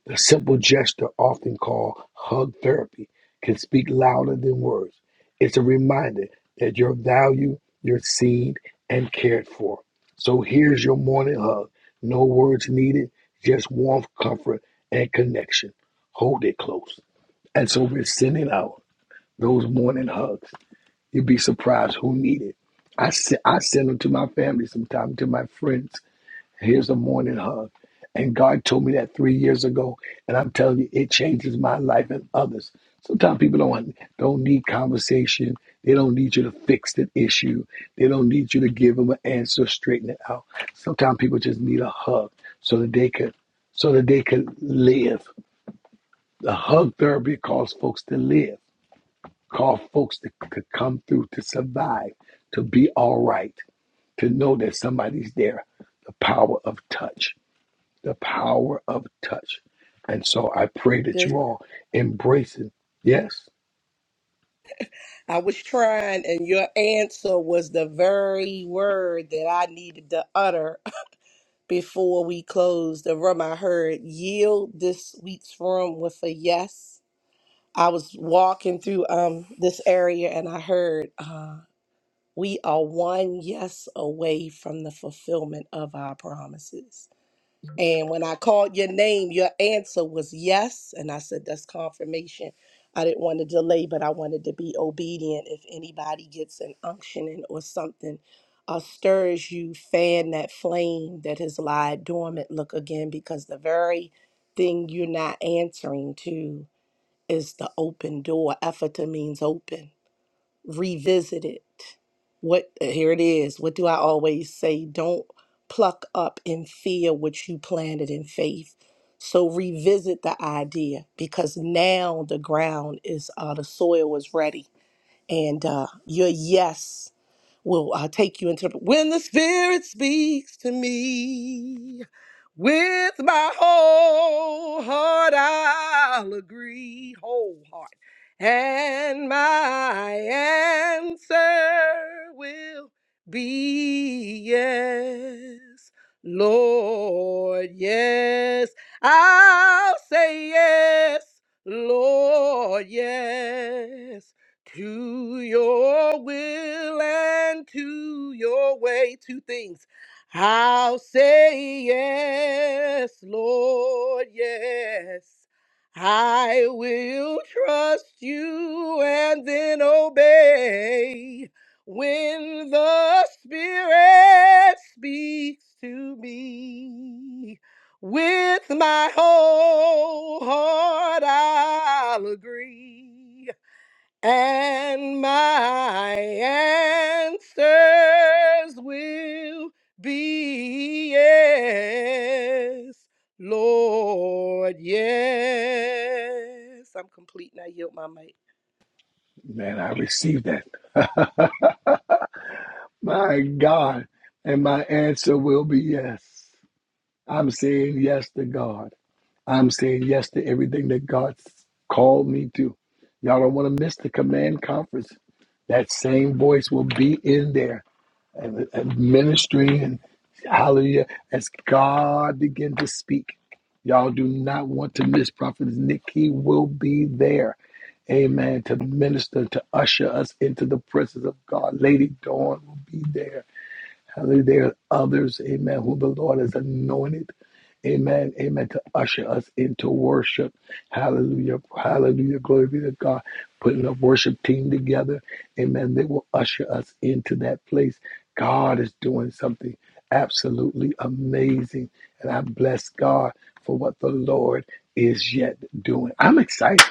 The simple gesture, often called hug therapy, can speak louder than words. It's a reminder that your value, you're seen and cared for. So here's your morning hug. No words needed, just warmth, comfort, and connection. Hold it close. And so we're sending out those morning hugs. You'd be surprised who need it. I, se- I send them to my family sometimes, to my friends. Here's a morning hug. And God told me that three years ago, and I'm telling you, it changes my life and others. Sometimes people don't don't need conversation. They don't need you to fix the issue. They don't need you to give them an answer, straighten it out. Sometimes people just need a hug so that they could so that they could live. The hug therapy calls folks to live, call folks to, to come through, to survive, to be all right, to know that somebody's there. The power of touch the power of touch. And so I pray that
Good.
you all embrace it. Yes,
I was trying, and your answer was the very word that I needed to utter before we closed the room. I heard yield this week's room with a yes. I was walking through um this area, and I heard uh, we are one yes away from the fulfillment of our promises. And when I called your name, your answer was yes. And I said, that's confirmation. I didn't want to delay, but I wanted to be obedient. If anybody gets an unctioning or something uh, stirs you, fan that flame that has lied dormant. Look again, because the very thing you're not answering to is the open door. Ephata means open revisit it. What uh, here it is. What do I always say? Don't pluck up in fear what you planted in faith. So revisit the idea because now the ground is uh, the soil is ready, and uh, your yes will uh, take you into the, when the Spirit speaks to me with my whole heart. I'll agree wholeheartedly and my answer will be yes, Lord, yes, I'll say yes, Lord, yes, to your will and to your way. Two things. I'll say yes, Lord, yes. I will trust you and then obey when the Spirit speaks to me. With my whole heart, I'll agree and my answers will be yes, Lord, yes. I'm complete and I yield my mic.
man, I received that. my God. And my answer will be yes. I'm saying yes to God. I'm saying yes to everything that God's called me to. Y'all don't want to miss the command conference. That same voice will be in there. and, and ministry and hallelujah as God begin to speak. Y'all do not want to miss Prophet Nick. will be there. Amen. To minister, to usher us into the presence of God. Lady Dawn will be there. Hallelujah. There are others, amen, who the Lord has anointed. Amen. Amen. To usher us into worship. Hallelujah. Hallelujah. Glory be to God. Putting a worship team together. Amen. They will usher us into that place. God is doing something absolutely amazing. And I bless God for what the Lord is yet doing. I'm excited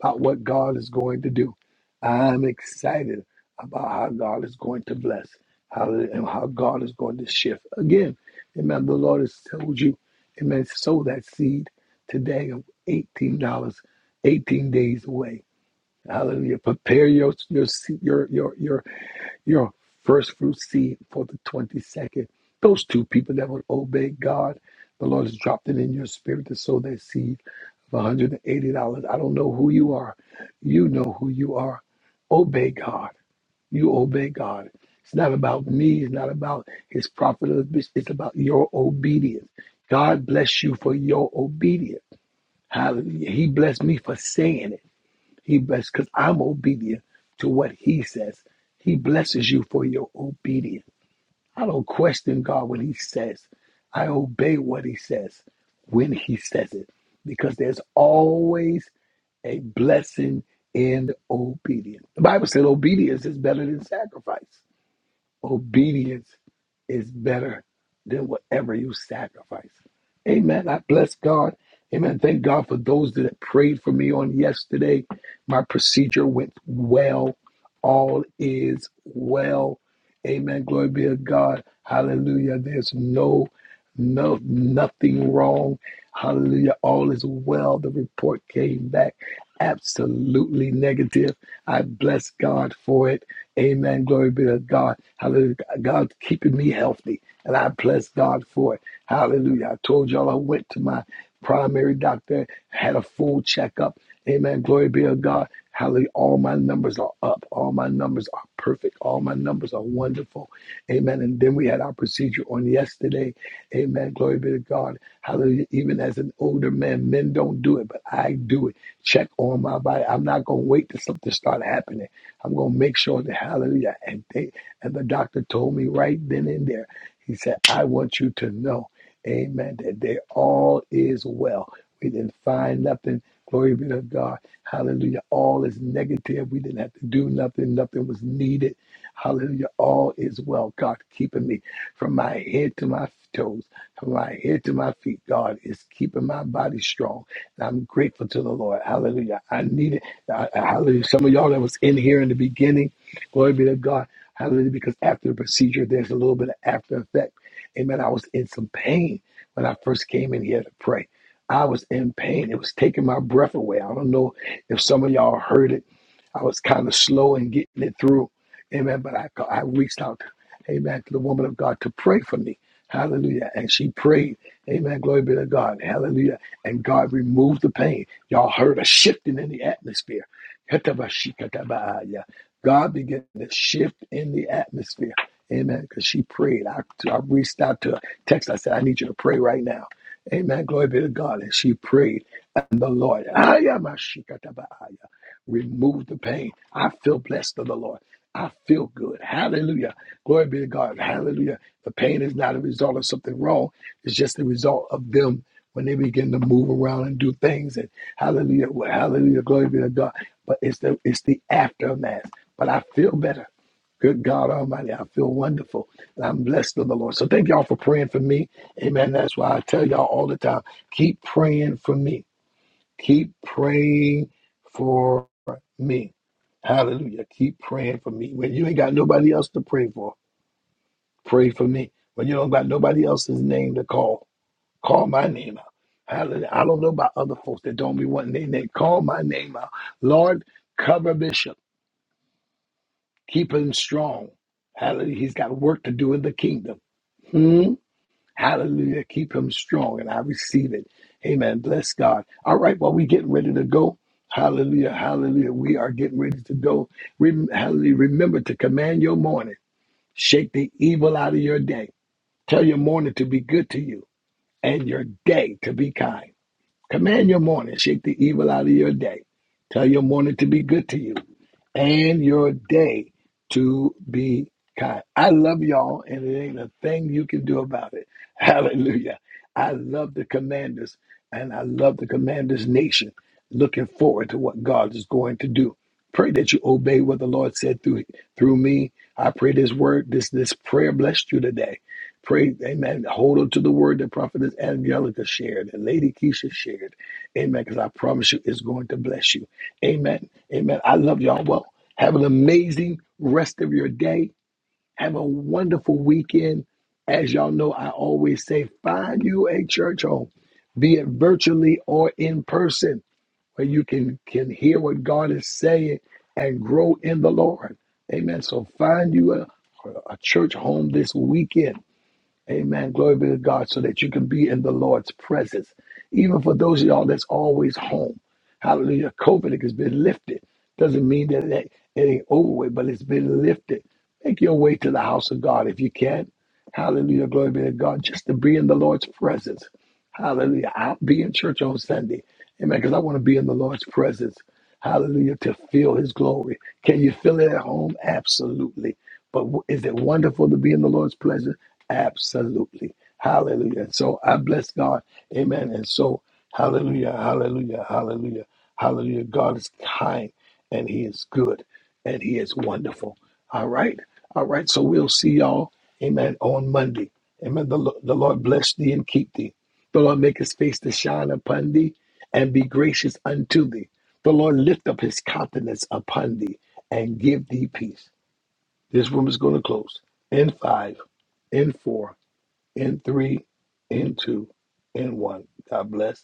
about what God is going to do. I'm excited about how God is going to bless, how and how God is going to shift. Again, amen. The Lord has told you, amen. Sow that seed today of eighteen dollars, eighteen days away. Hallelujah. Prepare your your your your your your first fruit seed for the 22nd. Those two people that would obey God, the Lord has dropped it in your spirit to sow that seed of $180. I don't know who you are. You know who you are. Obey God. You obey God. It's not about me. It's not about his prophet. It's about your obedience. God bless you for your obedience. Hallelujah. He blessed me for saying it. He blesses because I'm obedient to what He says. He blesses you for your obedience. I don't question God when He says. I obey what He says when He says it because there's always a blessing in obedience. The Bible said obedience is better than sacrifice. Obedience is better than whatever you sacrifice. Amen. I bless God. Amen. Thank God for those that prayed for me on yesterday. My procedure went well. All is well. Amen. Glory be to God. Hallelujah. There's no, no, nothing wrong. Hallelujah. All is well. The report came back absolutely negative. I bless God for it. Amen. Glory be to God. Hallelujah. God's keeping me healthy, and I bless God for it. Hallelujah. I told y'all I went to my primary doctor, had a full checkup. Amen. Glory be to God. Hallelujah. All my numbers are up. All my numbers are perfect. All my numbers are wonderful. Amen. And then we had our procedure on yesterday. Amen. Glory be to God. Hallelujah. Even as an older man, men don't do it, but I do it. Check on my body. I'm not going to wait till something start happening. I'm gonna make sure that hallelujah. And they and the doctor told me right then and there. He said, I want you to know, amen, that they all is well. We didn't find nothing. Glory be to God. Hallelujah. All is negative. We didn't have to do nothing. Nothing was needed. Hallelujah. All is well. God keeping me from my head to my toes, from my head to my feet. God is keeping my body strong. And I'm grateful to the Lord. Hallelujah. I needed uh, hallelujah. Some of y'all that was in here in the beginning, glory be to God. Hallelujah. Because after the procedure, there's a little bit of after effect. Amen. I was in some pain when I first came in here to pray. I was in pain. It was taking my breath away. I don't know if some of y'all heard it. I was kind of slow in getting it through. Amen. But I, I reached out, amen, to the woman of God to pray for me. Hallelujah. And she prayed. Amen. Glory be to God. Hallelujah and God removed the pain. Y'all heard a shifting in the atmosphere. God began to shift in the atmosphere. Amen. Because she prayed. I, I reached out to her, text. I said, I need you to pray right now. Amen. Glory be to God. And she prayed. And the Lord, ayamashikatabaaya, removed the pain. I feel blessed of the Lord. I feel good. Hallelujah. Glory be to God. Hallelujah. The pain is not a result of something wrong. It's just the result of them when they begin to move around and do things and hallelujah, well, hallelujah, glory be to God. But it's the it's the aftermath. But I feel better. Good God Almighty, I feel wonderful. And I'm blessed of the Lord. So thank y'all for praying for me. Amen. That's why I tell y'all all the time, keep praying for me. Keep praying for me. Hallelujah. Keep praying for me. When you ain't got nobody else to pray for, pray for me. When you don't got nobody else's name to call, Call my name out. Hallelujah. I don't know about other folks that don't be wanting their name. Call my name out. Lord, cover Bishop. Keep him strong. Hallelujah. He's got work to do in the kingdom. Hmm? Hallelujah. Keep him strong. And I receive it. Amen. Bless God. All right. Well, we getting ready to go. Hallelujah. Hallelujah. We are getting ready to go. Rem- hallelujah. Remember to command your morning. Shake the evil out of your day. Tell your morning to be good to you and your day to be kind. Command your morning, shake the evil out of your day. Tell your morning to be good to you and your day to be kind. I love y'all, and it ain't a thing you can do about it. Hallelujah. I love the commanders, and I love the commanders nation. Looking forward to what God is going to do. Pray that you obey what the Lord said through through me. I pray this word, this this prayer blessed you today. Praise, amen. Hold on to the word that Prophetess Angelica shared and Lady Keisha shared. Amen. Because I promise you, it's going to bless you. Amen. Amen. I love y'all. Well, have an amazing rest of your day. Have a wonderful weekend. As y'all know, I always say find you a church home, be it virtually or in person, where you can, can hear what God is saying and grow in the Lord. Amen. So find you a, a church home this weekend Amen. Glory be to God. So that you can be in the Lord's presence. Even for those of y'all that's always home. Hallelujah. COVID has been lifted. Doesn't mean that it ain't it ain't over with, but it's been lifted. Make your way to the house of God if you can. Hallelujah. Glory be to God. Just to be in the Lord's presence. Hallelujah. I'll be in church on Sunday. Amen. Because I want to be in the Lord's presence. Hallelujah. To feel his glory. Can you feel it at home? Absolutely. But w- is it wonderful to be in the Lord's presence? Absolutely. Hallelujah. And so I bless God. Amen. And so, hallelujah, hallelujah, hallelujah, hallelujah. God is kind and he is good and he is wonderful. All right. All right. So we'll see y'all. Amen. On Monday. Amen. The, Lo- the Lord bless thee and keep thee. The Lord make his face to shine upon thee and be gracious unto thee. The Lord lift up his countenance upon thee and give thee peace. This room is going to close in five, in four in three, in two, in one. God bless.